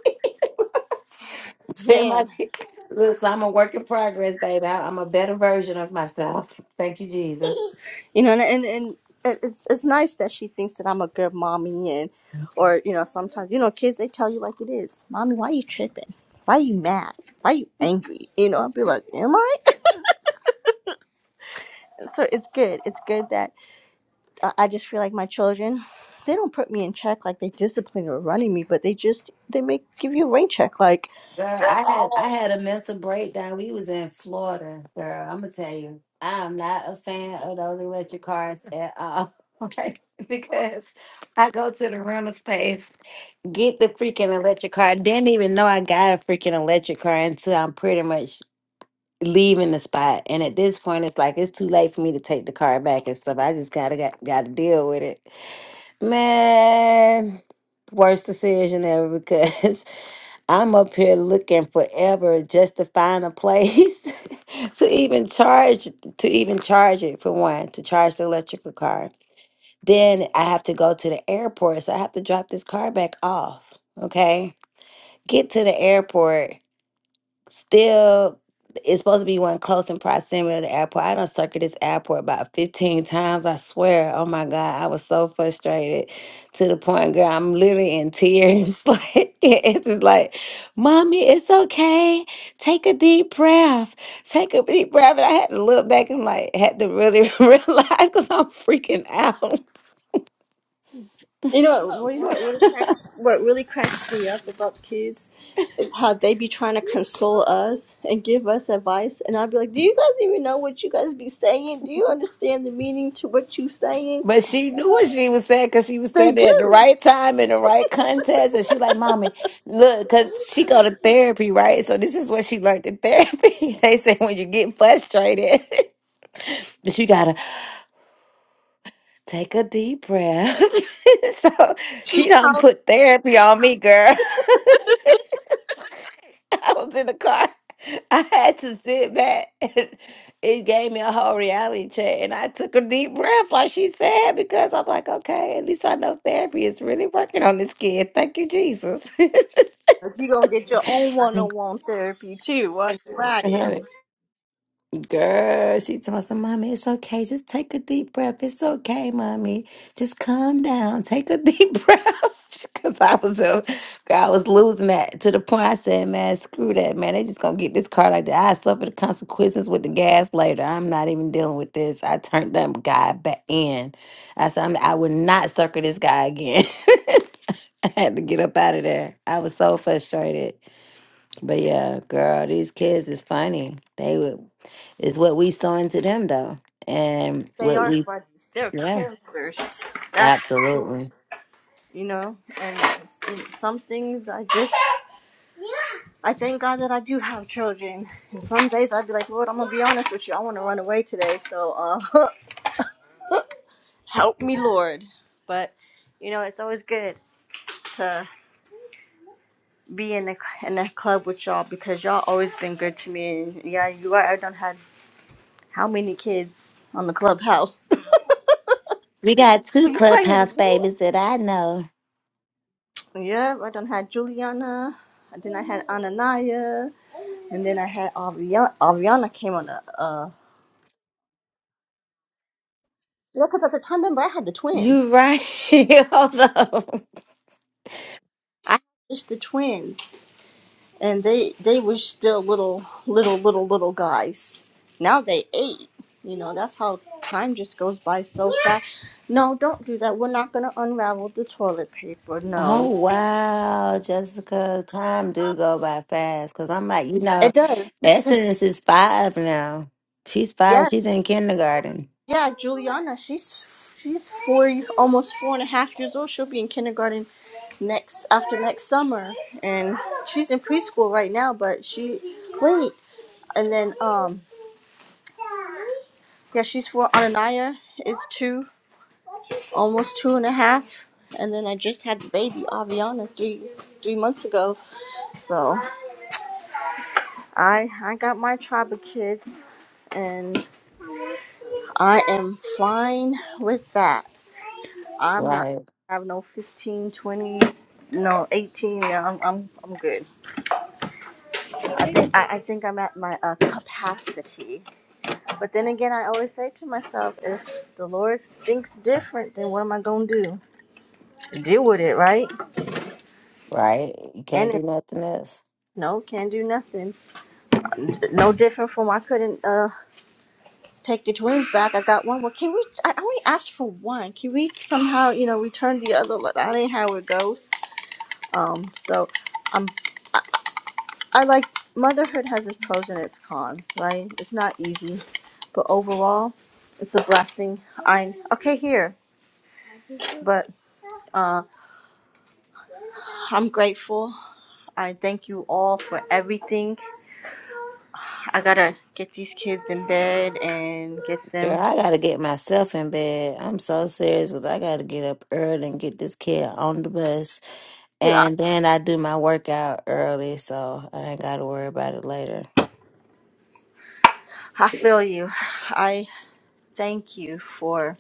S7: Tell my
S2: man.
S7: kid, Listen, I'm a work in progress, baby. I- I'm a better version of myself. Thank you, Jesus.
S2: You know, and, and, and it- it's, it's nice that she thinks that I'm a good mommy and, or, you know, sometimes, you know, kids, they tell you like it is. Mommy, why you tripping? Why you mad? Why you angry? You know, I'd be like, am I? So it's good. It's good that. I I just feel like my children, they don't put me in check like they discipline or running me, but they just they make give you a rain check. Like
S7: Girl, I had I had a mental breakdown. We was in Florida, girl. I'm gonna tell you, I am not a fan of those electric cars at all. Okay, because I go to the rental space get the freaking electric car. I didn't even know I got a freaking electric car until I'm pretty much leaving the spot. And at this point, it's like it's too late for me to take the car back and stuff. I just gotta got, gotta deal with it, man. Worst decision ever because I'm up here looking forever just to find a place to even charge to even charge it for one to charge the electrical car. Then I have to go to the airport, so I have to drop this car back off. Okay get to the airport. Still, it's supposed to be one close in proximity to the airport. I done circled this airport about 15 times. I swear, oh my God, I was so frustrated to the point, girl, I'm literally in tears. like, it's just like, Mommy, it's okay. Take a deep breath. Take a deep breath. And I had to look back and like, had to really realize because I'm freaking out.
S2: you know, what? well, you know what really cracks what really cracks me up about kids is how they be trying to console us and give us advice, and I'll be like, "Do you guys even know what you guys be saying? Do you understand the meaning to what you saying?"
S7: But she knew what she was saying because she was
S2: They
S7: saying it at the right time in the right context. And she like, mommy, look, because she go to therapy, right? So this is what she learned in therapy. they say when you get frustrated, you gotta take a deep breath. so she don't put therapy on me, girl. I was in the car. I had to sit back. It gave me a whole reality check, and I took a deep breath, like she said, because I'm like, okay, at least I know therapy is really working on this kid. Thank you, Jesus.
S2: you gonna get your own one
S7: Got
S2: on one therapy too while you're at it.
S7: it. Girl, she told her, Mommy, it's okay. Just take a deep breath. It's okay, Mommy. Just calm down. Take a deep breath. Cause I was uh, girl, I was losing that to the point I said, man, screw that, man. They just gonna get this car like that. I suffer the consequences with the gas later. I'm not even dealing with this. I turned that guy back in. I said, I'm, I would not circle this guy again. I had to get up out of there. I was so frustrated. But yeah, girl, these kids is funny. They would it's what we saw into them though. And
S2: They
S7: what
S2: are
S7: we
S2: funny. They're
S7: yeah,
S2: characters. That's
S7: absolutely.
S2: you know. And some things I just, I thank God that I do have children. And some days I'd be like, Lord, I'm gonna be honest with you, I want to run away today. So uh, help me, Lord. But you know, it's always good to be in the in the club with y'all because y'all always been good to me. And yeah, you are. I done had how many kids on the clubhouse?
S7: We got
S2: Were
S7: two
S2: you pregnant
S7: clubhouse
S2: again?
S7: babies that I know.
S2: Yeah, I done had Juliana. And then I had Ananaya. And then I had Ariana. Ariana came on a. Uh, yeah, because at the time, remember, I had the
S7: You
S2: twins.
S7: right. Hold up.
S2: I had just the twins, and they they were still little, little, little, little guys. Now they eight. You know, that's how time just goes by so fast. No, don't do that. We're not gonna unravel the toilet paper.
S7: Oh
S2: No,
S7: wow, Jessica, time do go by fast. Cause I'm like, you know,
S2: it does. Cause
S7: Essence is five now. She's five.
S2: yes,
S7: She's in kindergarten.
S2: Yeah, Juliana, she's she's four, almost four and a half years old. She'll be in kindergarten next after next summer, and she's in preschool right now. But she wait, and then um yeah, she's four. Ananaya is two, almost two and a half, and then I just had the baby Aviana three three months ago. So I I got my tribe of kids, and I am fine with that. I'm not
S7: Right,
S2: have no 15, 20, no 18. Yeah, I'm I'm I'm good. I, I think I'm at my uh, capacity. But then again, I always say to myself, if the Lord thinks different, then what am I gonna do? Deal with it, right?
S7: right. You can't
S2: And
S7: do
S2: it,
S7: nothing else.
S2: no, can't do nothing. No different from I couldn't uh take the twins back. I got one. Well, can we? I only asked for one. Can we somehow, you know, return the other? one? I didn't it goes. Um, so. I'm. I like motherhood has its pros and its cons, right? It's not easy, but overall, it's a blessing. I'm okay here, but uh, I'm grateful. I thank you all for everything. I gotta get these kids in bed and get
S7: Girl,
S2: them.
S7: I gotta get myself in bed. I'm so serious because I gotta get up early and get this kid on the bus.
S2: Yeah,
S7: And then I do my workout early, so I ain't gotta worry about it later.
S2: I feel you. I thank you for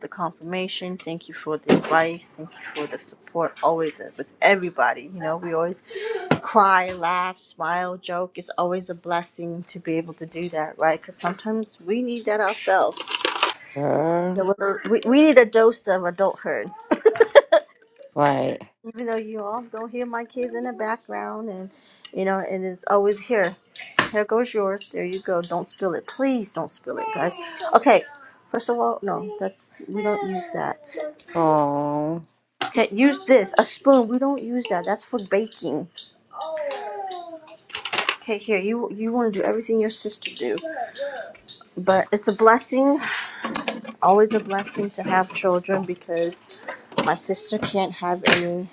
S2: the confirmation. Thank you for the advice. Thank you for the support always uh, with everybody. You know, we always cry, laugh, smile, joke. It's always a blessing to be able to do that, right? Because sometimes we need that ourselves. A
S7: Girl,
S2: little- We, we need a dose of adulthood.
S7: right.
S2: Even though you all don't hear my kids in the background, and you know, and it's always here. Here goes yours. There you go. Don't spill it, please. Don't spill it, guys. Okay. First of all, no, that's we don't use that.
S7: Oh.
S2: Okay, use this a spoon. We don't use that. That's for baking. Okay, here you you want to do everything your sister do, but it's a blessing, always a blessing to have children because my sister can't have any,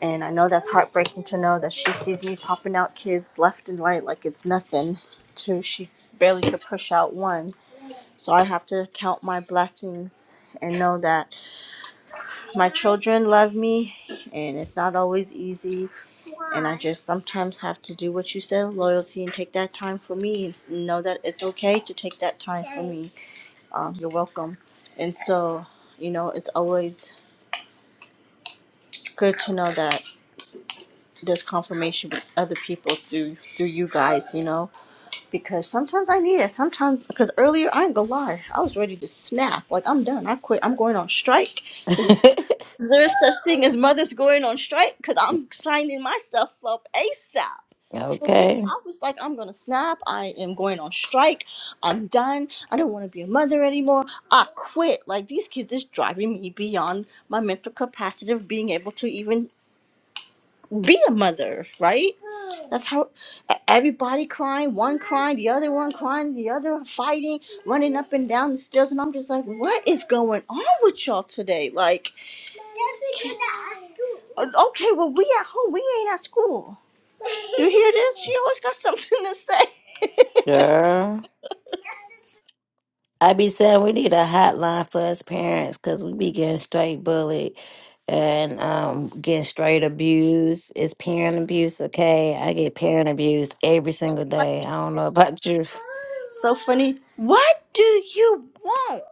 S2: and I know that's heartbreaking to know that she sees me popping out kids left and right like it's nothing. To she barely could push out one, so I have to count my blessings and know that. My children love me, and it's not always easy. And I just sometimes have to do what you said loyalty and take that time for me and know that it's okay to take that time for me. Um, you're welcome. And so, you know, it's always good to know that there's confirmation with other people through through you guys, you know, because sometimes I need it. Sometimes, because earlier I ain't gonna lie, I was ready to snap. Like I'm done. I quit. I'm going on strike. Is Is there such thing as mothers going on strike? Because I'm signing myself up ASAP. For real,
S7: okay.
S2: I was like, I'm gonna snap. I am going on strike. I'm done. I don't want to be a mother anymore. I quit. Like these kids is driving me beyond my mental capacity of being able to even be a mother, right? That's how e- everybody crying, one crying, the other one crying, the other fighting, running up and down the stairs, and I'm just like, what is going on with y'all today? Like, can- Uh, okay, well we at home, we ain't at school. You hear this? She always got something to say.
S7: Girl. I be saying we need a hotline for us parents because we be getting straight bullied and um getting straight abused. It's parent abuse, okay? I get parent abuse every single day. I
S2: Funny.
S7: don't know about you.
S2: So funny. What do you want?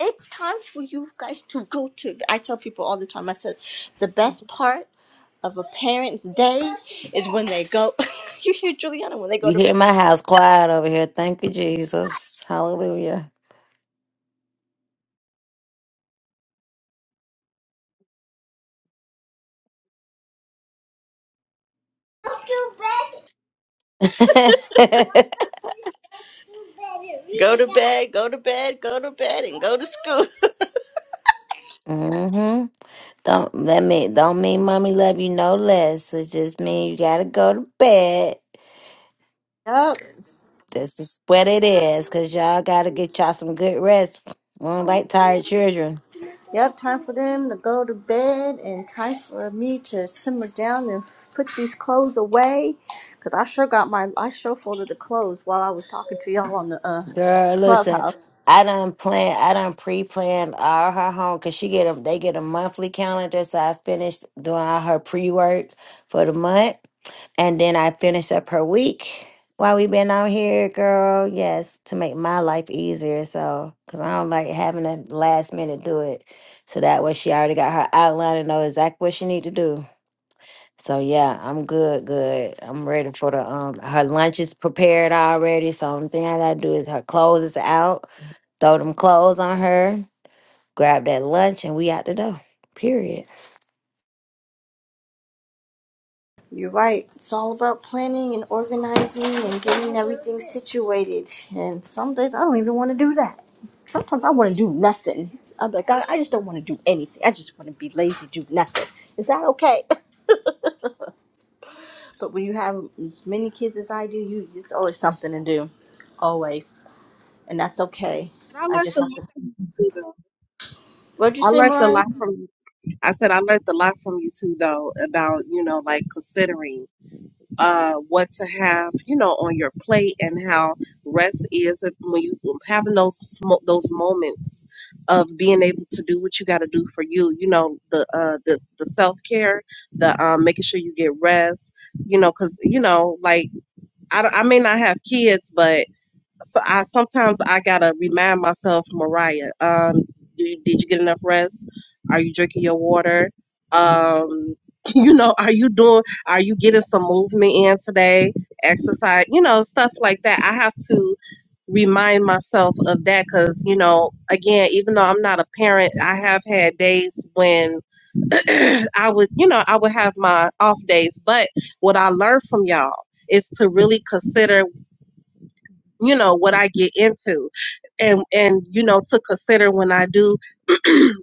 S2: It's time for you guys to go to. I tell people all the time. I said, the best part of a parent's day is when they go. you hear Juliana when they go
S7: You
S2: to bed.
S7: hear my house quiet over here. Thank you, Jesus. Hallelujah.
S2: Go to bed, go to bed, go to bed, and go to school.
S7: mm hmm Don't let me don't mean mommy love you no less. It just mean you gotta go to bed.
S2: Yep,
S7: This is what it is, cause y'all gotta get y'all some good rest. I don't like tired children.
S2: yep. Time for them to go to bed, and time for me to simmer down and put these clothes away. Cause I sure got my I sure folded the clothes while I was talking to y'all on the uh,
S7: Girl, listen,
S2: clubhouse.
S7: I done plan, I done pre-planned all her home, cause she get a, they get a monthly calendar. So I finished doing all her pre-work for the month, and then I finished up her week while we been out here, girl. Yes, to make my life easier. So, cause I don't like having to last minute do it. So that way, she already got her outline and know exactly what she need to do. So yeah, I'm good, good. I'm ready for the um her lunch is prepared already. So only thing I gotta do is her clothes is out, throw them clothes on her, grab that lunch and we out the door. Period.
S2: You're right. It's all about planning and organizing and getting everything situated. And some days I don't even want to do that. Sometimes I want to do nothing. I'm like, I, I just don't want to do anything. I just want to be lazy, do nothing. Is that okay? But when you have as many kids as I do, you it's always something to do, always, and that's okay.
S3: But I
S2: I
S3: learned
S2: just
S3: a
S2: have
S3: lot
S2: to.
S3: from you too, though.
S2: What'd you
S3: I
S2: say,
S3: learned a
S2: Mariah?
S3: lot from you. I said I learned a lot from you too, though, about you know like considering uh what to have you know on your plate and how rest is it when you having those sm- those moments of being able to do what you got to do for you. You know the uh the the self care, the um making sure you get rest. You know, cause you know like I don't- I may not have kids, but so I sometimes I gotta remind myself, Mariah, um, did, did you get enough rest? Are you drinking your water? Um, you know, are you doing? Are you getting some movement in today? Exercise, you know, stuff like that. I have to remind myself of that because you know, again, even though I'm not a parent, I have had days when I would, you know, I would have my off days. But what I learned from y'all is to really consider you know what I get into and and you know to consider when I do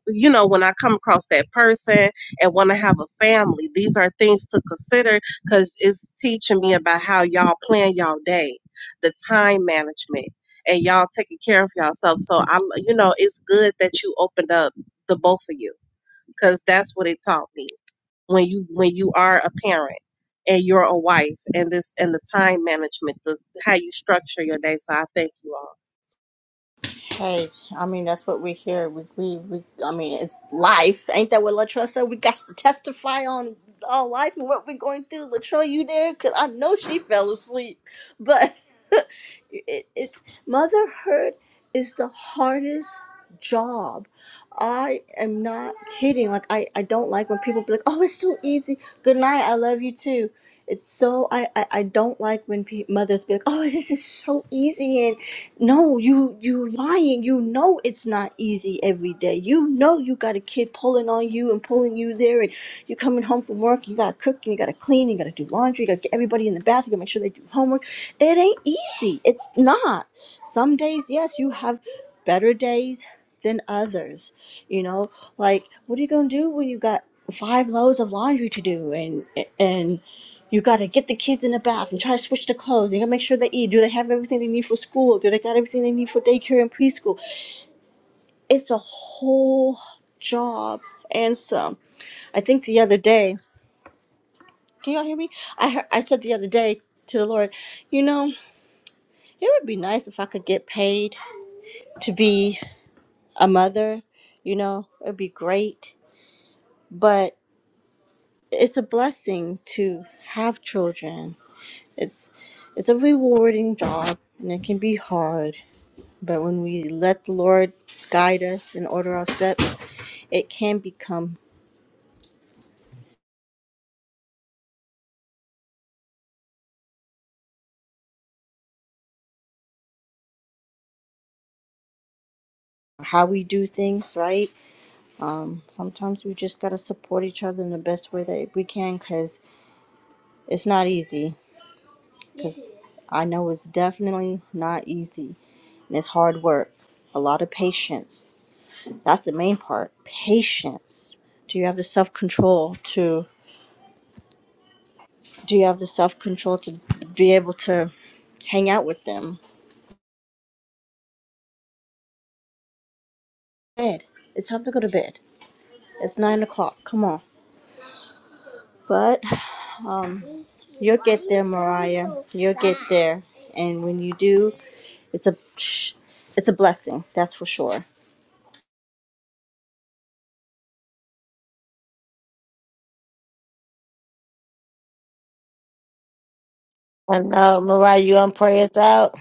S3: you know when I come across that person and want to have a family these are things to consider cuz it's teaching me about how y'all plan y'all day the time management and y'all taking care of yourself so I you know it's good that you opened up the both of you cuz that's what it taught me when you when you are a parent and you're a wife and this and the time management the how you structure your day so i thank you all
S2: Hey, I mean that's what we hear. We we we. I mean it's life. Ain't that what Latrell said? We got to testify on our life and what we're going through. Latrell, you there? Cause I know she fell asleep, but it, it's motherhood is the hardest job. I am not kidding. Like I I don't like when people be like, oh, it's so easy. Good night. I love you too. It's so I I, I don't like when pe- mothers be like, oh, this is so easy and no you you lying you know it's not easy every day you know you got a kid pulling on you and pulling you there and you're coming home from work you gotta cook and you gotta clean you gotta do laundry you gotta get everybody in the bath you gotta make sure they do homework it ain't easy it's not some days yes you have better days than others you know like what are you gonna do when you got five loads of laundry to do and and you gotta get the kids in the bath and try to switch the clothes. You gotta make sure they eat. Do they have everything they need for school? Do they got everything they need for daycare and preschool? It's a whole job and some. I think the other day, can y'all hear me? I heard, I said the other day to the Lord, you know, it would be nice if I could get paid to be a mother. You know, it'd be great, but it's a blessing to have children. It's it's a rewarding job and it can be hard But when we let the Lord guide us and order our steps, it can become how we do things, right? Um, sometimes we just gotta support each other in the best way that we can, cause it's not easy. Cause I know it's definitely not easy, and it's hard work, a lot of patience. That's the main part, patience. Do you have the self control to? Do you have the self control to be able to hang out with them? Bed. It's time to go to bed It's nine o'clock. Come on. But um, you'll get there, Mariah. You'll get there, and when you do, it's a it's a blessing. That's for sure.
S7: I know, Mariah, you gonna pray us out?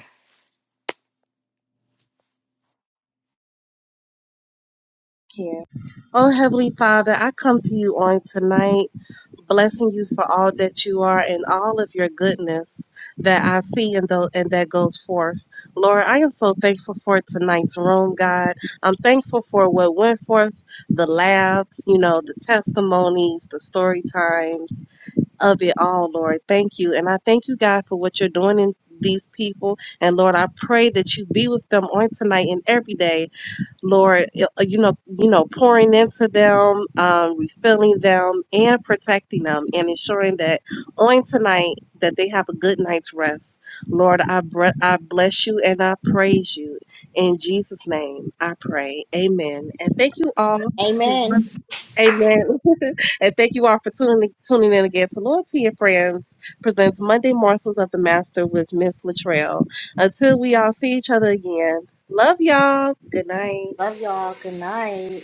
S3: you. Oh, Heavenly Father, I come to you on tonight, blessing you for all that you are and all of your goodness that I see and, tho- and that goes forth. Lord, I am so thankful for tonight's room, God. I'm thankful for what went forth, the laughs, you know, the testimonies, the story times of it all, Lord. Thank you. And I thank you, God, for what you're doing in these people. And Lord, I pray that you be with them on tonight and every day Lord, you know, you know, pouring into them, um, refilling them, and protecting them, and ensuring that on tonight that they have a good night's rest. Lord, I bre- I bless you and I praise you in Jesus' name. I pray, Amen. And thank you all, for- Amen. And thank you all for tuning tuning in again to Loyalty and Friends presents Monday Morsels of the Master with Miss Latrell. Until we all see each other again, love y'all. Good night.
S2: Love y'all. Good night.